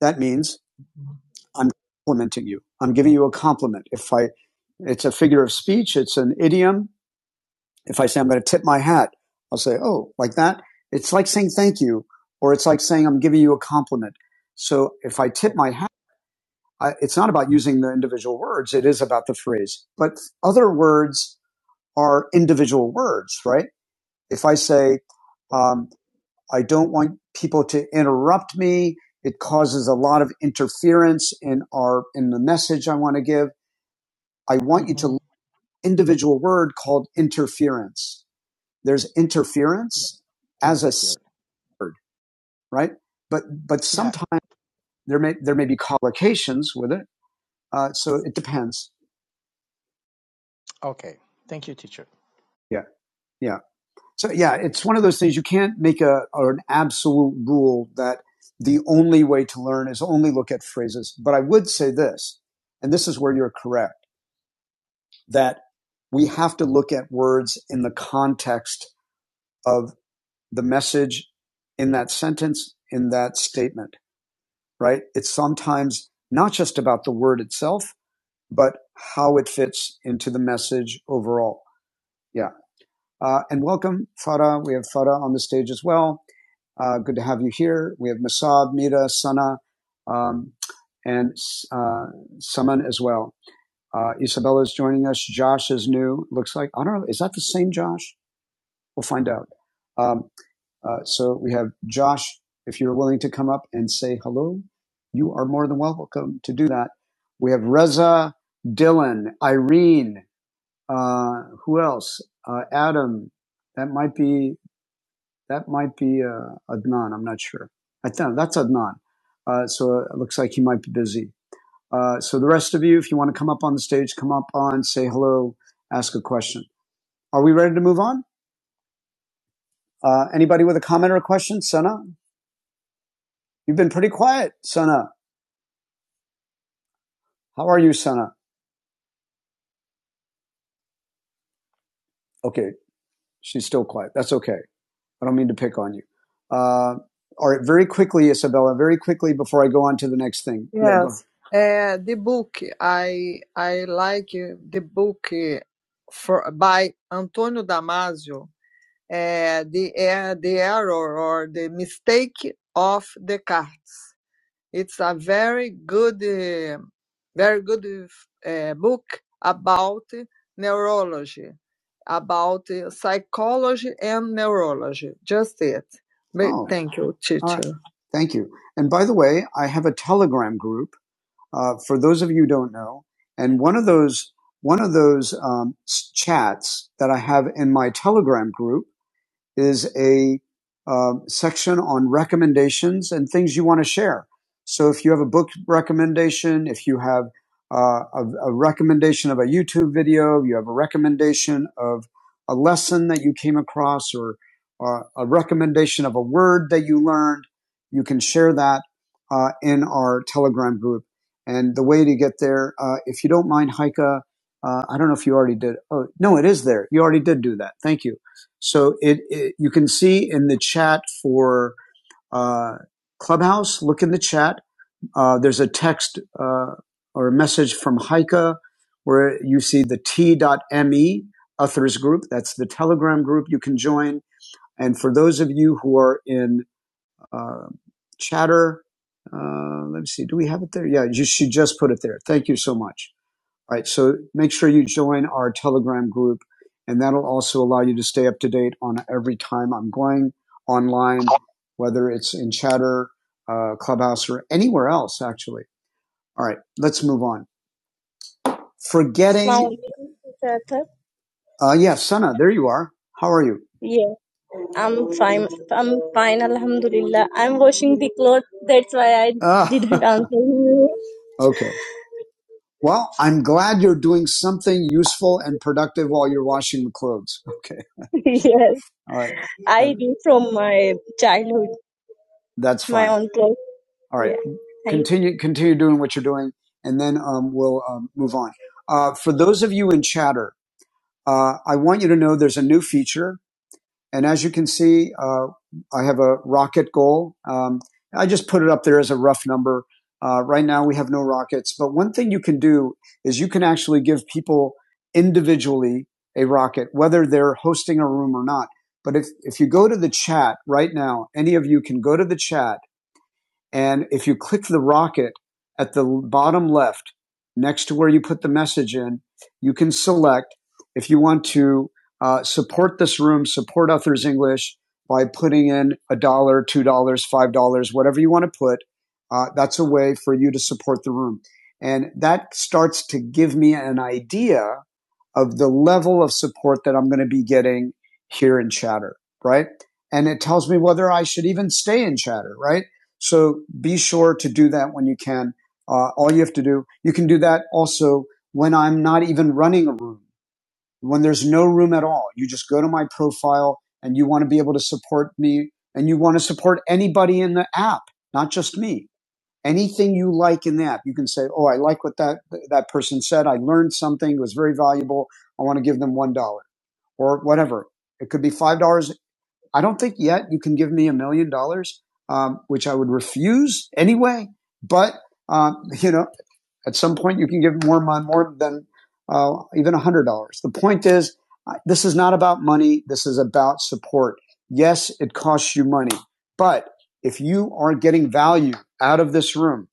that means
Mhm.
I'm complimenting you. I'm giving you a compliment. If I, it's a figure of speech. It's an idiom. If I say I'm going to tip my hat, I'll say, oh, like that. It's like saying thank you, or it's like saying I'm giving you a compliment. So if I tip my
Okay.
hat, I, it's not about using the individual words. It is about the phrase. But other words are individual words, right? If I say, um, I don't want people to interrupt me. It causes a lot of interference in our, in the message I want to give. I want you
Mm-hmm.
to individual word called interference. There's
Yeah.
interference as a
Interfere.
word, right? But, but
Yeah.
sometimes there may, there may be collocations with it. Uh, so it depends.
Okay. Thank you, teacher.
Yeah. Yeah. So yeah, it's one of those things you can't make a or an absolute rule that the only way to learn is only look at phrases. But I would say this, and this is where you're correct, that we have to look at words in the context of the message in that sentence, in that statement, right? It's sometimes not just about the word itself, but how it fits into the message overall. Yeah. Uh, and welcome, Farah. We have Farah on the stage as well. Uh, good to have you here. We have Masab, Mira, Sana, um, and uh, Saman as well. Uh, Isabella is joining us. Josh is new. Looks like I don't know. Is that the same Josh? We'll find out. Um, uh, so we have Josh. If you're willing to come up and say hello, you are more than welcome to do that. We have Reza, Dylan, Irene. Uh, who else? Uh, Adam. That might be. That might be uh, Adnan. I'm not sure. I think that's Adnan. Uh, so it looks like he might be busy. Uh, so the rest of you, if you want to come up on the stage, come up on, say hello, ask a question. Are we ready to move on? Uh, anybody with a comment or a question? Sana, you've been pretty quiet. Sana, how are you, Sana? Okay, she's still quiet. That's okay. I don't mean to pick on you. Uh, all right, very quickly, Isabella, very quickly before I go on to the next thing. Yeah, go. Yes, uh, the book I I like uh, the book uh, for by Antonio Damasio, uh, the uh, the error or the mistake of Descartes. It's a very good, uh, very good uh, book about neurology, about uh, psychology and neurology. Just it. But Oh, thank you, teacher. all right. Thank you. And by the way, I have a Telegram group uh, for those of you who don't know. And one of those one of those um, chats that I have in my Telegram group is a um, section on recommendations and things you want to share. So if you have a book recommendation, if you have uh, a, a recommendation of a YouTube video, you have a recommendation of a lesson that you came across, or uh, a recommendation of a word that you learned, you can share that uh, in our Telegram group. And the way to get there, uh, if you don't mind, Heike, uh, I don't know if you already did. Oh, no, it is there. You already did do that. Thank you so it, it you can see in the chat for uh, Clubhouse. Look in the chat. Uh, there's a text uh, or a message from Heike where you see the T.me Uthers group. That's the Telegram group you can join. And for those of you who are in uh, Chatter, uh, let me see. Do we have it there? Yeah, you, should just put it there. Thank you so much all right. So make sure you join our Telegram group, and that'll also allow you to stay up to date on every time I'm going online, whether it's in Chatter, uh, Clubhouse, or anywhere else, actually. All right. Let's move on. Forgetting. Uh, yeah, Sana, there you are. How are you? Yeah, I'm fine. I'm fine, Alhamdulillah. I'm washing the clothes. That's why I Ah. didn't answer you. Okay. Well, I'm glad you're doing something useful and productive while you're washing the clothes. Okay. yes, All right. I do from my childhood, That's fine. my own clothes. All right. Yeah, Continue, thank you. Continue, continue doing what you're doing, and then um, we'll um, move on. Uh, for those of you in chatter, uh, I want you to know there's a new feature and as you can see, uh, I have a rocket goal. Um, I just put it up there as a rough number. Uh, right now, we have no rockets. But one thing you can do is you can actually give people individually a rocket, whether they're hosting a room or not. But if, if you go to the chat right now, any of you can go to the chat and if you click the rocket at the bottom left, next to where you put the message in, you can select if you want to uh, support this room, support Authors English by putting in a dollar, two dollars, five dollars, whatever you want to put. Uh, that's a way for you to support the room. And that starts to give me an idea of the level of support that I'm going to be getting here in Chatter, right? And it tells me whether I should even stay in Chatter, right? So be sure to do that when you can. Uh, all you have to do, you can do that also when I'm not even running a room, when there's no room at all. You just go to my profile and you want to be able to support me and you want to support anybody in the app, not just me anything you like in that you can say oh i like what that that person said i learned something it was very valuable i want to give them one dollar or whatever it could be five dollars i don't think yet you can give me a million dollars um, which i would refuse anyway but um, you know at some point you can give more mon- more than uh, even a hundred dollars the point is uh, this is not about money this is about support yes it costs you money but if you are getting value out of this room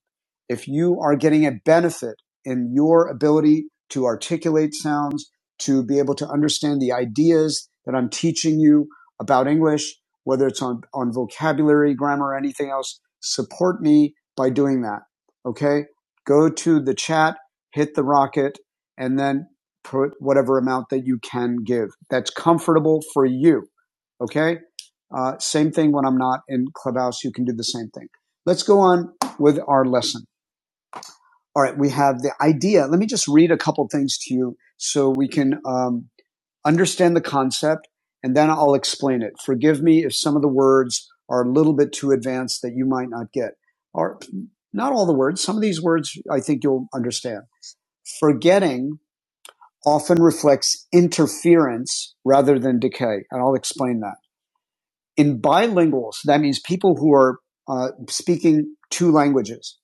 if you are getting a benefit in your ability to articulate sounds, to be able to understand the ideas that I'm teaching you about English, whether it's on, on vocabulary, grammar, or anything else, support me by doing that. Okay. Go to the chat, hit the rocket, and then put whatever amount that you can give that's comfortable for you. Okay. Uh, same thing when I'm not in Clubhouse. You can do the same thing. Let's go on with our lesson all right, we have the idea. Let me just read a couple things to you so we can um, understand the concept and then I'll explain it. Forgive me if some of the words are a little bit too advanced that you might not get. Or not all the words, some of these words I think you'll understand. Forgetting often reflects interference rather than decay, and I'll explain that. In bilinguals, that means people who are uh, speaking two languages,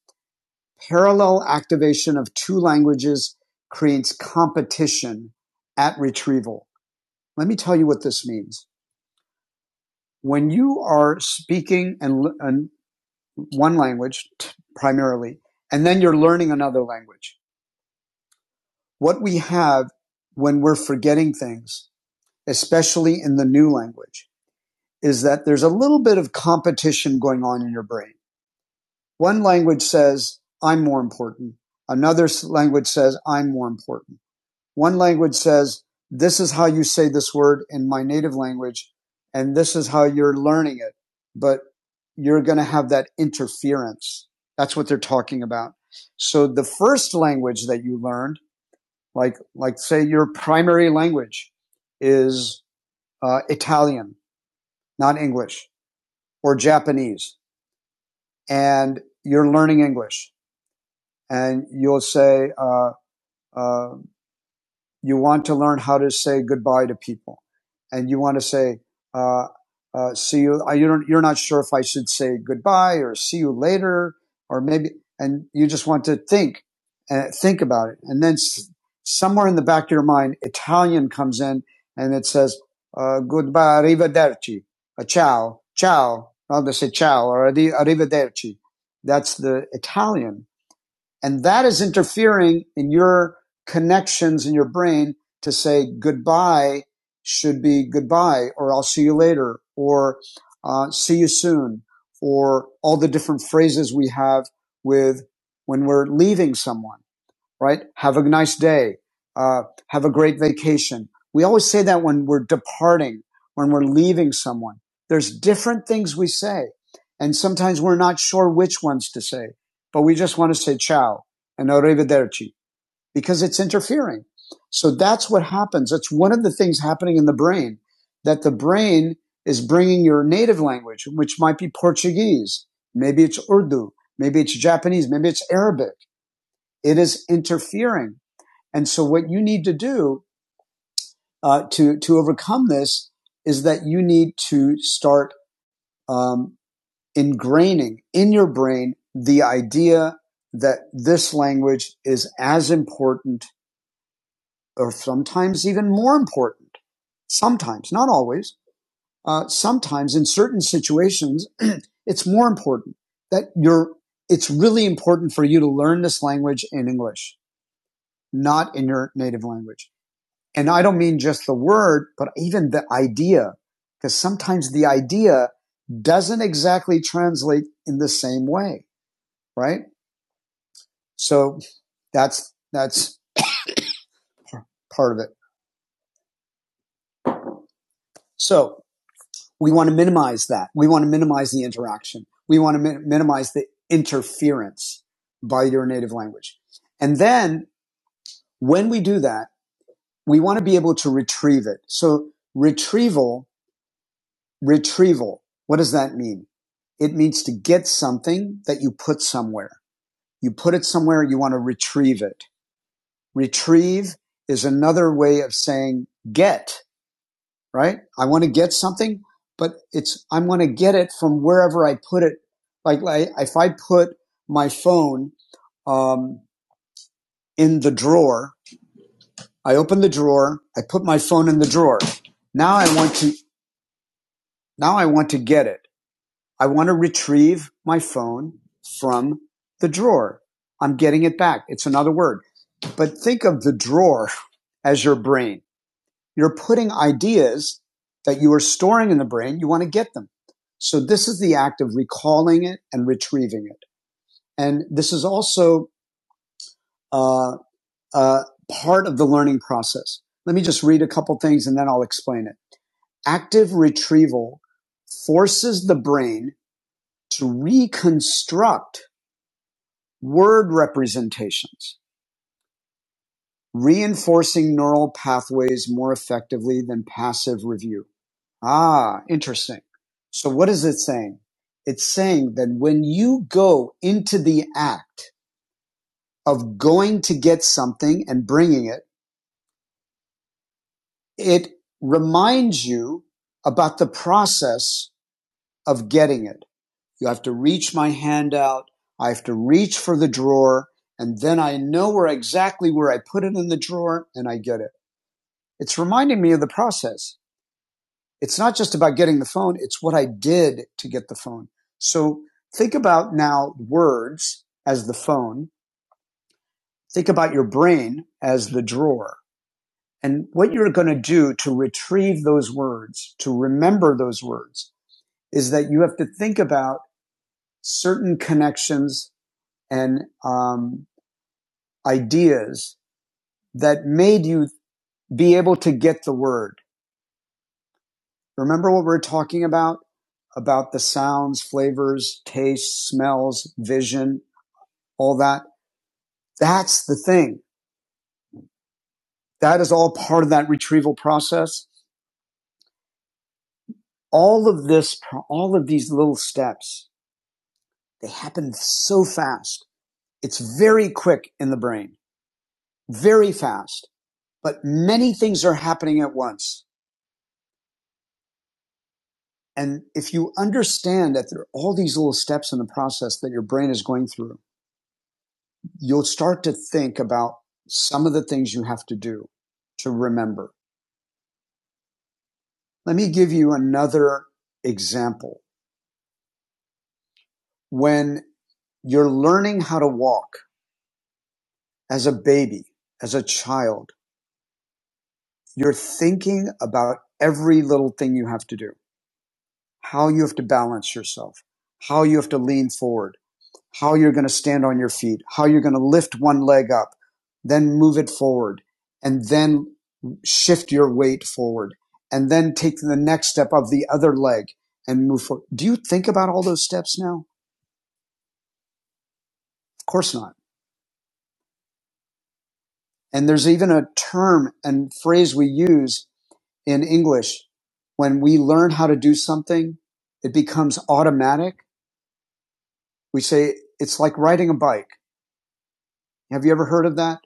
Parallel activation of two languages creates competition at retrieval. Let me tell you what this means. When you are speaking and, and one language primarily, and then you're learning another language, what we have when we're forgetting things, especially in the new language, is that there's a little bit of competition going on in your brain. One language says, I'm more important. Another language says, I'm more important. One language says, this is how you say this word in my native language, and this is how you're learning it. But you're going to have that interference. That's what they're talking about. So the first language that you learned, like, like say your primary language is uh, Italian, not English or Japanese, and you're learning English and you'll say, uh, uh, you want to learn how to say goodbye to people and you want to say uh, uh, see you uh, you don't, you're not sure if i should say goodbye or see you later or maybe and you just want to think and uh, think about it and then s- somewhere in the back of your mind italian comes in and it says uh, goodbye arrivederci uh, ciao ciao I'll just say ciao or arrivederci that's the italian and that is interfering in your connections in your brain to say goodbye should be goodbye or I'll see you later or uh, see you soon or all the different phrases we have with when we're leaving someone right? Have a nice day. Uh, have a great vacation. We always say that when we're departing, when we're leaving someone. There's different things we say. And sometimes we're not sure which ones to say, but we just want to say ciao and arrivederci because it's interfering. So that's what happens. That's one of the things happening in the brain that the brain is bringing your native language, which might be Portuguese. Maybe it's Urdu. Maybe it's Japanese. Maybe it's Arabic. It is interfering and so what you need to do uh, to to overcome this is that you need to start um, ingraining in your brain the idea that this language is as important or sometimes even more important. Sometimes, not always. Uh, sometimes in certain situations, it's more important that you're, it's really important for you to learn this language in English, not in your native language. And I don't mean just the word, but even the idea, because sometimes the idea doesn't exactly translate in the same way, right? So that's, that's part of it. So we want to minimize that. We want to minimize the interaction. We want to min- minimize the interference by your native language. And then when we do that, we want to be able to retrieve it. So retrieval Retrieval. What does that mean? It means to get something that you put somewhere. You put it somewhere, you want to retrieve it. Retrieve is another way of saying get, right? I want to get something, but it's, I'm going to get it from wherever I put it. Like, like if I put my phone, um, in the drawer, I open the drawer, I put my phone in the drawer. Now I want to, now I want to get it. I want to retrieve my phone from the drawer. I'm getting it back. It's another word. But think of the drawer as your brain. You're putting ideas that you are storing in the brain. You want to get them. So this is the act of recalling it and retrieving it. And this is also uh, uh, part of the learning process. Let me just read a couple things and then I'll explain it. Active retrieval forces the brain to reconstruct Word representations, reinforcing neural pathways more effectively than passive review. Ah, interesting. So what is it saying? It's saying that when you go into the act of going to get something and bringing it, it reminds you about the process of getting it. You have to reach my hand out. I have to reach for the drawer and then I know where exactly where I put it in the drawer and I get it. it's reminding me of the process. It's not just about getting the phone. It's what I did to get the phone. So think about now words as the phone. Think about your brain as the drawer and what you're going to do to retrieve those words, to remember those words is that you have to think about certain connections and um, ideas that made you be able to get the word Remember what we we're talking about? About the sounds, flavors, tastes, smells, vision, all that. That's the thing. That is all part of that retrieval process. All of this, all of these little steps, they happen so fast. It's very quick in the brain, very fast, but many things are happening at once. And if you understand that there are all these little steps in the process that your brain is going through, you'll start to think about some of the things you have to do to remember. Let me give you another example. When you're learning how to walk as a baby, as a child, you're thinking about every little thing you have to do, how you have to balance yourself, how you have to lean forward how you're going to stand on your feet, how you're going to lift one leg up, then move it forward, and then shift your weight forward, and then take the next step of the other leg and move forward. Do you think about all those steps now? Of course not. And there's even a term and phrase we use in English when we learn how to do something, it becomes automatic. We say it's like riding a bike. Have you ever heard of that?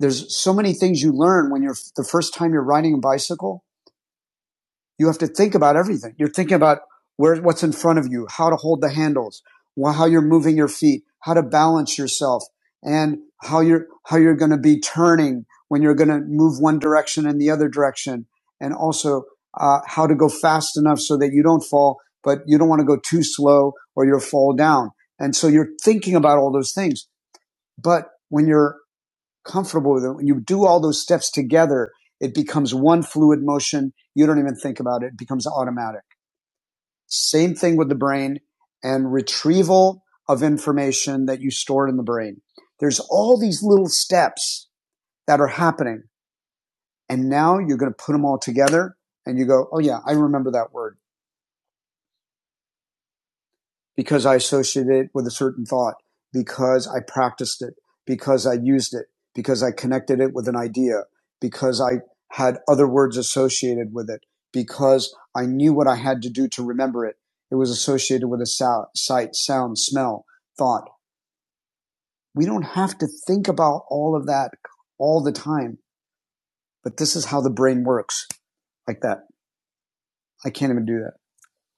there's so many things you learn when you're the first time you're riding a bicycle. You have to think about everything. You're thinking about where what's in front of you, how to hold the handles, how you're moving your feet, how to balance yourself, and how you're how you're going to be turning when you're going to move one direction and the other direction, and also uh, how to go fast enough so that you don't fall, but you don't want to go too slow or you'll fall down. And so you're thinking about all those things. But when you're comfortable with it. When you do all those steps together, it becomes one fluid motion. You don't even think about it. It becomes automatic. Same thing with the brain and retrieval of information that you stored in the brain. There's all these little steps that are happening. And now you're going to put them all together and you go, Oh yeah, I remember that word because I associated it with a certain thought, because I practiced it, because I used it, because I connected it with an idea, because I had other words associated with it, because I knew what I had to do to remember it. It was associated with a sou- sight, sound, smell, thought. We don't have to think about all of that all the time, but this is how the brain works like that. I can't even do that.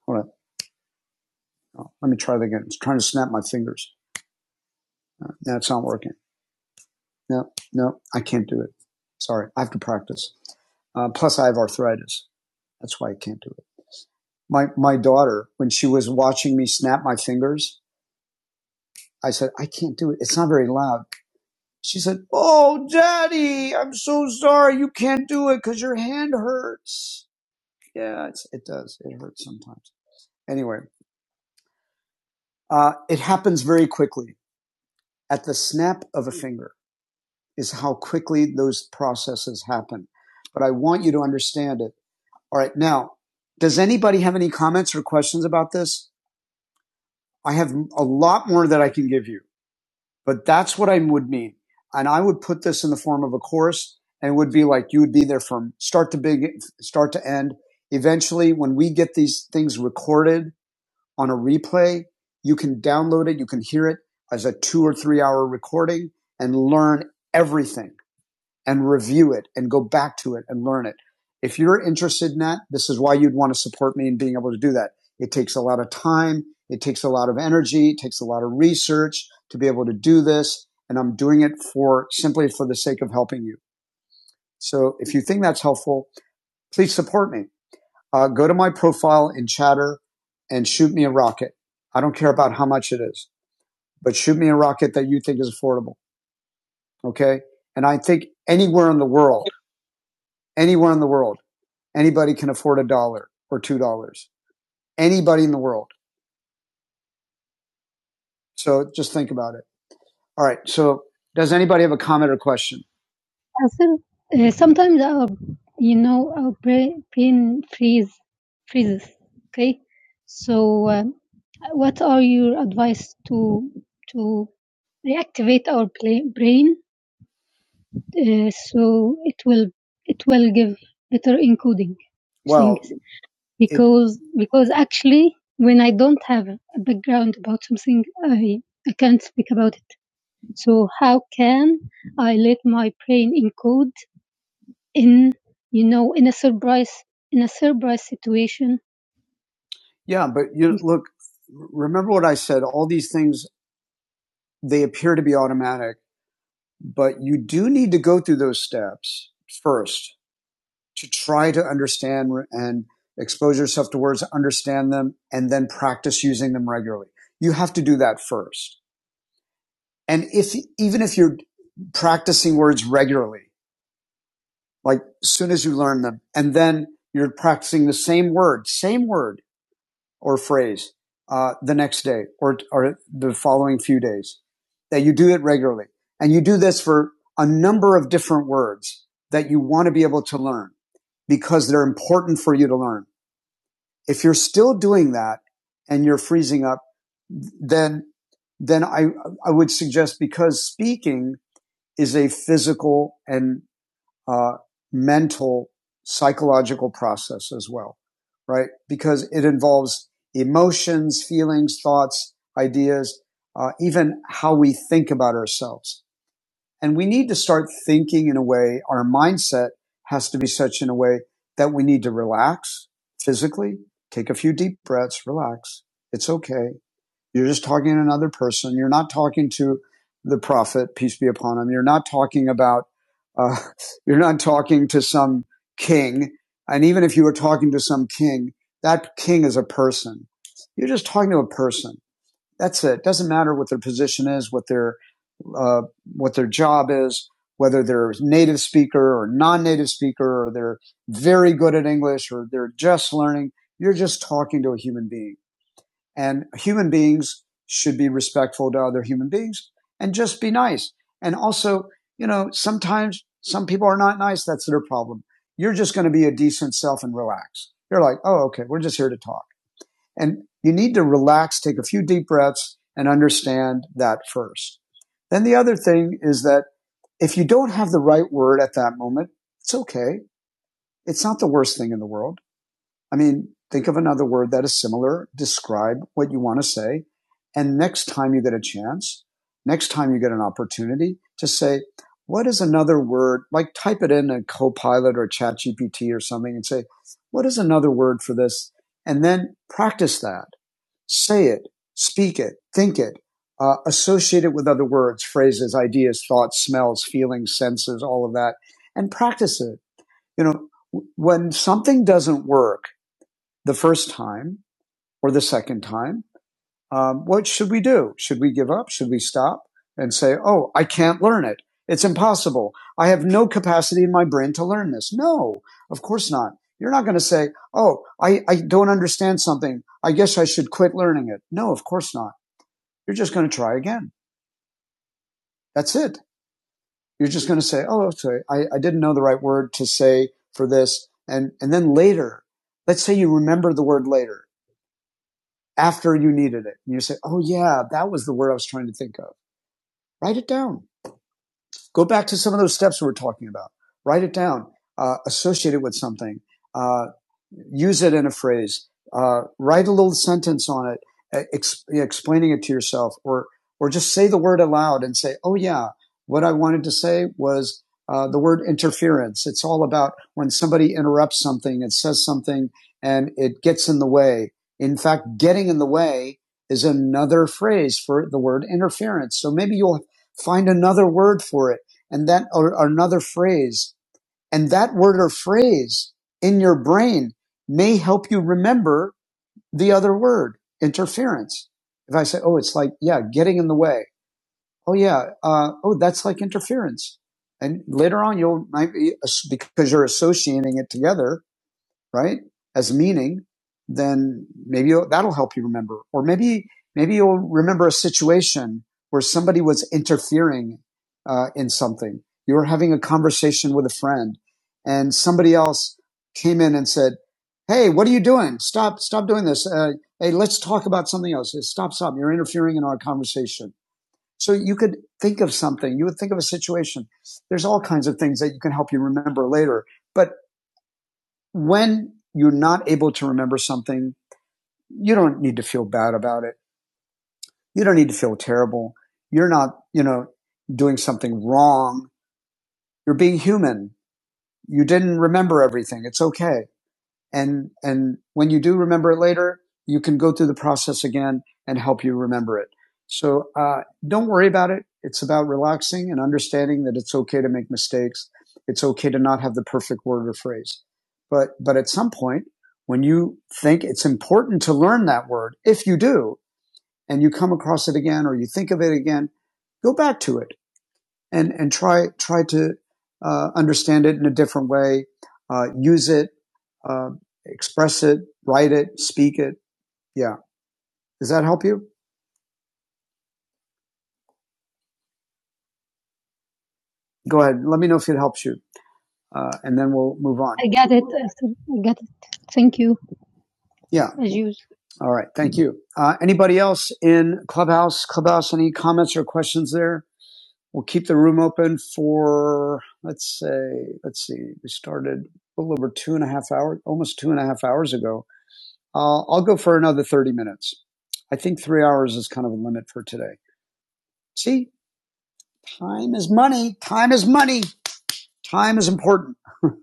Hold on. Oh, let me try that again. It's trying to snap my fingers. Uh, That's no, not working. no, no, I can't do it. Sorry, I have to practice. Uh, plus, I have arthritis. That's why I can't do it. My my daughter, when she was watching me snap my fingers, I said, I can't do it. It's not very loud. She said, Oh, daddy, I'm so sorry. You can't do it because your hand hurts. Yeah, it's, it does. It hurts sometimes. Anyway, uh, it happens very quickly. At the snap of a finger is how quickly those processes happen. But I want you to understand it All right. Now, does anybody have any comments or questions about this? I have a lot more that I can give you, but that's what I would mean. And I would put this in the form of a course and it would be like you would be there from start to big, start to end. Eventually, when we get these things recorded on a replay, you can download it. You can hear it as a two or three hour recording and learn everything and review it and go back to it and learn it. If you're interested in that, this is why you'd want to support me in being able to do that. It takes a lot of time. It takes a lot of energy. It takes a lot of research to be able to do this. And I'm doing it for simply for the sake of helping you. So if you think that's helpful, please support me. Uh, go to my profile in chatter and shoot me a rocket. I don't care about how much it is, but shoot me a rocket that you think is affordable. Okay. And I think anywhere in the world, anywhere in the world, Anybody can afford a dollar or two dollars. Anybody in the world. So just think about it. All right. So does anybody have a comment or question? I think uh, sometimes our, you know, our brain, freeze, freezes. Okay, so um, what are your advice to to reactivate our brain uh, so it will it will give better encoding Well, things? It, because because actually when I don't have a background about something I I can't speak about it. So how can I let my brain encode in you know in a surprise in a surprise situation? yeah, but you look, remember what I said, all these things, they appear to be automatic, but you do need to go through those steps first. to try to understand and expose yourself to words, understand them, and then practice using them regularly. You have to do that first. And if, even if you're practicing words regularly, like as soon as you learn them, and then you're practicing the same word, same word or phrase, uh, the next day or, or the following few days, that you do it regularly. And you do this for a number of different words that you want to be able to learn because they're important for you to learn If you're still doing that and you're freezing up, then, then I, I would suggest because speaking is a physical and, uh, mental psychological process as well, right? Because it involves emotions, feelings, thoughts, ideas, uh, even how we think about ourselves. And we need to start thinking in a way, our mindset has to be such in a way that we need to relax physically, take a few deep breaths, relax. It's okay. You're just talking to another person. You're not talking to the prophet, peace be upon him. You're not talking about, uh, you're not talking to some king. And even if you were talking to some king, that king is a person. You're just talking to a person. That's it. Doesn't matter what their position is, what their uh, what their job is, whether they're native speaker or non-native speaker, or they're very good at English, or they're just learning. You're just talking to a human being, and human beings should be respectful to other human beings and just be nice. And also, you know, sometimes some people are not nice. That's their problem. You're just going to be a decent self and relax. You're like, oh, okay, we're just here to talk and you need to relax, take a few deep breaths and understand that first. Then the other thing is that if you don't have the right word at that moment, it's okay. It's not the worst thing in the world. I mean, think of another word that is similar, describe what you want to say. And next time you get a chance, next time you get an opportunity, just say, what is another word? Like type it in a copilot or chat GPT or something and say, what is another word for this? And then practice that say it, speak it, think it, uh, associate it with other words, phrases, ideas, thoughts, smells, feelings, senses, all of that, and practice it. You know, when something doesn't work the first time or the second time, um, what should we do? Should we give up? Should we stop and say, "Oh, I can't learn it. It's impossible. I have no capacity in my brain to learn this." No, of course not. You're not going to say, "Oh, I, I don't understand something. I guess I should quit learning it." No, of course not you're just going to try again. That's it. You're just going to say, oh, sorry, I, I didn't know the right word to say for this. And, and then later, let's say you remember the word later after you needed it. And you say, oh, yeah, that was the word I was trying to think of. Write it down. Go back to some of those steps we were talking about. Write it down. Uh, associate it with something. Uh, use it in a phrase. Uh, write a little sentence on it, uh, ex- explaining it to yourself, or or just say the word aloud and say, "Oh yeah, what I wanted to say was uh, the word interference. It's all about when somebody interrupts something and says something and it gets in the way. In fact, getting in the way is another phrase for the word interference. So maybe you'll find another word for it and then or, or another phrase and that word or phrase in your brain may help you remember the other word interference if i say oh it's like yeah getting in the way oh yeah uh, oh that's like interference and later on you'll might be because you're associating it together right? As meaning, then maybe that'll help you remember. Or maybe, maybe you'll remember a situation where somebody was interfering uh, in something. You were having a conversation with a friend and somebody else came in and said, Hey, what are you doing? Stop, stop doing this. Uh, hey, let's talk about something else. Hey, Stop, stop. You're interfering in our conversation. So you could think of something. You would think of a situation. There's all kinds of things that you can help you remember later. But when you're not able to remember something, you don't need to feel bad about it. You don't need to feel terrible. You're not, you know, doing something wrong. You're being human. You didn't remember everything. It's okay and and when you do remember it later, you can go through the process again and help you remember it. So uh, don't worry about it. It's about relaxing and understanding that it's okay to make mistakes. It's okay to not have the perfect word or phrase. But but at some point, when you think it's important to learn that word, if you do, and you come across it again or you think of it again, go back to it and and try try to uh, understand it in a different way, uh, use it, uh, express it, write it, speak it. Yeah, does that help you? Go ahead. Let me know if it helps you, uh, and then we'll move on. I got it. I got it. Thank you, Yeah. as usual. All right. Thank you. Uh, anybody else in Clubhouse? Clubhouse, any comments or questions there? We'll keep the room open for, let's say, let's see, we started a little over two and a half hours, almost two and a half hours ago. Uh, I'll go for another 30 minutes. I think three hours is kind of a limit for today. See, time is money. Time is money. Time is important. All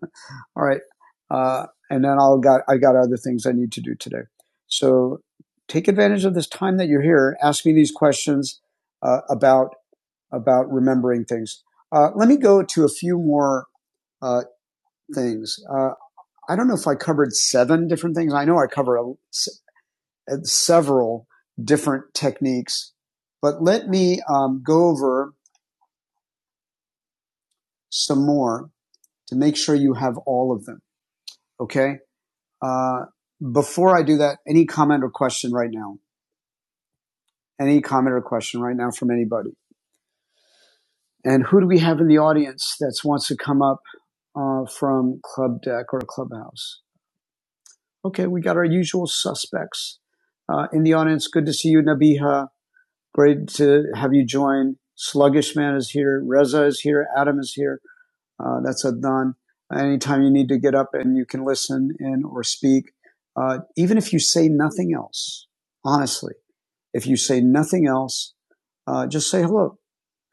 right. Uh, and then I'll got, I got other things I need to do today. So take advantage of this time that you're here. Ask me these questions, uh, about, about remembering things. Uh, let me go to a few more, uh, things. Uh, I don't know if I covered seven different things. I know I cover a, at several different techniques. But let me um, go over some more to make sure you have all of them. Okay. Uh, before I do that, any comment or question right now? Any comment or question right now from anybody? And who do we have in the audience that wants to come up uh, from Club Deck or Clubhouse? Okay, we got our usual suspects uh, in the audience. Good to see you, Nabiha. Great to have you join. Sluggish Man is here. Reza is here. Adam is here. Uh, that's Adnan. Anytime you need to get up and you can listen and or speak, uh, even if you say nothing else, honestly, if you say nothing else, uh, just say hello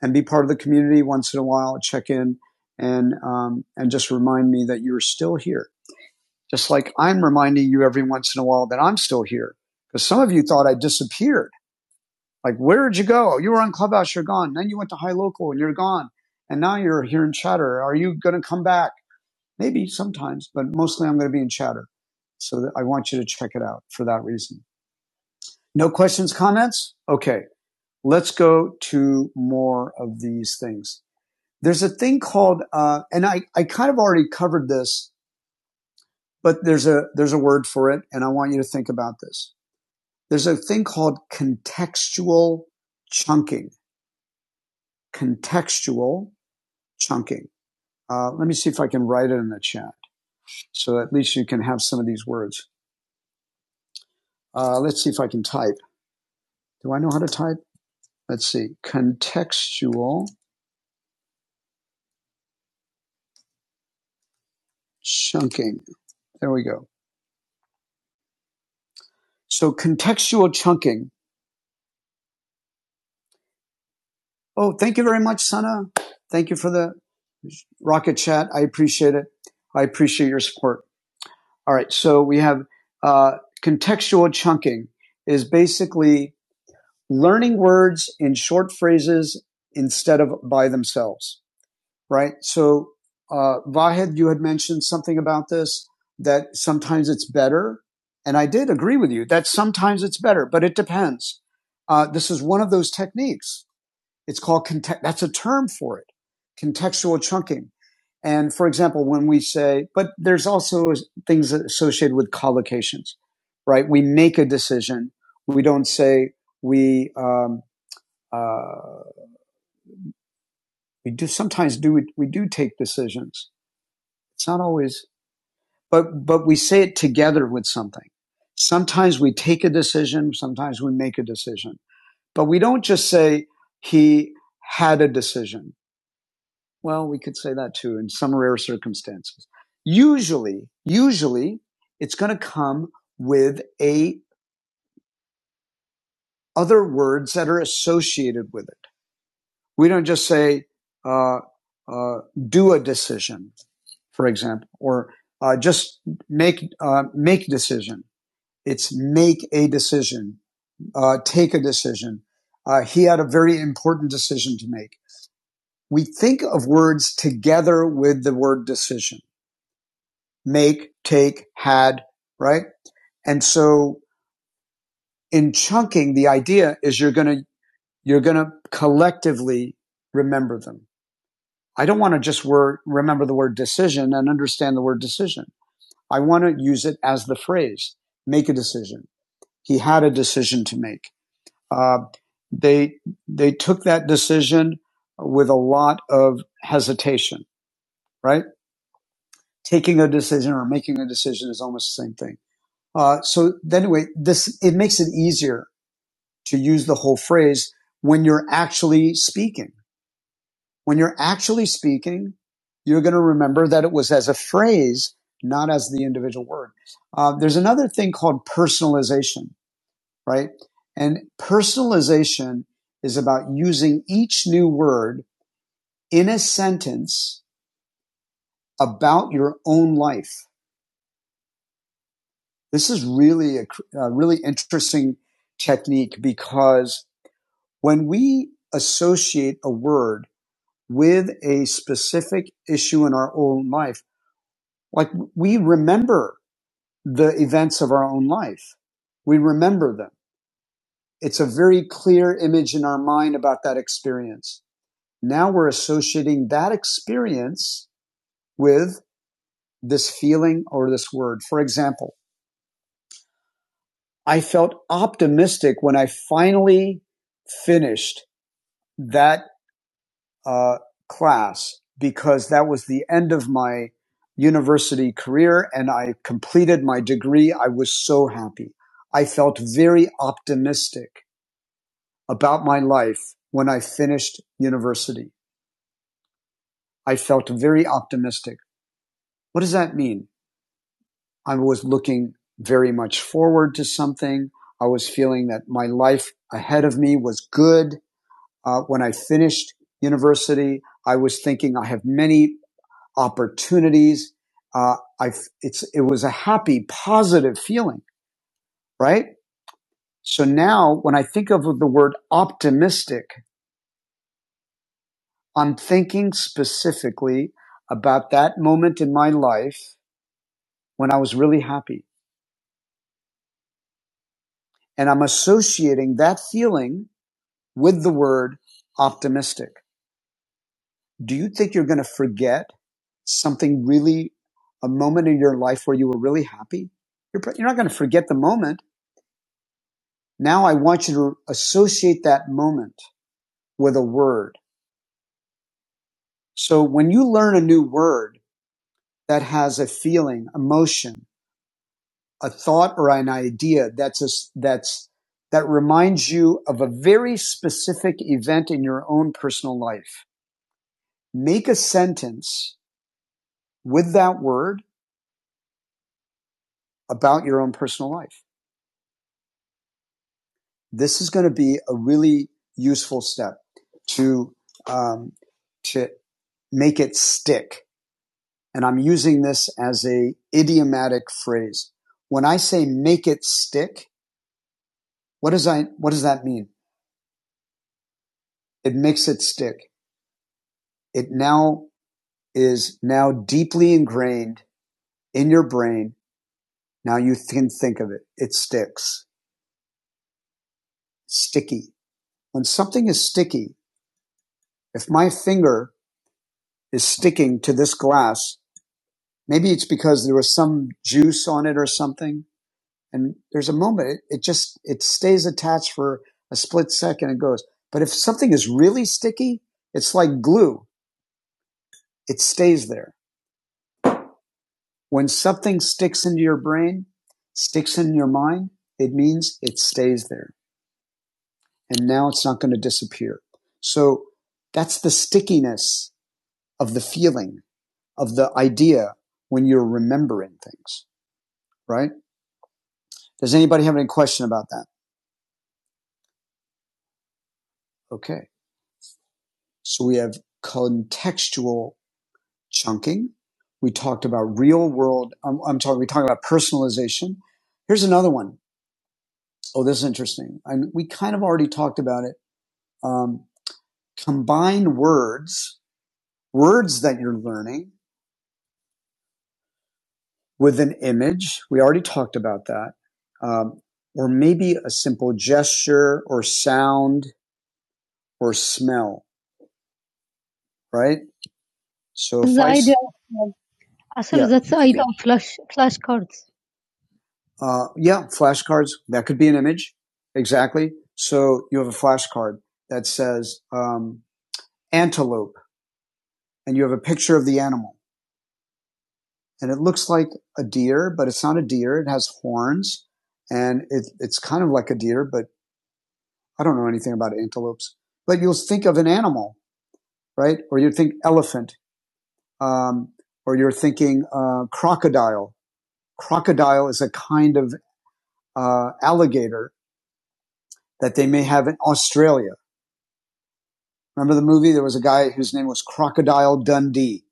and be part of the community once in a while. Check in and um, and just remind me that you're still here. Just like I'm reminding you every once in a while that I'm still here, because some of you thought I disappeared. Like, where did you go? You were on Clubhouse, you're gone. Then you went to High Local, and you're gone. And now you're here in Chatter. Are you going to come back? Maybe sometimes, but mostly I'm going to be in chatter. So that I want you to check it out for that reason. No questions, comments? Okay. Let's go to more of these things. There's a thing called, uh, and I, I kind of already covered this, but there's a, there's a word for it. And I want you to think about this. There's a thing called contextual chunking, contextual chunking. Uh, let me see if I can write it in the chat. So at least you can have some of these words. Uh, let's see if I can type. Do I know how to type? Let's see. Contextual chunking. There we go. So contextual chunking. Oh, thank you very much, Sana. Thank you for the rocket chat. I appreciate it. I appreciate your support. All right. So we have uh, contextual chunking is basically learning words in short phrases instead of by themselves. right? So, uh, Vahid, you had mentioned something about this that sometimes it's better. And I did agree with you that sometimes it's better, but it depends. Uh, this is one of those techniques. It's called context. That's a term for it. Contextual chunking. And for example, when we say, but there's also things associated with collocations, right? We make a decision. We don't say we, um, uh, we do sometimes do, we do take decisions. It's not always but but we say it together with something. Sometimes we take a decision, sometimes we make a decision. But we don't just say he had a decision. Well, we could say that too in some rare circumstances. Usually, usually it's going to come with a other words that are associated with it. We don't just say uh, uh, do a decision, for example, or uh, just make uh, make decision It's make a decision, uh, take a decision. Uh, he had a very important decision to make. We think of words together with the word decision. Make, take, had, right? And so in chunking, the idea is you're going to, you're going to collectively remember them. I don't want to just word, remember the word decision and understand the word decision. I want to use it as the phrase, make a decision. He had a decision to make. Uh, they they took that decision with a lot of hesitation. Right, taking a decision or making a decision is almost the same thing. Uh, so anyway, this it makes it easier to use the whole phrase when you're actually speaking. When you're actually speaking, you're going to remember that it was as a phrase, not as the individual word. Uh, there's another thing called personalization right? And personalization is about using each new word in a sentence about your own life. This is really a, a really interesting technique because when we associate a word with a specific issue in our own life, like we remember the events of our own life. We remember them. It's a very clear image in our mind about that experience. now we're associating that experience with this feeling or this word. For example, I felt optimistic when I finally finished that uh, class because that was the end of my university career and I completed my degree. I was so happy. I felt very optimistic about my life when I finished university. I felt very optimistic. What does that mean? I was looking very much forward to something. I was feeling that my life ahead of me was good. Uh, when I finished university, I was thinking I have many opportunities. Uh, I it's it was a happy, positive feeling, right? So now, when I think of the word optimistic, I'm thinking specifically about that moment in my life when I was really happy, and I'm associating that feeling with the word optimistic. Do you think you're going to forget something really, a moment in your life where you were really happy? You're, you're not going to forget the moment. Now I want you to associate that moment with a word. So when you learn a new word that has a feeling, emotion, a thought or an idea that's a s that's that reminds you of a very specific event in your own personal life. Make a sentence with that word about your own personal life. This is going to be a really useful step to um, to make it stick. And I'm using this as a idiomatic phrase. When I say make it stick, what does I what does that mean? It makes it stick. It now is now deeply ingrained in your brain. Now you can think of it. It sticks. Sticky. When something is sticky, if my finger is sticking to this glass, Maybe it's because there was some juice on it or something. And there's a moment it, just it stays attached for a split second and goes. But if something is really sticky, it's like glue. It stays there. When something sticks into your brain, sticks in your mind, it means it stays there. And now it's not going to disappear. So that's the stickiness of the feeling, of the idea when you're remembering things, right? Does anybody have any question about that? Okay. So we have contextual chunking. We talked about real world. I'm, I'm talking, we talked about personalization. Here's another one. Oh, this is interesting. And we kind of already talked about it. Um, combine words, words that you're learning with an image. We already talked about that. Um, or maybe a simple gesture or sound or smell, right? So if the I, s- idea I I said yeah, that's the idea of flash flashcards. Uh, yeah, flashcards. That could be an image. Exactly. So you have a flashcard that says um, antelope, and you have a picture of the animal, and it looks like a deer, but it's not a deer. It has horns, and it, it's kind of like a deer, but I don't know anything about antelopes. But you'll think of an animal, right? Or you think elephant, um, or you're thinking uh, crocodile. Crocodile is a kind of uh, alligator that they may have in Australia Remember the movie? There was a guy whose name was Crocodile Dundee.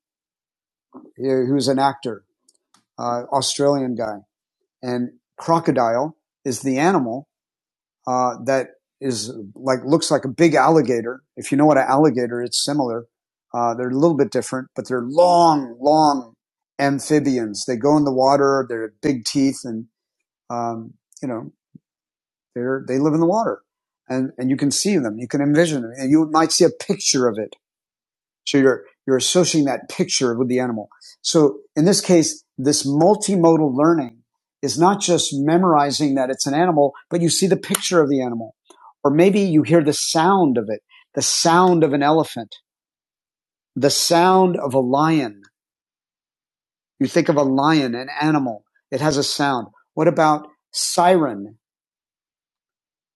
He, he was an actor, uh, Australian guy. And crocodile is the animal uh, that is like looks like a big alligator. If you know what an alligator, it's similar. Uh, they're a little bit different, but they're long, long amphibians. They go in the water. They're big teeth, and um, you know they're they live in the water, and and you can see them. You can envision them, and you might see a picture of it So you're, you're associating that picture with the animal. So in this case, this multimodal learning is not just memorizing that it's an animal, but you see the picture of the animal. Or maybe you hear the sound of it, the sound of an elephant, the sound of a lion. You think of a lion, an animal. It has a sound. What about siren?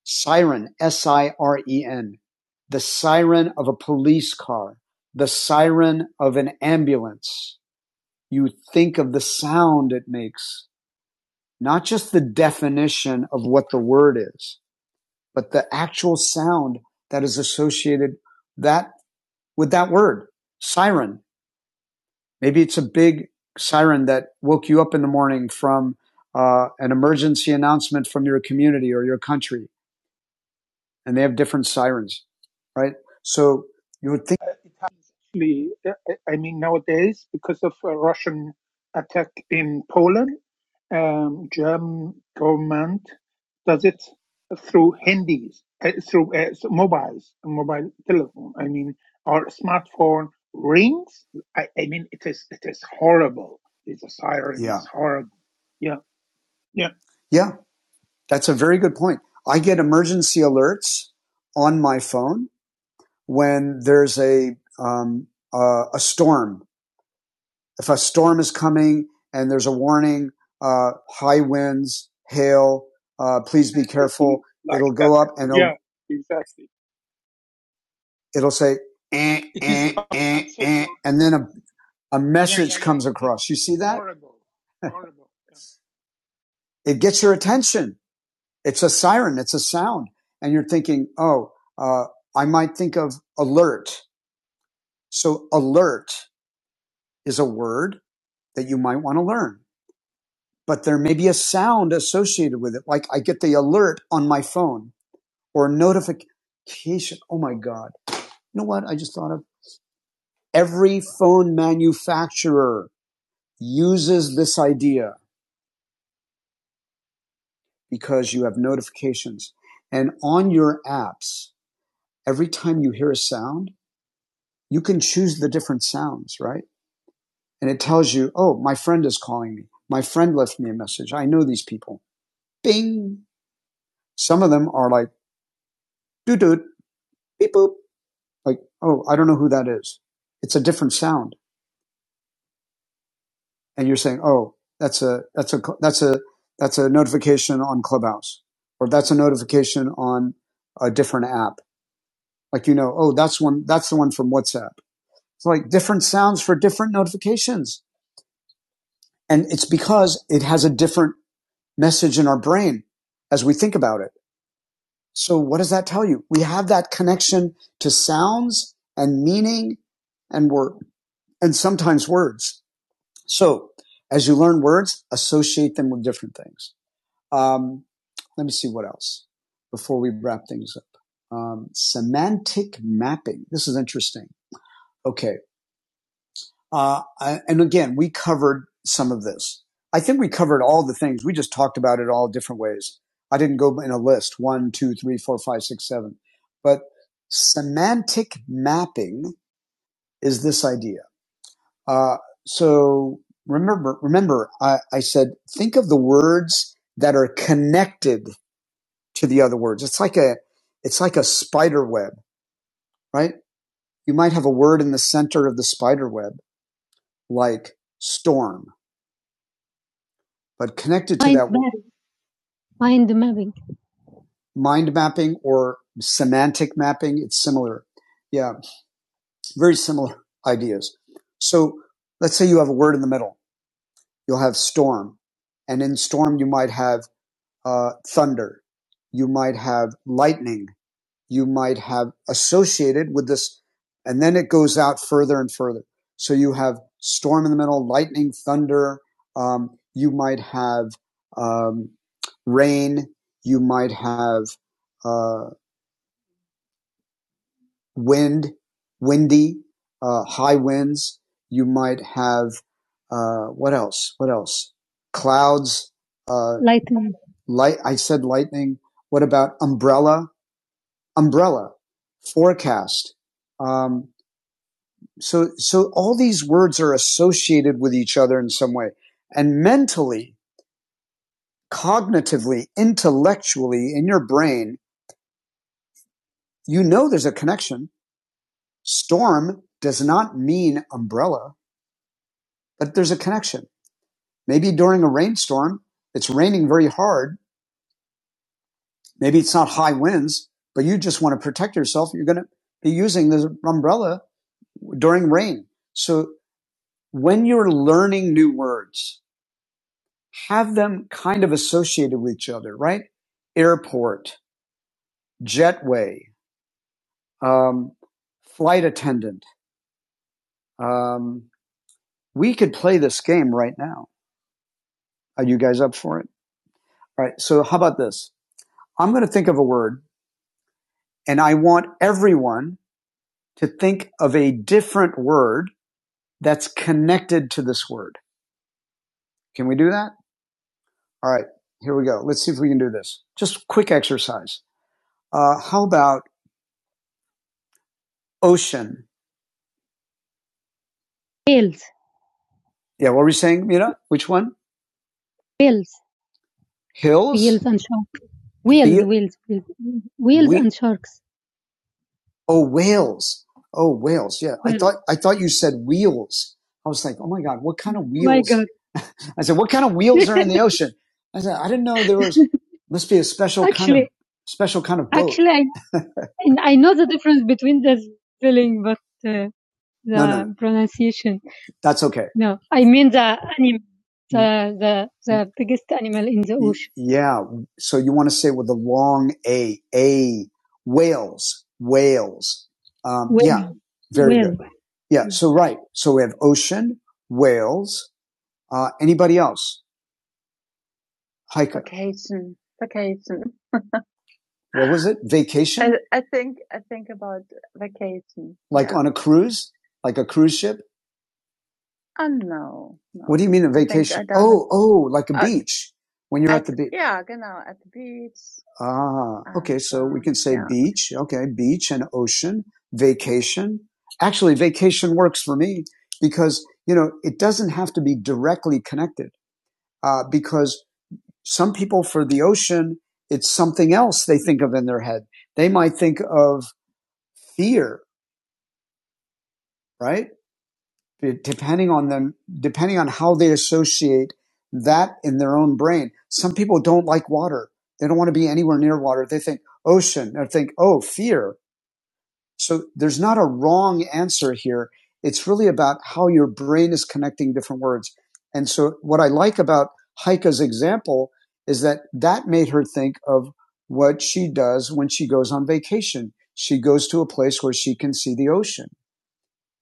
Siren, S-I-R-E-N. The siren of a police car, the siren of an ambulance you think of the sound it makes, not just the definition of what the word is, but the actual sound that is associated that with that word, siren. Maybe it's a big siren that woke you up in the morning from uh, an emergency announcement from your community or your country, and they have different sirens, right? So you would think,
Uh, it happens actually, uh, I mean, nowadays, because of a Russian attack in Poland, um, German government does it through handies, uh, through uh, so mobiles, mobile telephone. I mean, our smartphone rings. I, I mean, it is it is horrible. It's a siren.
yeah,
It's horrible. Yeah, yeah,
yeah, that's a very good point. I get emergency alerts on my phone when there's a um, uh, a storm. If a storm is coming and there's a warning, uh, high winds, hail, uh, please be
especially
careful.
like
It'll
that.
go up and it'll,
Yeah, exactly.
it'll say, eh,
It is
eh,
Okay.
eh,
And so
eh,
forth.
and then a, a
Yeah, yeah,
message
yeah.
comes
It is,
across. You
it is
see that?
horrible. Horrible. Yeah.
It gets your attention. It's a siren. It's a sound. And you're thinking, oh, uh, I might think of alert. So alert is a word that you might want to learn but there may be a sound associated with it. Like I get the alert on my phone or notification. Oh my God. You know what I just thought of? Every phone manufacturer uses this idea because you have notifications. And on your apps, every time you hear a sound, you can choose the different sounds, right? And it tells you, oh, my friend is calling me. My friend left me a message. I know these people. Bing. Some of them are like, doo doo, beep boop like, oh, I don't know who that is. It's a different sound. And you're saying, oh, that's a, that's a, that's a, that's a notification on Clubhouse or that's a notification on a different app. Like, you know, oh, that's one, that's the one from WhatsApp. It's like different sounds for different notifications. And it's because it has a different message in our brain as we think about it. So what does that tell you? We have that connection to sounds and meaning and word and sometimes words. So as you learn words, associate them with different things. Um, let me see what else before we wrap things up. Um, semantic mapping. This is interesting. Okay. Uh, I, and again, we covered some of this. I think we covered all the things. We just talked about it all different ways. I didn't go in a list one, two, three, four, five, six, seven. But semantic mapping is this idea Uh, so remember, remember, I, I said think of the words that are connected to the other words. It's like a, it's like a spider web, right? You might have a word in the center of the spider web, like storm, but connected to Mind that map, word, mind mapping. mind mapping or semantic mapping. It's similar. Yeah, very similar ideas. So let's say you have a word in the middle. You'll have storm, and in storm you might have uh, thunder, you might have lightning, you might have associated with this, and then it goes out further and further. So you have storm in the middle, lightning, thunder. Um, you might have um, rain. You might have uh, wind, windy, uh, high winds. You might have, uh, what else? What else? Clouds, uh, Lightning. light. I said lightning. What about umbrella? Umbrella, forecast. Um, so, so all these words are associated with each other in some way. And mentally, cognitively, intellectually, in your brain, you know there's a connection. Storm does not mean umbrella but there's a connection. Maybe during a rainstorm, it's raining very hard. Maybe it's not high winds, but you just want to protect yourself. You're going to be using this umbrella during rain. So when you're learning new words, have them kind of associated with each other, right? Airport, jetway, um, flight attendant. Um, we could play this game right now. Are you guys up for it? All right. So how about this? I'm going to think of a word and I want everyone to think of a different word that's connected to this word. Can we do that? All right, here we go. Let's see if we can do this. Just quick exercise. Uh, how about ocean? Hills. Yeah, what were we saying, Mira? Which one? Hills. Hills? Wheels and sharks. Wheels, Wheel- wheels, wheels, wheels Whe- and sharks. Oh, whales. Oh, whales. Yeah, whales. I thought I thought you said wheels. I was like, oh my god, what kind of wheels? Oh my I said, what kind of wheels are in the ocean? I said, I didn't know there was, must be a special actually, kind of, special kind of boat. actually, I, I know the difference between the spelling, but uh, the No, no, the pronunciation. that's okay. No, I mean the animal, the the the biggest animal in the ocean. Yeah. So you want to say with the long A, A, whales, whales. Um, whale. yeah. Very whale. good. Yeah. So, right. So we have ocean, whales. Uh, anybody else? Hike. Vacation. Vacation. What was it? Vacation? I, I think I think about vacation. Like yeah. on a cruise? Like a cruise ship? Oh no. no. What do you mean a vacation? Oh, oh, like a Uh, beach. When you're at At the beach. yeah, genau, at the beach Ah, okay. So we uh, can say yeah. beach. Okay. Beach and ocean, vacation. Actually, vacation works for me because, you know, it doesn't have to be directly connected. Uh, because some people for the ocean, it's something else they think of in their head. They might think of fear, right? Depending on them, depending on how they associate that in their own brain. Some people don't like water. They don't want to be anywhere near water. They think ocean. They think, oh, fear. So there's not a wrong answer here. It's really about how your brain is connecting different words. And so what I like about Heike's example is that that made her think of what she does when she goes on vacation. She goes to a place where she can see the ocean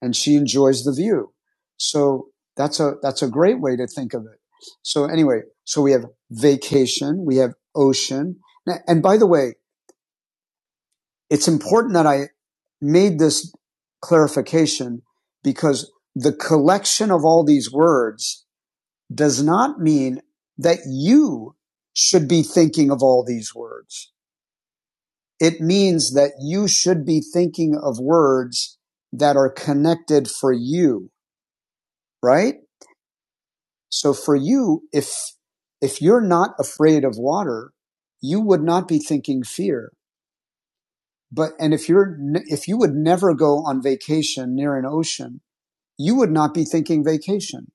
and she enjoys the view. So that's a, that's a great way to think of it. So anyway, so we have vacation, we have ocean. And by the way, it's important that I made this clarification because the collection of all these words does not mean that you should be thinking of all these words. It means that you should be thinking of words that are connected for you, right? So for you, if, if you're not afraid of water, you would not be thinking fear. But, and if you're, if you would never go on vacation near an ocean, you would not be thinking vacation.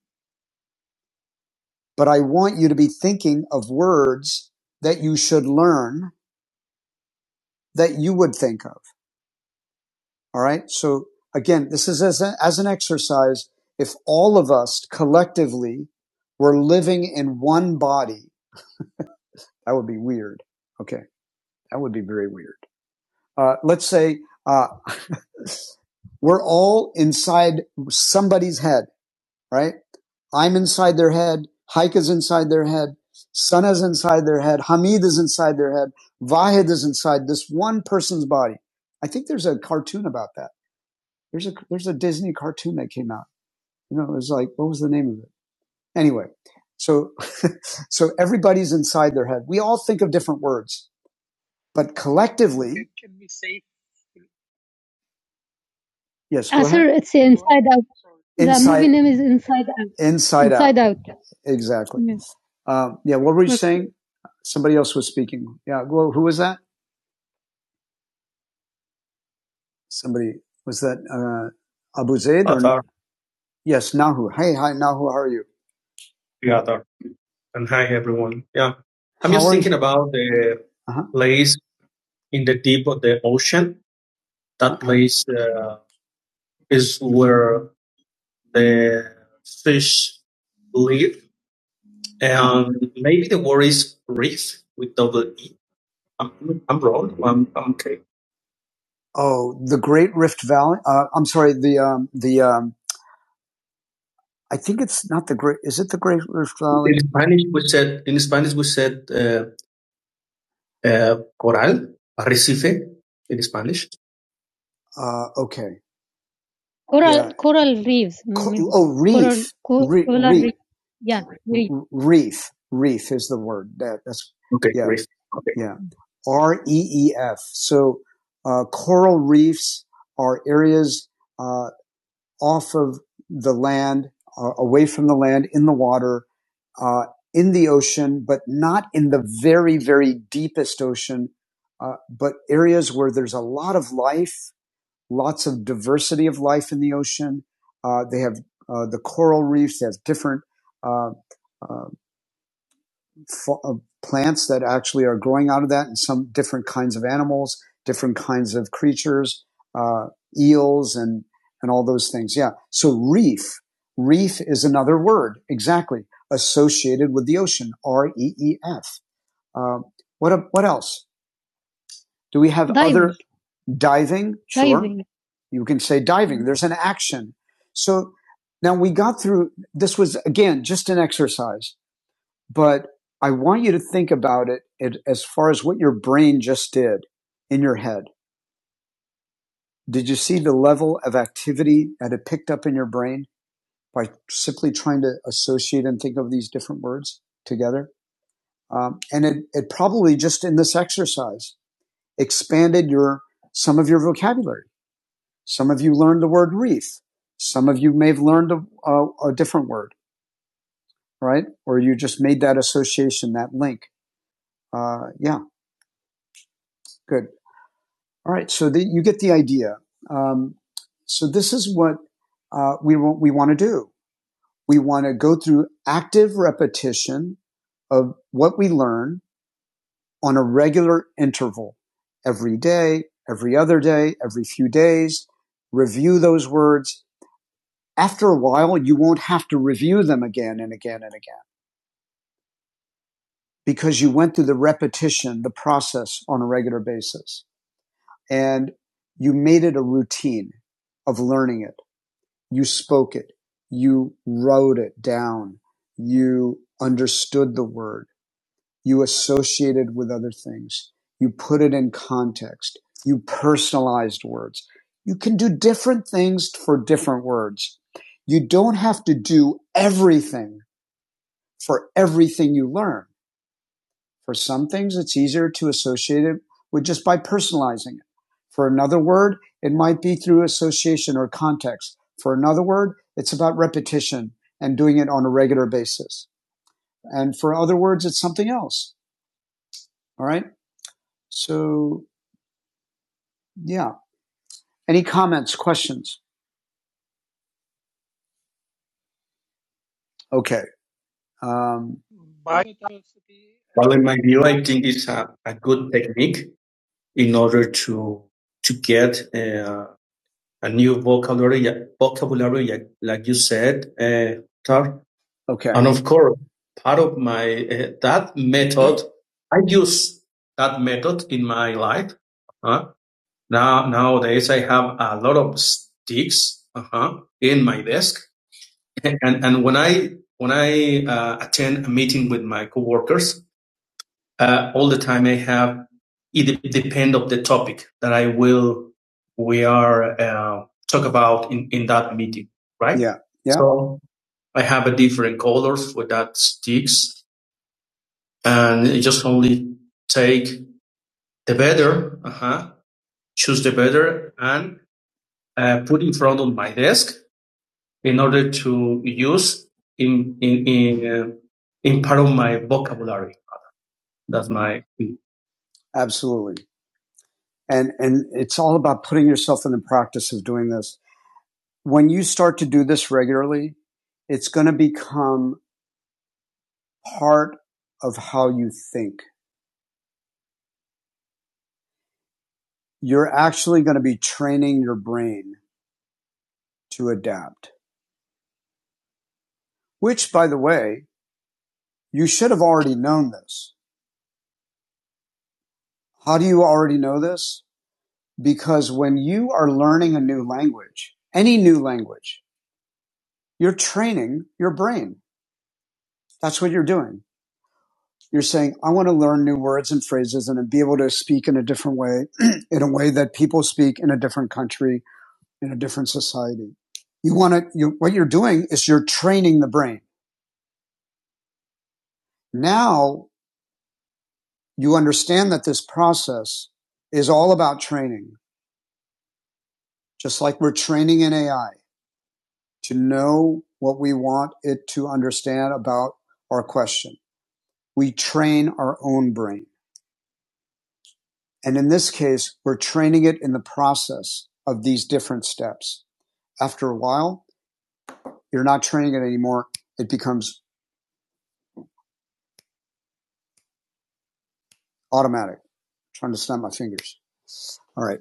But I want you to be thinking of words that you should learn that you would think of. All right. So again, this is as, a, as an exercise. If all of us collectively were living in one body, that would be weird. Okay. That would be very weird. Uh, let's say, uh, we're all inside somebody's head. right? I'm inside their head. Haika's inside their head. Sana's inside their head. Hamid is inside their head. Vahid is inside this one person's body. I think there's a cartoon about that. There's a there's a Disney cartoon that came out. You know, it was like what was the name of it? Anyway, so so everybody's inside their head. We all think of different words, but
It can,
collectively,
it can be safe
yes. go
going
ahead.
from sort
the Inside the movie name is Inside Out. Inside, Inside Out. Out. Exactly. Yes. Um, yeah. What were you Okay. saying? Somebody else was speaking. Yeah. Well, who was that? Somebody was that uh, Abu Zaid or Atar. yes, Nahu. Hey, hi, Nahu. How are you? Yeah, Atar. And hi, everyone. Yeah. I'm How just are you? thinking about the Uh-huh. place in the deep of the ocean. That Uh-huh. place uh, is where the fish live. And maybe the word is reef with double E. I'm, I'm wrong. I'm, I'm okay. Oh, the Great Rift Valley. Uh, I'm sorry. The um, the um, I think it's not the Great. Is it the Great Rift Valley? In Spanish, we said in Spanish we said uh, uh, coral, arrecife in Spanish. Uh, okay. Coral Yeah. coral reefs. Co- mm, oh, reef, co- Re- coral reef, reef. Yeah, reef. reef, reef is the word. That, that's Okay, yeah, great. Okay. yeah. R e e f. So uh, coral reefs are areas uh, off of the land, uh, away from the land, in the water, uh, in the ocean, but not in the very, very deepest ocean. Uh, but areas where there's a lot of life lots of diversity of life in the ocean. Uh, they have uh, the coral reefs. They have different uh, uh, fo- uh, plants that actually are growing out of that, and some different kinds of animals, different kinds of creatures, uh, eels, and and all those things. Yeah. So reef, reef is another word exactly associated with the ocean. R E E F. Uh, what what else? Do we have they, other? Diving, sure. Diving. You can say diving. There's an action. So now we got through, this was again just an exercise, but I want you to think about it, it as far as what your brain just did in your head. Did you see the level of activity that it picked up in your brain by simply trying to associate and think of these different words together? Um, and it, it probably just in this exercise expanded your some of your vocabulary. Some of you learned the word wreath. Some of you may have learned a, a, a different word, right? Or you just made that association, that link. Uh, yeah, good. All right, so the, you get the idea. Um, so this is what uh, we want, we want to do. We want to go through active repetition of what we learn on a regular interval, every day, every other day, every few days. Review those words, after a while, you won't have to review them again and again and again because you went through the repetition, the process on a regular basis. And you made it a routine of learning it. You spoke it. You wrote it down. You understood the word. You associated with other things. You put it in context. You personalized words. You can do different things for different words. You don't have to do everything for everything you learn. For some things, it's easier to associate it with just by personalizing it. For another word, it might be through association or context. For another word, it's about repetition and doing it on a regular basis. And for other words, it's something else. All right. So yeah. Any comments, questions? Okay. Um,
of biodiversity, I
Well, in
mean,
my
in
view, I
oceans.
think it's a, a good technique in order to to get uh, a new vocabulary, vocabulary like, like you said, uh, Tar. Okay. And of course, part of my uh, that method, I use that method in my life. Uh, now nowadays, I have a lot of sticks uh-huh, in my desk, and and when I when I uh, attend a meeting with my coworkers, uh, all the time. I have it de- depend of the topic that I will we are uh, talk about in in that meeting, right? Yeah. Yeah. So I have a different colors for that sticks, and it just only take the better, uh-huh, choose the better, and uh, put in front of my desk in order to use in in in uh, in part of my vocabulary. That's my thing. Absolutely. And, and it's all about putting yourself in the practice of doing this. When you start to do this regularly, it's going to become part of how you think. You're actually going to be training your brain to adapt, which by the way, you should have already known this. How do you already know this? Because when you are learning a new language, any new language, you're training your brain. That's what you're doing. you're saying, I want to learn new words and phrases and be able to speak in a different way, in a way that people speak in a different country, in a different society. You want to, you, what you're doing is you're training the brain. Now you understand that this process is all about training, just like we're training in AI to know what we want it to understand about our question. We train our own brain. And in this case, we're training it in the process of these different steps. after a while, you're not training it anymore. It becomes automatic. I'm trying to snap my fingers. All right.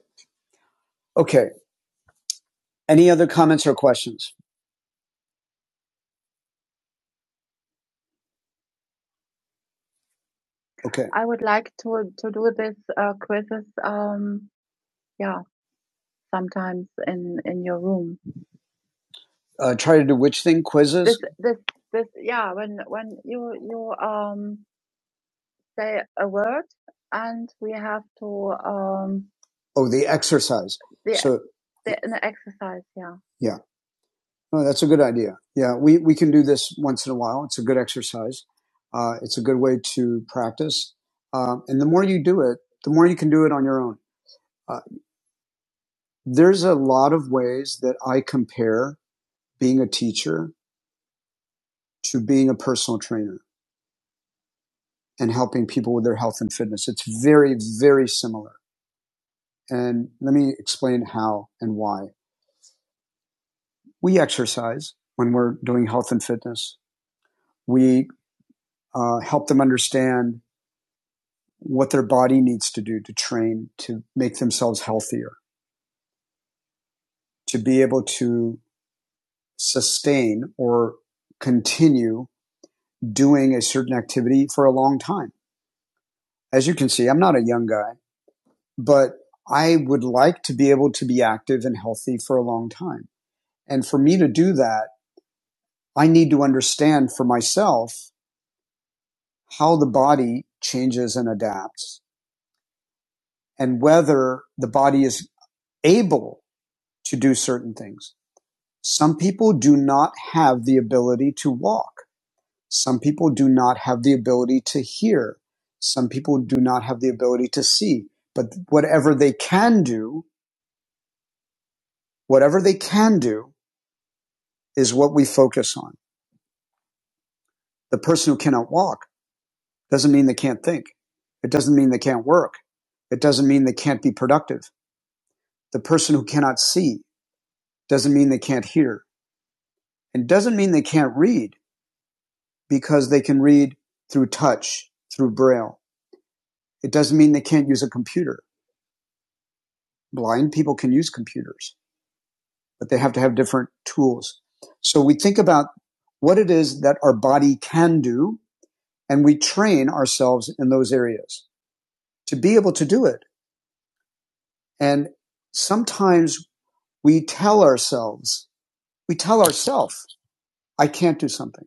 Okay. Any other comments or questions? Okay. I would like to to do this uh, quizzes. Um, yeah, sometimes in in your room. Uh, try to do which thing? Quizzes? this this this. yeah. When when you you um say a word and we have to um Oh, the exercise. the So, the, the exercise. Yeah. Yeah. No, that's a good idea. Yeah, we, we can do this once in a while. It's a good exercise. Uh, it's a good way to practice. Um, and the more you do it, the more you can do it on your own. Uh, there's a lot of ways that I compare being a teacher to being a personal trainer and helping people with their health and fitness. It's very, very similar. And let me explain how and why. We exercise when we're doing health and fitness. We uh, help them understand what their body needs to do to train to make themselves healthier, to be able to sustain or continue doing a certain activity for a long time. As you can see, I'm not a young guy, but I would like to be able to be active and healthy for a long time. And for me to do that, I need to understand for myself how the body changes and adapts and whether the body is able to do certain things. Some people do not have the ability to walk. Some people do not have the ability to hear. Some people do not have the ability to see. But whatever they can do, whatever they can do is what we focus on. The person who cannot walk doesn't mean they can't think. It doesn't mean they can't work. It doesn't mean they can't be productive. The person who cannot see doesn't mean they can't hear and doesn't mean they can't read because they can read through touch, through braille It doesn't mean they can't use a computer. Blind people can use computers, but they have to have different tools. So we think about what it is that our body can do, and we train ourselves in those areas to be able to do it. And sometimes we tell ourselves, we tell ourselves, I can't do something.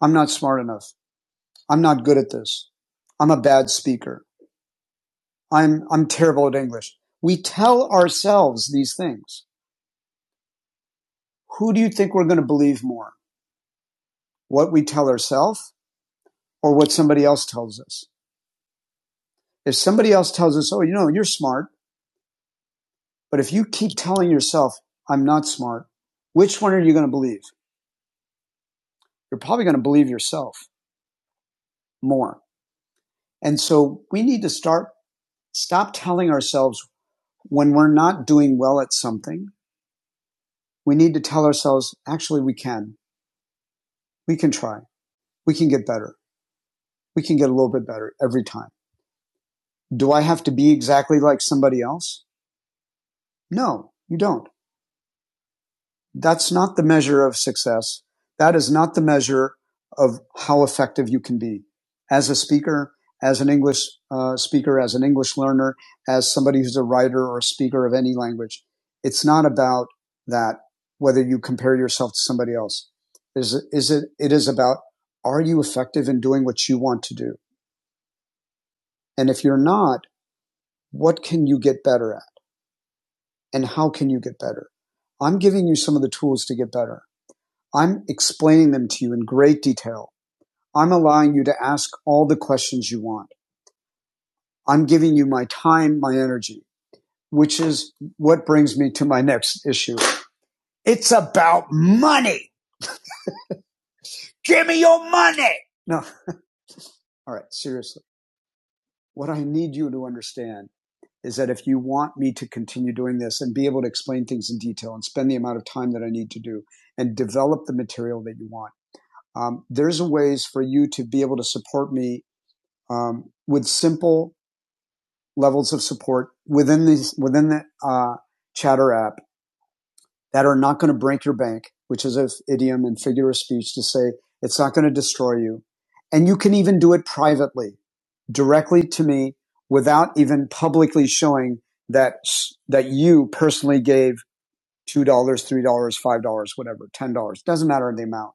I'm not smart enough. I'm not good at this. I'm a bad speaker. I'm, I'm terrible at English. We tell ourselves these things. Who do you think we're going to believe more? what we tell ourselves or what somebody else tells us. If somebody else tells us, oh, you know, you're smart, but if you keep telling yourself, I'm not smart, which one are you going to believe? You're probably going to believe yourself more. And so we need to start, stop telling ourselves when we're not doing well at something. We need to tell ourselves, actually, we can, we can try, we can get better, we can get a little bit better every time. Do I have to be exactly like somebody else? No, you don't. That's not the measure of success. That is not the measure of how effective you can be as a speaker, as an English uh, speaker, as an English learner, as somebody who's a writer or a speaker of any language. It's not about that, whether you compare yourself to somebody else. Is, it, is it, it is about, are you effective in doing what you want to do? And if you're not, what can you get better at? And how can you get better? I'm giving you some of the tools to get better. I'm explaining them to you in great detail. I'm allowing you to ask all the questions you want. I'm giving you my time, my energy, which is what brings me to my next issue. It's about money. Give me your money. No. All right. Seriously. What I need you to understand is that if you want me to continue doing this and be able to explain things in detail and spend the amount of time that I need to do and develop the material that you want, um, there's ways for you to be able to support me um, with simple levels of support within these within the uh, Chatter app that are not going to break your bank, which is an idiom and figure of speech to say it's not going to destroy you. And you can even do it privately, directly to me, without even publicly showing that that you personally gave two dollars, three dollars, five dollars, whatever, ten dollars. Doesn't matter the amount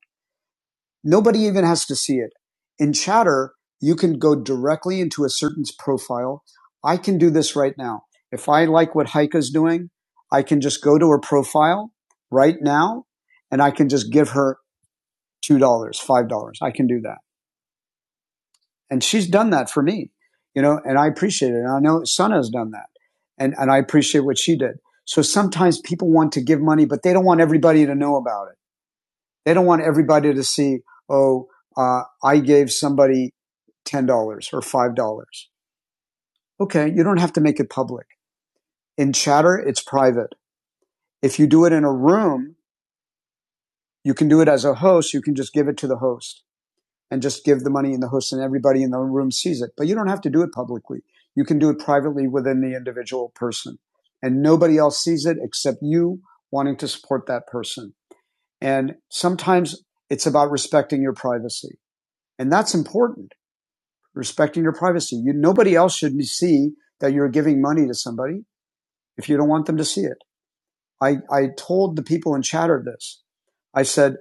Nobody even has to see it. In chatter, you can go directly into a certain's profile. I can do this right now. If I like what Heike's doing, I can just go to her profile right now and I can just give her $2, dollars, $5. I can do that. And she's done that for me, you know, and I appreciate it. And I know Sana's done that and, and I appreciate what she did. So sometimes people want to give money, but they don't want everybody to know about it. They don't want everybody to see, oh, uh, I gave somebody $10 or $5. Okay, you don't have to make it public. In chatter, it's private. If you do it in a room, you can do it as a host. You can just give it to the host and just give the money in the host and everybody in the room sees it. But you don't have to do it publicly. You can do it privately within the individual person and nobody else sees it except you wanting to support that person. And sometimes it's about respecting your privacy. And that's important. respecting your privacy. You, nobody else should see that you're giving money to somebody if you don't want them to see it. I, I told the people in Chatter this. I said,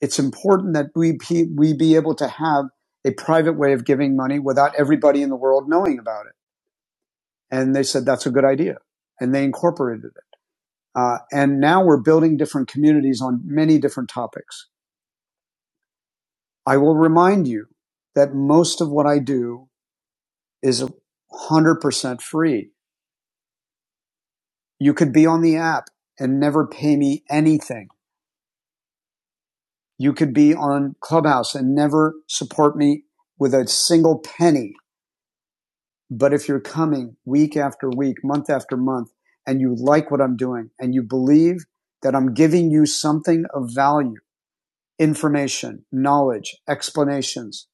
it's important that we, pe- we be able to have a private way of giving money without everybody in the world knowing about it. And they said, that's a good idea. And they incorporated it. Uh, and now we're building different communities on many different topics. I will remind you that most of what I do is 100% free You could be on the app and never pay me anything. You could be on Clubhouse and never support me with a single penny. But if you're coming week after week, month after month, and you like what I'm doing and you believe that I'm giving you something of value, information, knowledge, explanations,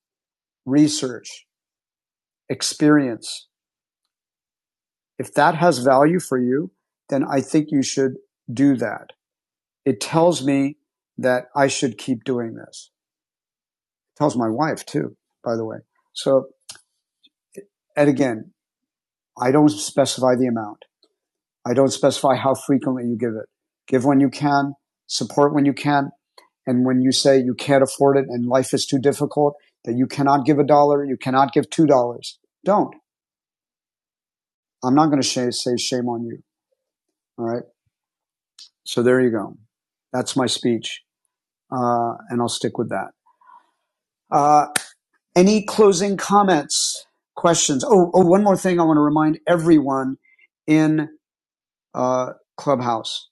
research, experience, if that has value for you, then I think you should do that. It tells me that I should keep doing this. tells my wife too, by the way. So, and again, I don't specify the amount. I don't specify how frequently you give it. Give when you can, support when you can. And when you say you can't afford it and life is too difficult, that you cannot give a dollar, you cannot give two dollars. Don't. I'm not going to sh- say shame on you. All right. So there you go. That's my speech. Uh, and I'll stick with that. Uh, any closing comments, questions? Oh, oh, one more thing I want to remind everyone in uh, Clubhouse.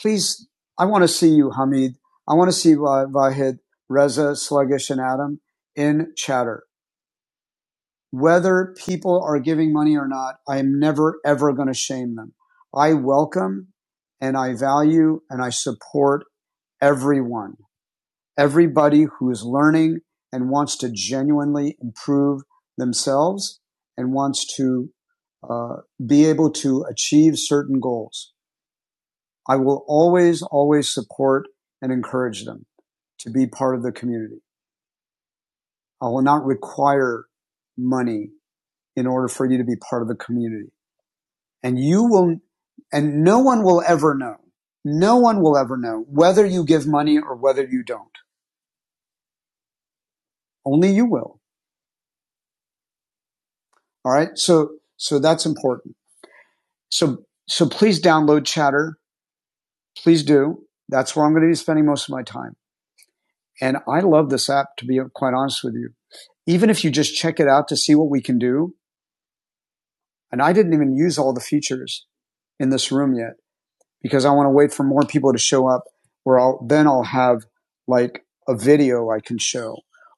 Please, I want to see you, Hamid. I want to see uh, Vahid, Reza, Sluggish, and Adam in chatter. Whether people are giving money or not, I am never, ever going to shame them. I welcome and I value and I support everyone, everybody who is learning and wants to genuinely improve themselves and wants to uh, be able to achieve certain goals. I will always, always support and encourage them to be part of the community. I will not require money in order for you to be part of the community. And you will, and no one will ever know. No one will ever know whether you give money or whether you don't. Only you will. All right. So, so that's important. So, so please download chatter. Please do. That's where I'm going to be spending most of my time. And I love this app to be quite honest with you. Even if you just check it out to see what we can do, And I didn't even use all the features in this room yet because I want to wait for more people to show up where I'll, then I'll have like a video I can show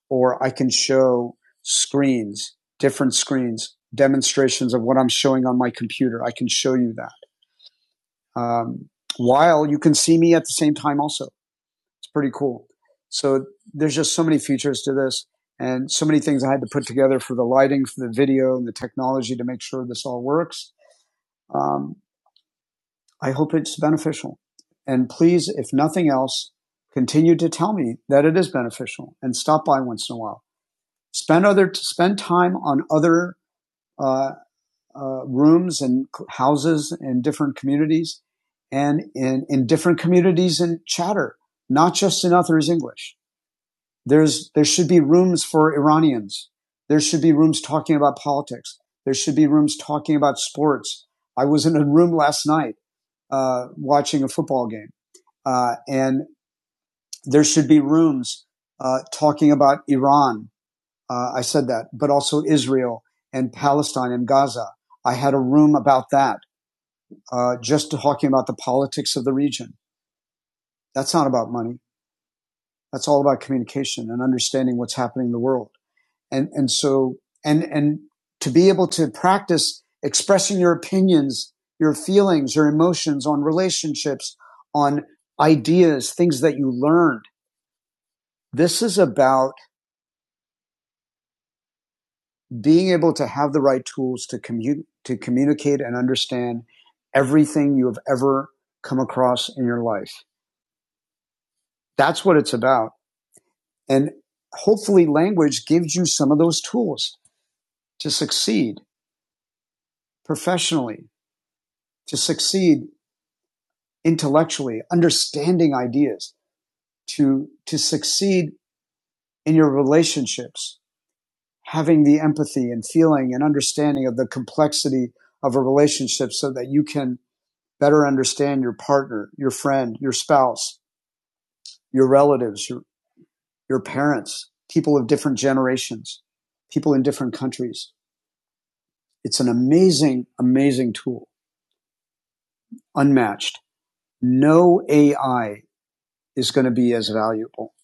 or I can show screens, different screens, demonstrations of what I'm showing on my computer. I can show you that. Um, while you can see me at the same time also. It's pretty cool. So there's just so many features to this and so many things I had to put together for the lighting, for the video and the technology to make sure this all works. Um, I hope it's beneficial. And please, if nothing else, continue to tell me that it is beneficial and stop by once in a while. Spend other, spend time on other, uh, uh, rooms and houses in different communities and in, in different communities and chatter, not just in others English. There's, there should be rooms for Iranians. There should be rooms talking about politics. There should be rooms talking about sports. I was in a room last night, uh, watching a football game uh, and there should be rooms uh, talking about Iran. Uh, I said that, but also Israel and Palestine and Gaza. I had a room about that, uh, just talking about the politics of the region. That's not about money. That's all about communication and understanding what's happening in the world. And and so and and to be able to practice expressing your opinions, your feelings, your emotions on relationships, on ideas, things that you learned. This is about being able to have the right tools to commu- to communicate and understand everything you have ever come across in your life. That's what it's about. And hopefully language gives you some of those tools to succeed professionally, to succeed intellectually, understanding ideas, to, to succeed in your relationships, having the empathy and feeling and understanding of the complexity of a relationship so that you can better understand your partner, your friend, your spouse, your relatives, your, your parents, people of different generations, people in different countries. It's an amazing, amazing tool, unmatched. No AI is going to be as valuable.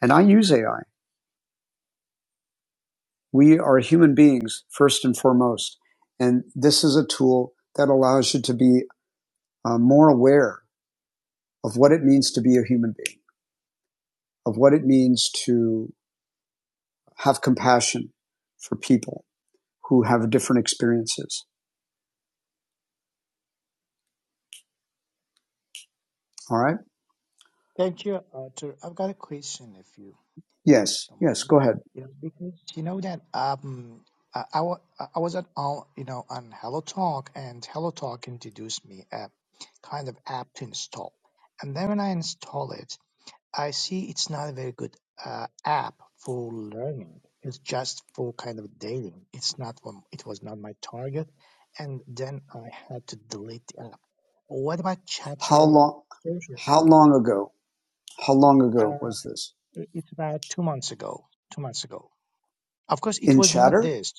And I use AI. We are human beings first and foremost. And this is a tool that allows you to be uh, more aware of what it means to be a human being, of what it means to have compassion for people, who have different experiences. All right.
Thank you, Arthur. I've got a question if you.
Yes.
Don't
Yes.
mind.
Go ahead.
You know, because you know that um, I, I, wa- I I was at all you know on Hello Talk, and Hello Talk introduced me a kind of app to install. And then when I install it, I see it's not a very good uh, app for learning. It's just for kind of dating. It's not for, it was not my target, and then I had to delete the app. What about
How
Chatter
long?
Social?
How long ago? How long ago
Uh,
was this?
it- it's about two months ago. Two months ago. Of course, it
In
was not
chatter?
this.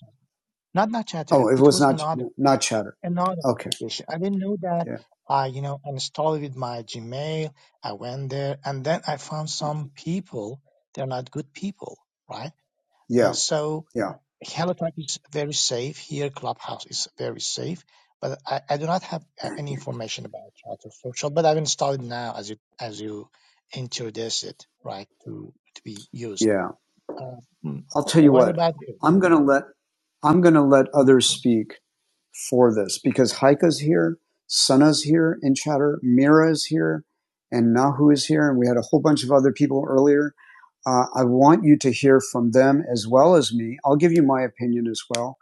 Not not Chatter.
Oh, it
It
was
was
not
another
not chatter.
another
Okay.
application. I didn't know that.
Yeah.
I you know installed it with my Gmail. I went there and then I found some people. They're not good people, right? Uh,
Yeah.
so
Yeah.
HelloTalk is very safe here. Clubhouse is very safe, but I, I do not have a- any information about Chatter Social. But I've installed it now as you as you introduce it, right, to to be used.
Yeah.
Uh, mm,
I'll tell you
what
what.
about this?
I'm gonna let I'm gonna let others
Mm-hmm.
speak for this because Haika's here, Sana's here in chatter, Mira is here, and Nahu is here, and we had a whole bunch of other people earlier. Uh, I want you to hear from them as well as me. I'll give you my opinion as well,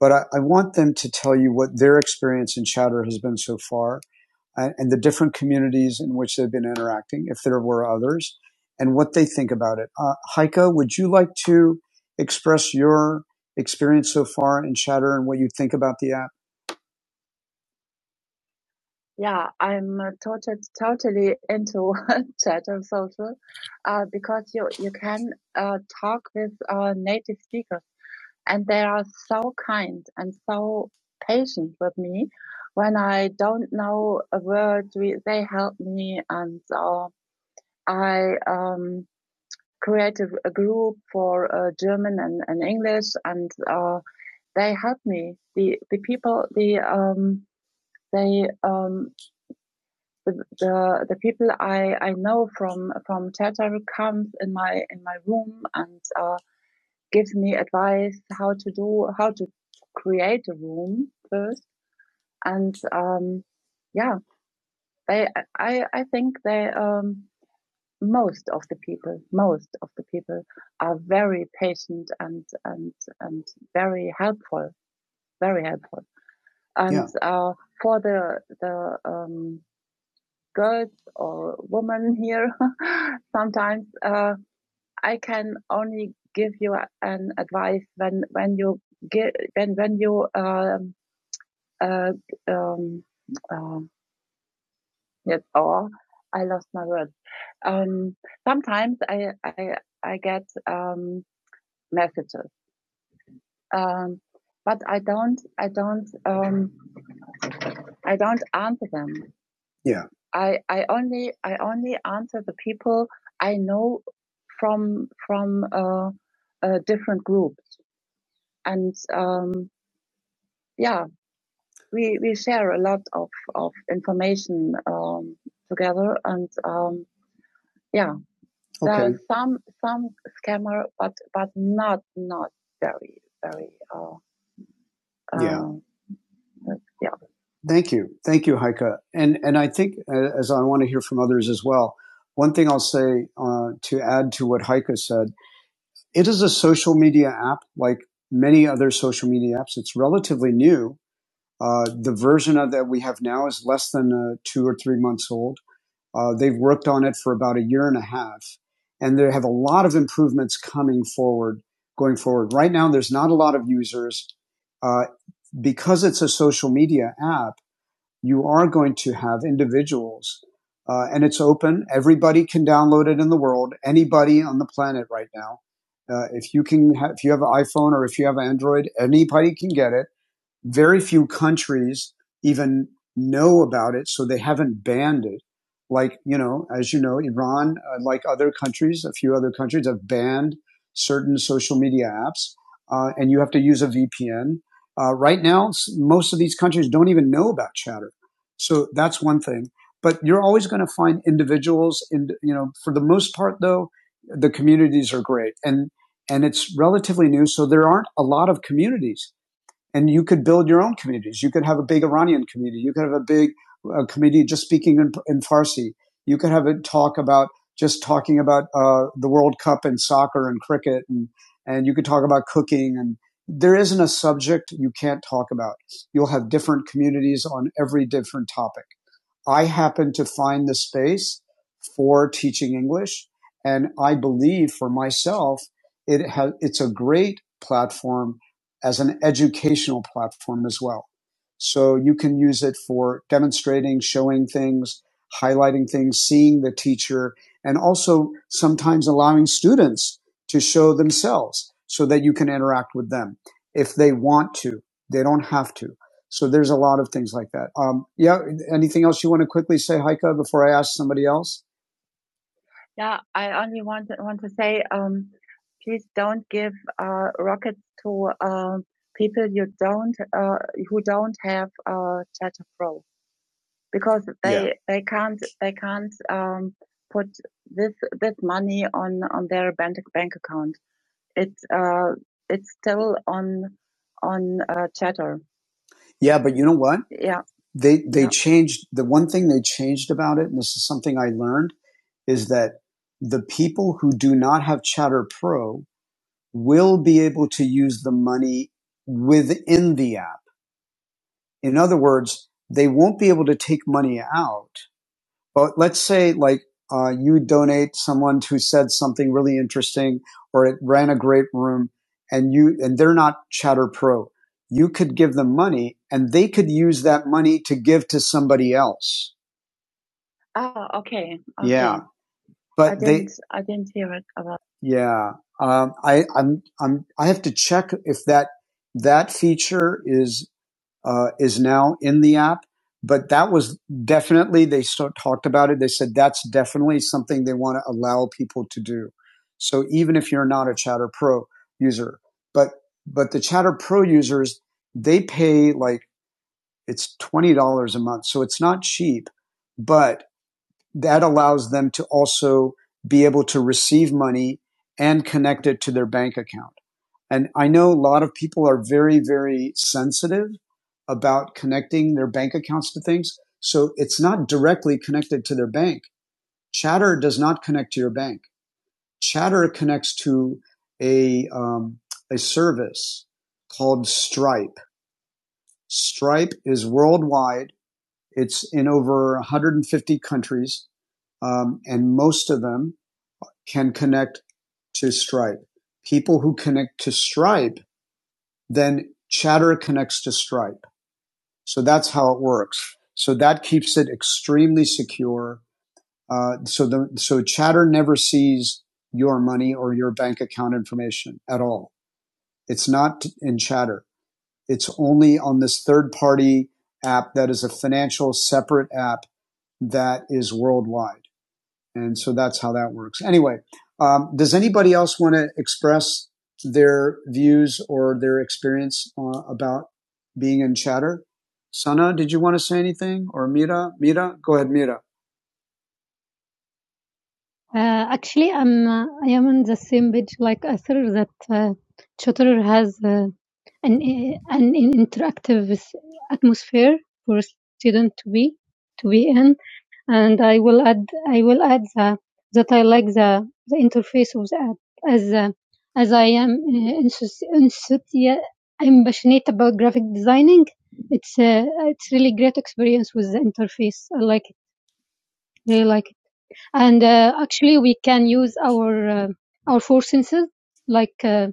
but I, I want them to tell you what their experience in chatter has been so far uh, and the different communities in which they've been interacting, if there were others, and what they think about it. Uh, Haika, would you like to express your experience so far in chatter and what you think about the app? Yeah, I'm uh, totally totally into chatter social, uh, because you you can uh, talk with uh, native speakers, and they are so kind and so patient with me when I don't know a word. We, they help me, and uh, I um, create a, a group for uh, German and, and English, and uh, they help me. The the people the um, they um, the the, the people I, I know from from theater comes in my in my room and uh, gives me advice how to do how to create a room first and um, yeah they I I think they um, most of the people most of the people are very patient and and and very helpful very helpful and yeah. uh, for the the um, girls or women here sometimes uh, i can only give you an advice when when you get when when you um uh, um uh, yes or i lost my words um sometimes i i i get um messages um but i don't i don't um i don't answer them Yeah. I I only I only answer the people I know from from uh, uh, different groups, and um, yeah, we we share a lot of of information um, together, and um, yeah, there Okay. are some some scammer, but but not not very very uh, Yeah. um, Yeah. Thank you. Thank you, Heike. And, and I think, uh, as I want to hear from others as well, one thing I'll say uh, to add to what Heike said, it is a social media app like many other social media apps. It's relatively new. Uh, the version of that we have now is less than uh, two or three months old. Uh, they've worked on it for about a year and a half, and they have a lot of improvements coming forward, going forward. Right now, there's not a lot of users. Uh, because it's a social media app, you are going to have individuals, uh, and it's open. Everybody can download it in the world. Anybody on the planet right now, uh, if you can, ha- if you have an iPhone or if you have Android, anybody can get it very few countries even know about it, so they haven't banned it. Like, you know, as you know, Iran, uh, like other countries, a few other countries have banned certain social media apps, uh, and you have to use a VPN. Uh, right now, most of these countries don't even know about Chatter. So that's one thing. But you're always going to find individuals in, you know, for the most part, though, the communities are great and, and it's relatively new. So there aren't a lot of communities and you could build your own communities. You could have a big Iranian community. You could have a big uh, community just speaking in, in Farsi. You could have a talk about just talking about uh, the World Cup and soccer and cricket, and and you could talk about cooking. And there isn't a subject you can't talk about. You'll have different communities on every different topic. I happened to find the space for teaching English. And I believe for myself, it ha- it's a great platform as an educational platform as well. So you can use it for demonstrating, showing things, highlighting things, seeing the teacher, and also sometimes allowing students to show themselves so that you can interact with them if they want to. They don't have to. So there's a lot of things like that. Um, yeah. Anything else you want to quickly say, Heike, before I ask somebody else? Yeah, I only want to, want to say, um, please don't give uh, rockets to uh, people you don't uh, who don't have uh, Tata Pro because they Yeah. they can't they can't um, put this this money on on their bank bank account. It's uh it's still on on uh, Chatter. Yeah, but you know what? Yeah. They they Yeah. changed the one thing they changed about it, and this is something I learned, is that the people who do not have Chatter Pro will be able to use the money within the app. In other words, they won't be able to take money out but let's say like uh, you donate someone who said something really interesting or it ran a great room and you and they're not chatter pro you could give them money and they could use that money to give to somebody else Ah, okay, yeah okay. I but they didn't, they I didn't hear it about. yeah um, i i'm i'm i have to check if that that feature is uh, is now in the app. But that was definitely, they sort talked about it. They said that's definitely something they want to allow people to do. So even if you're not a Chatter Pro user, but, but the Chatter Pro users, they pay like it's $20 a month. So it's not cheap, but that allows them to also be able to receive money and connect it to their bank account. And I know a lot of people are very, very sensitive about connecting their bank accounts to things. So it's not directly connected to their bank. Chatter does not connect to your bank. Chatter connects to a, um, a service called Stripe. Stripe is worldwide. It's in over 150 countries, um, and most of them can connect to Stripe. People who connect to Stripe then chatter connects to Stripe. So that's how it works. So that keeps it extremely secure. Uh, so the, so chatter never sees your money or your bank account information at all. It's not in chatter. It's only on this third party app that is a financial separate app that is worldwide. And so that's how that works. Anyway, um, does anybody else want to express their views or their experience uh, about being in chatter? Sana, did you want to say anything? Or Mira? Mira? Go ahead, Mira. Uh, actually, I'm uh, I am on the same page like Arthur that uh, Shutterer has uh, an uh, an interactive s- atmosphere for a student to be to be in, and I will add I will add the, that I like the the interface of the app as uh, as I am uh, enthusi- enthusi- I'm passionate about graphic designing. It's uh, it's really great experience with the interface. I like it. Really like it and uh, actually we can use our uh, our four senses like uh,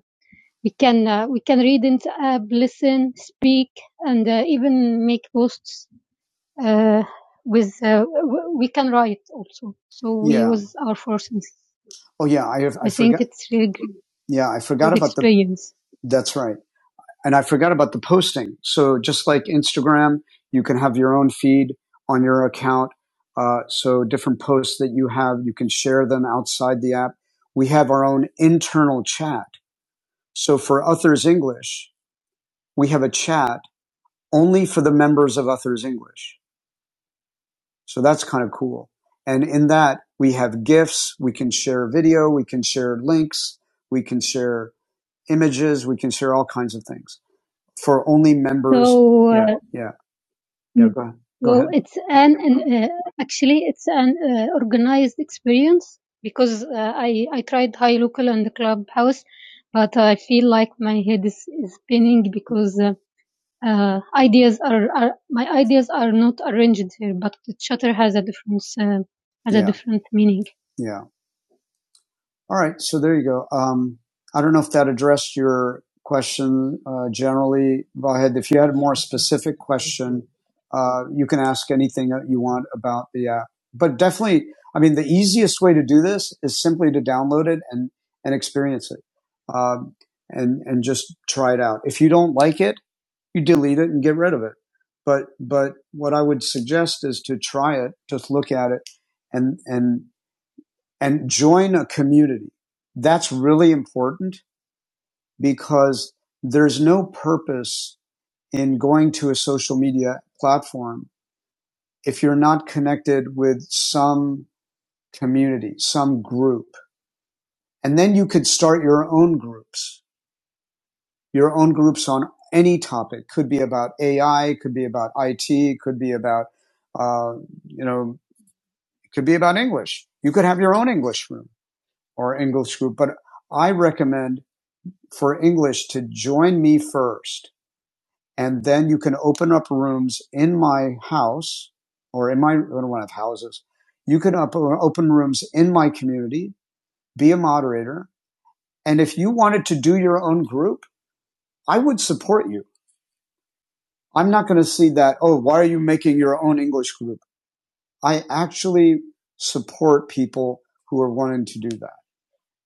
we can uh, we can read and uh, listen speak and uh, even make posts uh, with uh, w- we can write also so we Yeah. use our four senses Oh, yeah. I have, I i think forgot. it's really great, Yeah, I forgot great about experience. the. experience That's right. And I forgot about the posting. So just like Instagram, you can have your own feed on your account. Uh, so different posts that you have, you can share them outside the app. We have our own internal chat. So for Uthers English, we have a chat only for the members of Uthers English. So that's kind of cool. And in that, we have gifts. We can share video. We can share links. We can share images. We can share all kinds of things for only members. So uh, yeah. yeah. Yeah, go ahead. Go Well, ahead. it's an, an uh, actually it's an uh, organized experience because uh, I I tried high local and the clubhouse, but I feel like my head is, is spinning because uh, uh, ideas are, are my ideas are not arranged here, but the chatter has a different uh, has a Yeah, different meaning. Yeah. All right, so there you go. Um, I don't know if that addressed your question uh, generally, Vahed. If you had a more
Yeah,
specific
thank you.
question, uh, you can
Right,
ask
thank you.
anything that you want about the app. But definitely, I mean, the easiest way to do this is simply to download it and and experience it, um, and and just try it out. If you don't like it, you delete it and get rid of it. But but what I would suggest is to try it, just look at it, and and and join a community. That's really important because there's no purpose in going to a social media platform if you're not connected with some community, some group. And then you could start your own groups, your own groups on any topic. Could be about AI, could be about IT, could be about, uh, you know, could be about English. You could have your own English room or English group, but I recommend for English to join me first, and then you can open up rooms in my house or in my I don't want to have houses. You can open rooms in my community, be a moderator, and if you wanted to do your own group, I would support you. I'm not going to see that. Oh, why are you making your own English group? I actually support people who are wanting to do that.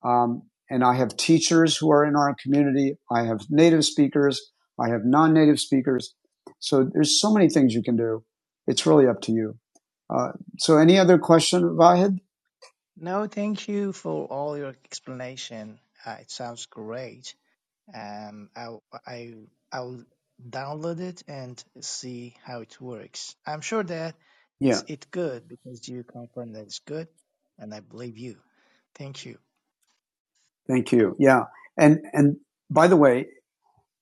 Um, and I have teachers who are in our community. I have native speakers. I have non-native speakers. So there's so many things you can do. It's really up to you. Uh, so any other question, Vahid?
No, thank you for all your explanation. Uh, it sounds great. Um, I I I'll download it and see how it works. I'm sure that
Yeah.
it's it good because you confirm that it's good, and I believe you. Thank you.
Thank you. Yeah. And, and by the way,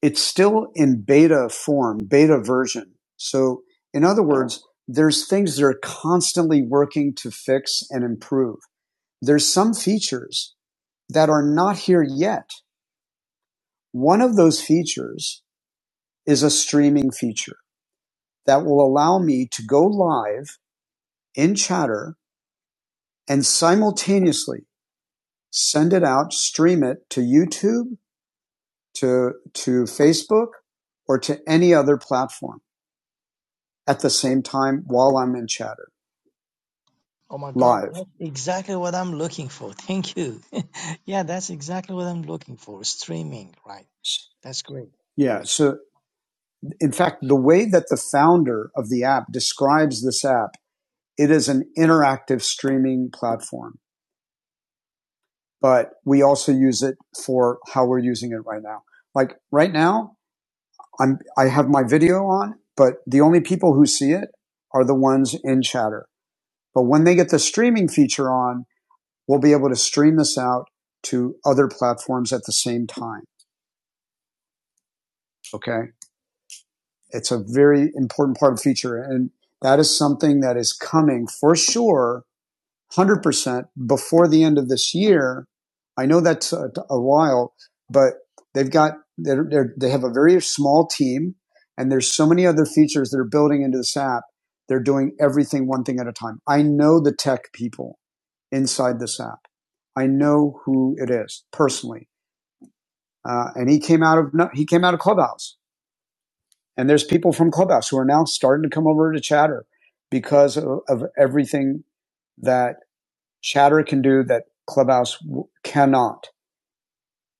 it's still in beta form, beta version. So in other words, there's things that are constantly working to fix and improve. There's some features that are not here yet. One of those features is a streaming feature that will allow me to go live in chatter and simultaneously send it out, stream it to YouTube, to, to Facebook, or to any other platform at the same time while I'm in chatter
Oh my God,
live.
that's exactly what I'm looking for. Thank you. yeah, that's exactly what I'm looking for. Streaming, right? That's great.
Yeah.
Great.
So in fact, the way that the founder of the app describes this app, it is an interactive streaming platform, but we also use it for how we're using it right now. Like right now, I'm I have my video on, but the only people who see it are the ones in chatter. But when they get the streaming feature on, we'll be able to stream this out to other platforms at the same time. Okay. It's a very important part of the feature. And that is something that is coming for sure 100% before the end of this year. I know that's a, a while, but they've got they're, they're, they have a very small team, and there's so many other features that are building into this app. They're doing everything one thing at a time. I know the tech people inside this app. I know who it is personally, uh, and he came out of no- he came out of Clubhouse, and there's people from Clubhouse who are now starting to come over to Chatter because of, of everything that Chatter can do that Clubhouse cannot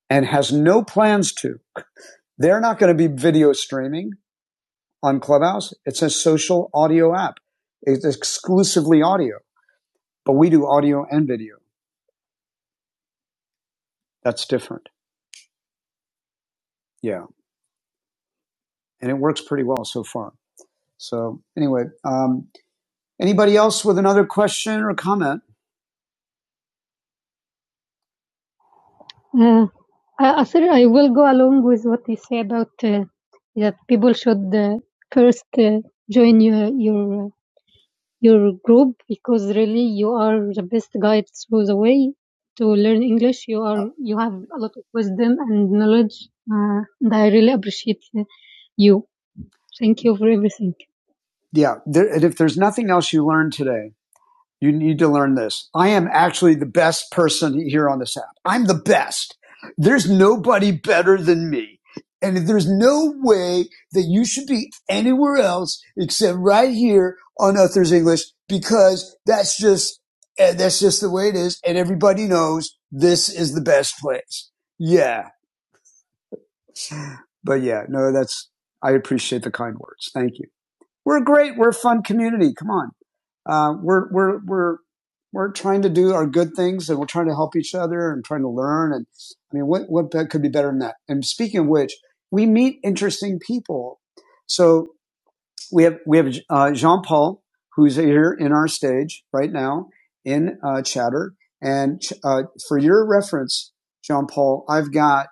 and has no plans to. They're not going to be video streaming on Clubhouse. It's a social audio app. It's exclusively audio, but we do audio and video. That's different. Yeah. And it works pretty well so far. So anyway, um, anybody else with another question or comment? Uh, I, I said I will go along with what you say about uh, that people should uh, first uh, join your your your group because really you are the best guide through the way to learn English. You are you have a lot of wisdom and knowledge, uh, and I really appreciate you. Thank you for everything. Yeah. There, and if there's nothing else you learned today, you need to learn this. I am actually the best person here on this app. I'm the best. There's nobody better than me. And there's no way that you should be anywhere else except right here on Others English because that's just, eh, that's just the way it is. And everybody knows this is the best place. Yeah. But yeah, no, that's, I appreciate the kind words. Thank you. We're great. We're a fun community. Come on uh, we're we're we're we're trying to do our good things and we're trying to help each other and trying to learn and i mean what what could be better than that and speaking of which we meet interesting people so we have we have uh, jean-paul who's here in our stage right now in uh, chatter and uh, for your reference jean-paul i've got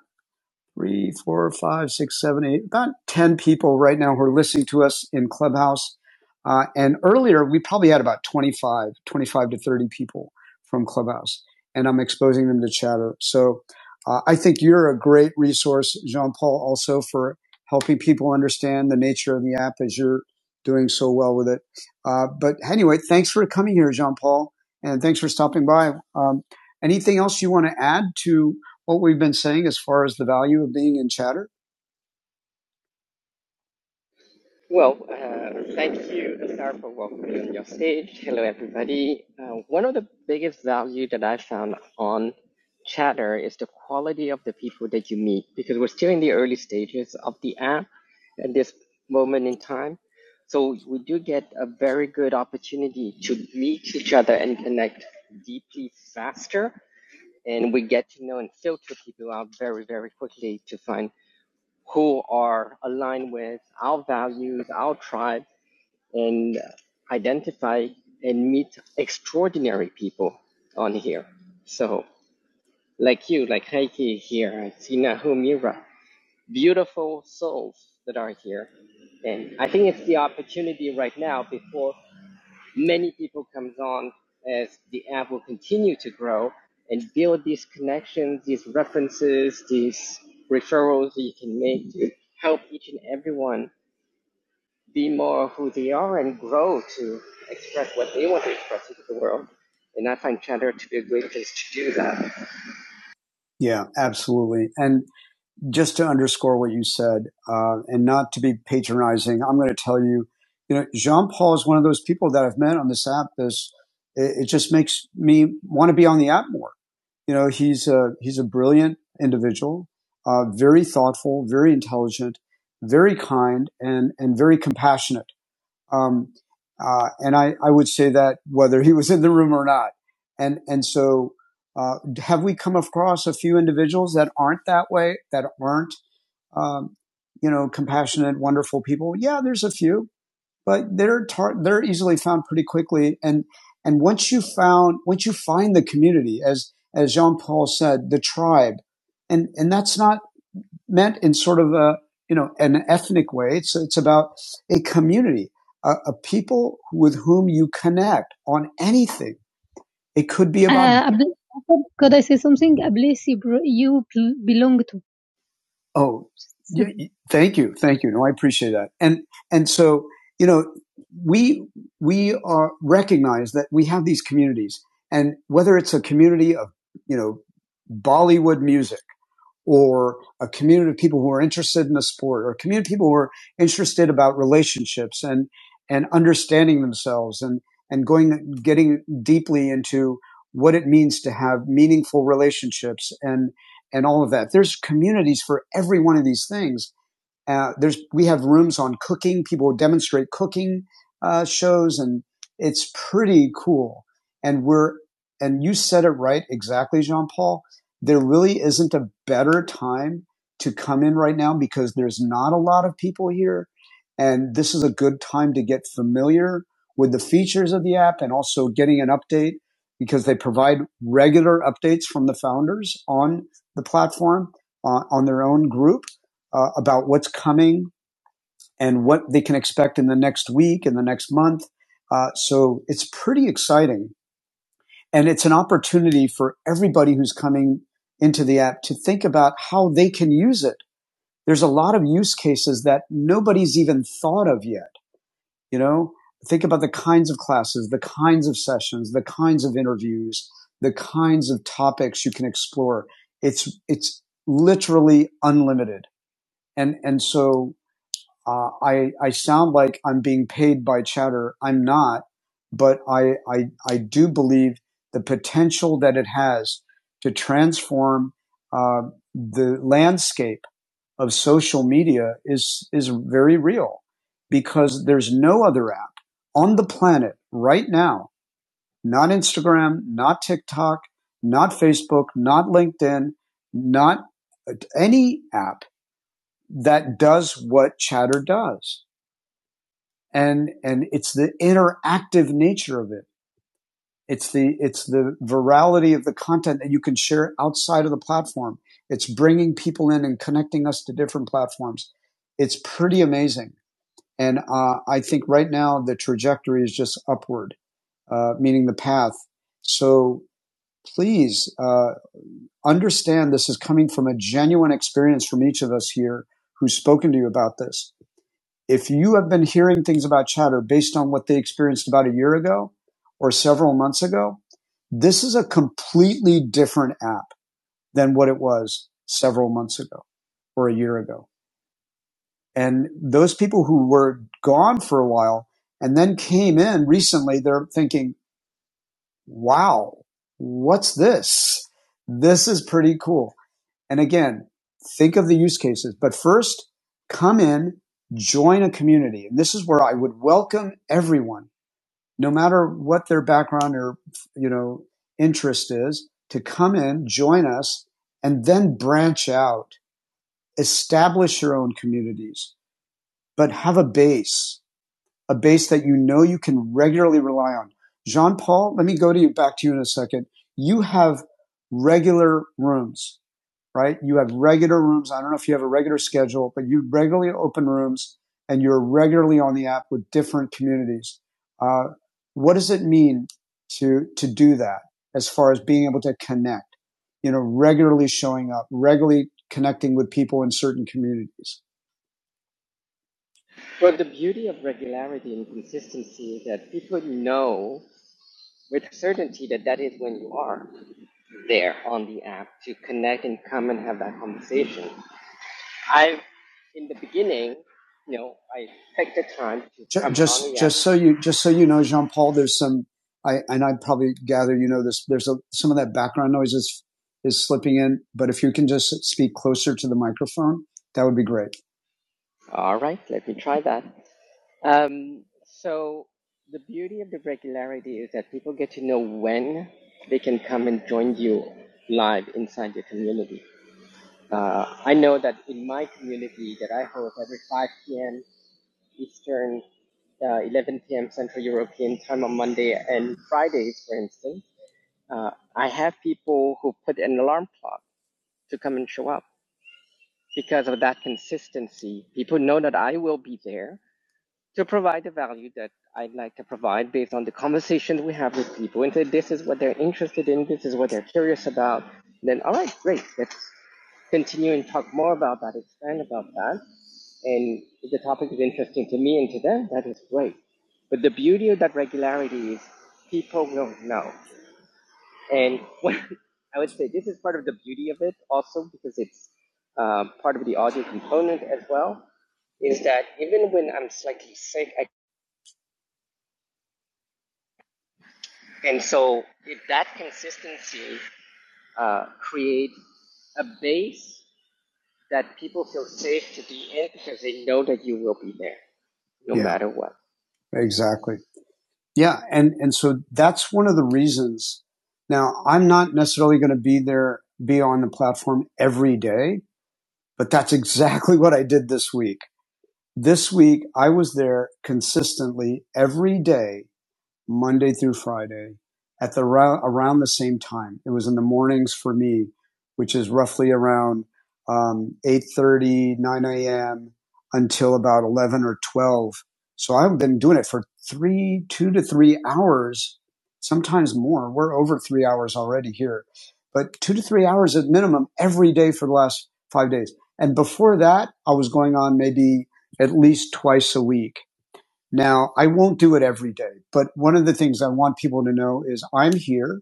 three, four, five, six, seven, eight, about 10 people right now who are listening to us in Clubhouse. Uh, and earlier, we probably had about 25, 25 to 30 people from Clubhouse. And I'm exposing them to chatter. So uh, I think you're a great resource, Jean Paul, also for helping people understand the nature of the app as you're doing so well with it. Uh, but anyway, thanks for coming here, Jean Paul. And thanks for stopping by. Um, anything else you want to add to? what we've been saying as far as the value of being in chatter? Well, uh, thank you, Star, for welcoming me on your stage. Hello, everybody. Uh, one of the biggest value that I found on Chatter is the quality of the people that you meet because we're still in the early stages of the app at this moment in time. So we do get a very good opportunity to meet each other and connect deeply faster. And we get to know and filter people out very, very quickly to find who are aligned with our values, our tribe, and identity, be more who they are and grow to express what they want to express into the world. And I find chatter to be a great place to do that. Yeah, absolutely. And just to underscore what you said, uh, and not to be patronizing, I'm going to tell you, you know, Jean Paul is one of those people that I've met on this app. This it, it just makes me want to be on the app more. You know, he's a, he's a brilliant individual, uh, very thoughtful, very intelligent, very kind, and, and very compassionate. Um, uh, and I, I would say that whether he was in the room or not. And, and so, uh, have we come across a few individuals that aren't that way, that aren't, um, you know, compassionate, wonderful people? Yeah, there's a few but they're tar- they're easily found pretty quickly. And and once you found once you find the community, as as Jean Paul said, the tribe, and and that's not meant in sort of a you know an ethnic way. It's it's about a community, a, a people with whom you connect on anything. It could be about Uh, could I say something? Ablis, you you belong to Oh, yeah, thank you, thank you. No, I appreciate that. And and so you know, we we are recognize that we have these communities, and whether it's a community of you know Bollywood music or a community of people who are interested in the sport or a community of people who are interested about relationships and and understanding themselves and and going getting deeply into what it means to have meaningful relationships and and all of that there's communities for every one of these things uh, there's we have rooms on cooking. People demonstrate cooking uh, shows, and it's pretty cool. And we're and you said it right exactly, Jean Paul. There really isn't a better time to come in right now because there's not a lot of people here, and this is a good time to get familiar with the features of the app and also getting an update because they provide regular updates from the founders on the platform uh, on their own group uh, about what's coming and what they can expect in the next week and the next month. Uh, so it's pretty exciting. And it's an opportunity for everybody who's coming into the app to think about how they can use it. There's a lot of use cases that nobody's even thought of yet. You know, think about the kinds of classes, the kinds of sessions, the kinds of interviews, the kinds of topics you can explore. It's, it's literally unlimited. And, and so Uh, I I sound like I'm being paid by chatter. I'm not, but I I I do believe the potential that it has to transform uh, the landscape of social media is is very real because there's no other app on the planet right now, not Instagram, not TikTok, not Facebook, not LinkedIn, not any app that does what chatter does and and it's the interactive nature of it it's the it's the virality of the content that you can share outside of the platform it's bringing people in and connecting us to different platforms it's pretty amazing and uh, i think right now the trajectory is just upward uh, meaning the path so please uh, understand this is coming from a genuine experience from each of us here who's spoken to you about this if you have been hearing things about chatter based on what they experienced about a year ago or several months ago, this is a completely different app than what it was several months ago or a year ago. And those people who were gone for a while and then came in recently, they're thinking, wow, what's this? This is pretty cool. And again, think of the use cases, but first come in, join a community. And this is where I would welcome everyone, no matter what their background or, you know, interest is to come in, join us and then branch out, establish your own communities, but have a base, a base that you know you can regularly rely on. Jean Paul, let me go to you back to you in a second. You have regular rooms right? You have regular rooms. I don't know if you have a regular schedule, but you regularly open rooms and you're regularly on the app with different communities. Uh, what does it mean to to do that as far as being able to connect? You know, regularly showing up, regularly connecting with people in certain communities. So you just so you know, Jean Paul, there's some. I, and I probably gather you know this. There's a, some of that background noise is is slipping in, but if you can just speak closer to the microphone, that would be great. Exactly. Yeah, and and so that's one of the reasons. Now, I'm not necessarily going to be there be on the platform every day, but that's exactly what I did this week. This week I was there consistently every day Monday through Friday at the around the same time. It was in the mornings for me, which is roughly around um, 8.30, a.m. until about 11 or 12. So I've been doing it for three, two to three hours, sometimes more. We're over three hours already here, but two to three hours at minimum every day for the last five days. And before that, I was going on maybe at least twice a week now, I won't do it every day, but one of the things I want people to know is I'm here.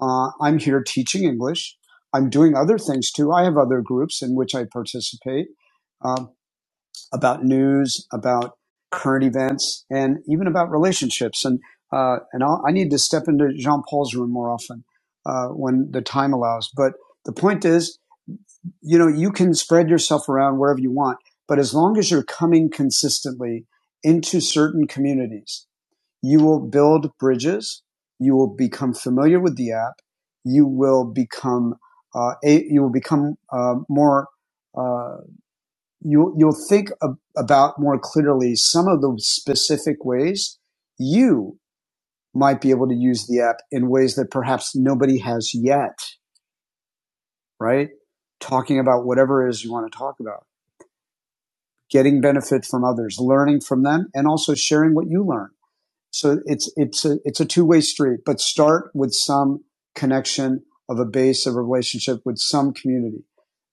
Uh, I'm here teaching English. I'm doing other things too. I have other groups in which I participate um, about news, about current events, and even about relationships. And uh, and I'll, I need to step into Jean Paul's room more often uh, when the time allows. But the point is, you know, you can spread yourself around wherever you want, but as long as you're coming consistently into certain communities you will build bridges. You will become familiar with the app. You will become uh, a, you will become uh, more uh, you you'll think ab- about more clearly some of the specific ways you might be able to use the app in ways that perhaps nobody has yet. Right, talking about whatever it is you want to talk about, getting benefit from others, learning from them, and also sharing what you learn So it's it's a it's a two way street, but start with some connection of a base of a relationship with some community,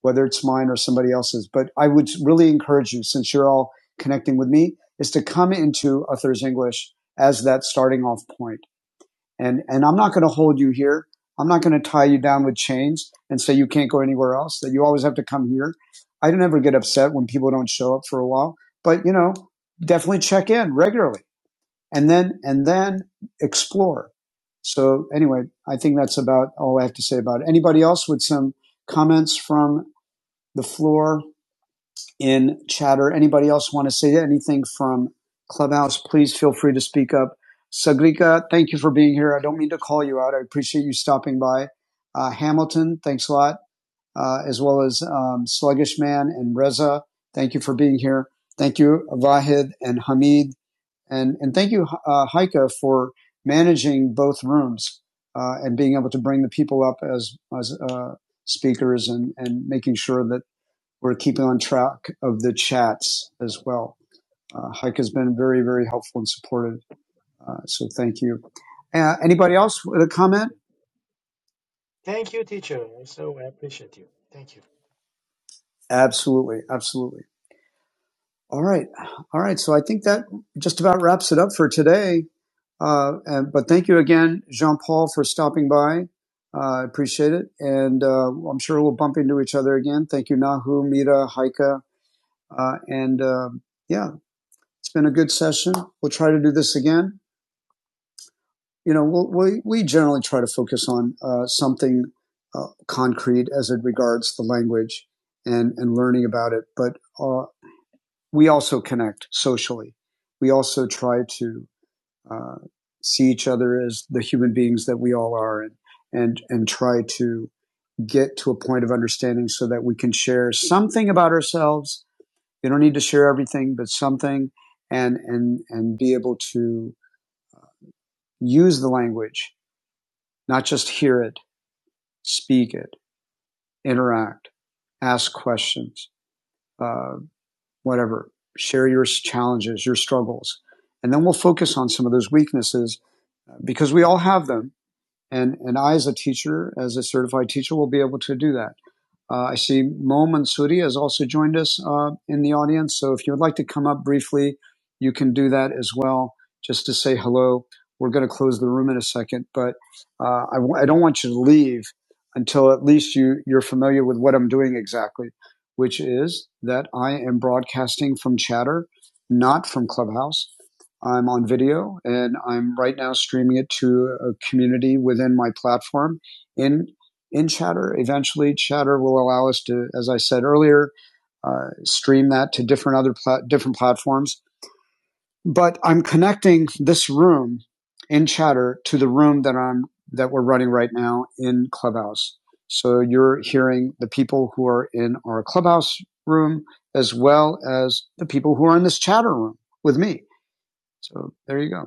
whether it's mine or somebody else's. But I would really encourage you, since you're all connecting with me, is to come into Uther's English as that starting off point. And and I'm not going to hold you here. I'm not going to tie you down with chains and say you can't go anywhere else. That you always have to come here. I don't ever get upset when people don't show up for a while, but you know, definitely check in regularly and then and then explore. So anyway, I think that's about all I have to say about it. Anybody else with some comments from the floor in chatter? Anybody else want to say anything from Clubhouse? Please feel free to speak up. Sagrika, thank you for being here. I don't mean to call you out. I appreciate you stopping by. Uh, Hamilton, thanks a lot, uh, as well as um, Sluggish Man and Reza. Thank you for being here. Thank you, Vahid and Hamid and and thank you, uh, Heike, for managing both rooms uh, and being able to bring the people up as as uh, speakers and and making sure that we're keeping on track of the chats as well. Uh, Heike has been very very helpful and supportive, uh, so thank you. Uh, anybody else with a comment?
Thank you, teacher. I so appreciate you. Thank you.
Absolutely, absolutely. All right, all right. So I think that just about wraps it up for today. Uh, and, but thank you again, Jean Paul, for stopping by. I uh, appreciate it. And uh, I'm sure we'll bump into each other again. Thank you, Nahu, Mira, Haika. Uh, and um yeah, it's been a good session. We'll try to do this again. You know, we'll, we, we generally try to focus on uh, something uh, concrete as it regards the language and, and learning about it. But uh, we also connect socially. We also try to uh, see each other as the human beings that we all are, and and and try to get to a point of understanding so that we can share something about ourselves. You don't need to share everything, but something, and and and be able to use the language, not just hear it, speak it, interact, ask questions, uh, whatever. Share your challenges, your struggles, and then we'll focus on some of those weaknesses uh, because we all have them and and I as a teacher, as a certified teacher, will be able to do that. Uh, I see Mo Mansouri has also joined us uh, in the audience, so if you would like to come up briefly, you can do that as well, just to say hello. We're going to close the room in a second, but uh, I, w- I don't want you to leave until at least you you're familiar with what I'm doing exactly, which is that I am broadcasting from Chatter, not from Clubhouse. I'm on video and I'm right now streaming it to a community within my platform in in Chatter. Eventually, Chatter will allow us to, as I said earlier, uh, stream that to different other pla- different platforms. But I'm connecting this room in Chatter to the room that I'm that we're running right now in Clubhouse. So you're hearing the people who are in our Clubhouse room as well as the people who are in this Chatter room with me. So there you go.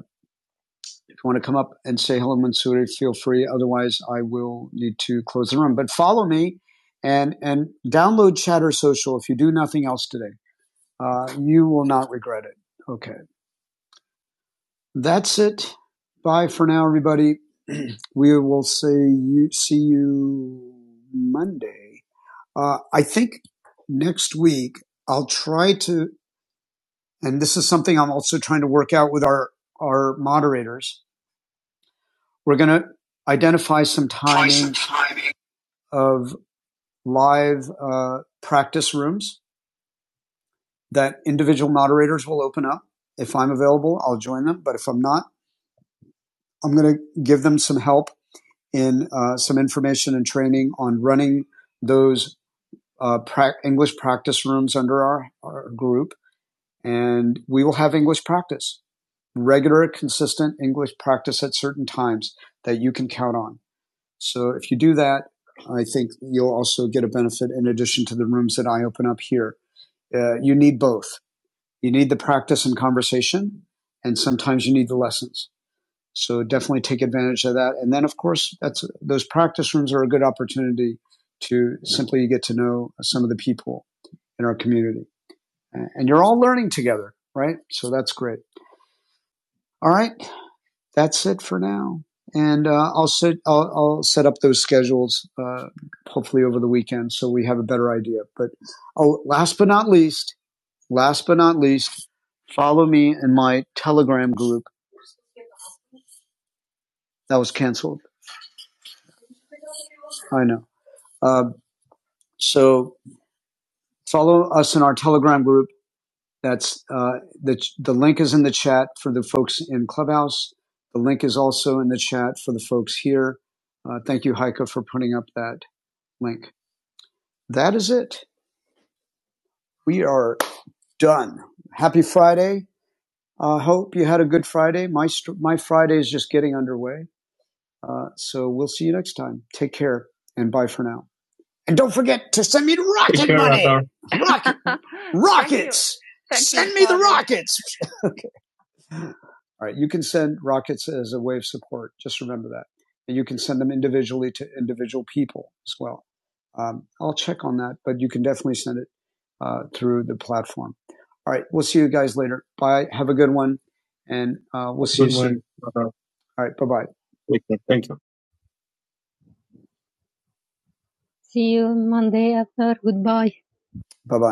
If you want to come up and say hello, Mansouri, feel free. Otherwise, I will need to close the room. But follow me and, and download Chatter Social if you do nothing else today. Uh, you will not regret it. Okay. That's it. Bye for now, everybody. we will say you, see you Monday. Uh, I think next week I'll try to, and this is something I'm also trying to work out with our, our moderators We're going to identify some timing of live uh, practice rooms that individual moderators will open up. If I'm available, I'll join them. But if I'm not, I'm going to give them some help in uh, some information and training on running those uh, prac English practice rooms under our, our group. And we will have English practice, regular, consistent English practice at certain times that you can count on. So if you do that, I think you'll also get a benefit in addition to the rooms that I open up here. Uh, you need both. You need the practice and conversation, and sometimes you need the lessons. So definitely take advantage of that. And then, of course, that's those practice rooms are a good opportunity to simply get to know some of the people in our community, and you're all learning together, right? So that's great. All right. that's it for now. And uh, I'll set I'll, I'll set up those schedules uh, hopefully over the weekend so we have a better idea. But oh, last but not least, last but not least, follow me in my Telegram group that was canceled. I know. Uh, so follow us in our Telegram group. That's uh, the the link is in the chat for the folks in Clubhouse. The link is also in the chat for the folks here. Uh, thank you, Heike, for putting up that link. That is it. We are done. Happy Friday. I uh, hope you had a good Friday. My, st- my Friday is just getting underway. Uh, so we'll see you next time. Take care and bye for now. And don't forget to send me rocket care, money. Arthur. Rocket, Thank you. rockets. Thank you, Thank send you, me Father. the rockets. All right. You can send rockets as a way of support. Just remember that. And you can send them individually to individual people as well. Um, I'll check on that, but you can definitely send it. uh, through the platform. All right. We'll see you guys later. Bye. Have a good one. And uh, we'll see you Good soon. one. Uh, All right. Bye bye. Thank you. See you Monday after. Goodbye. Bye bye.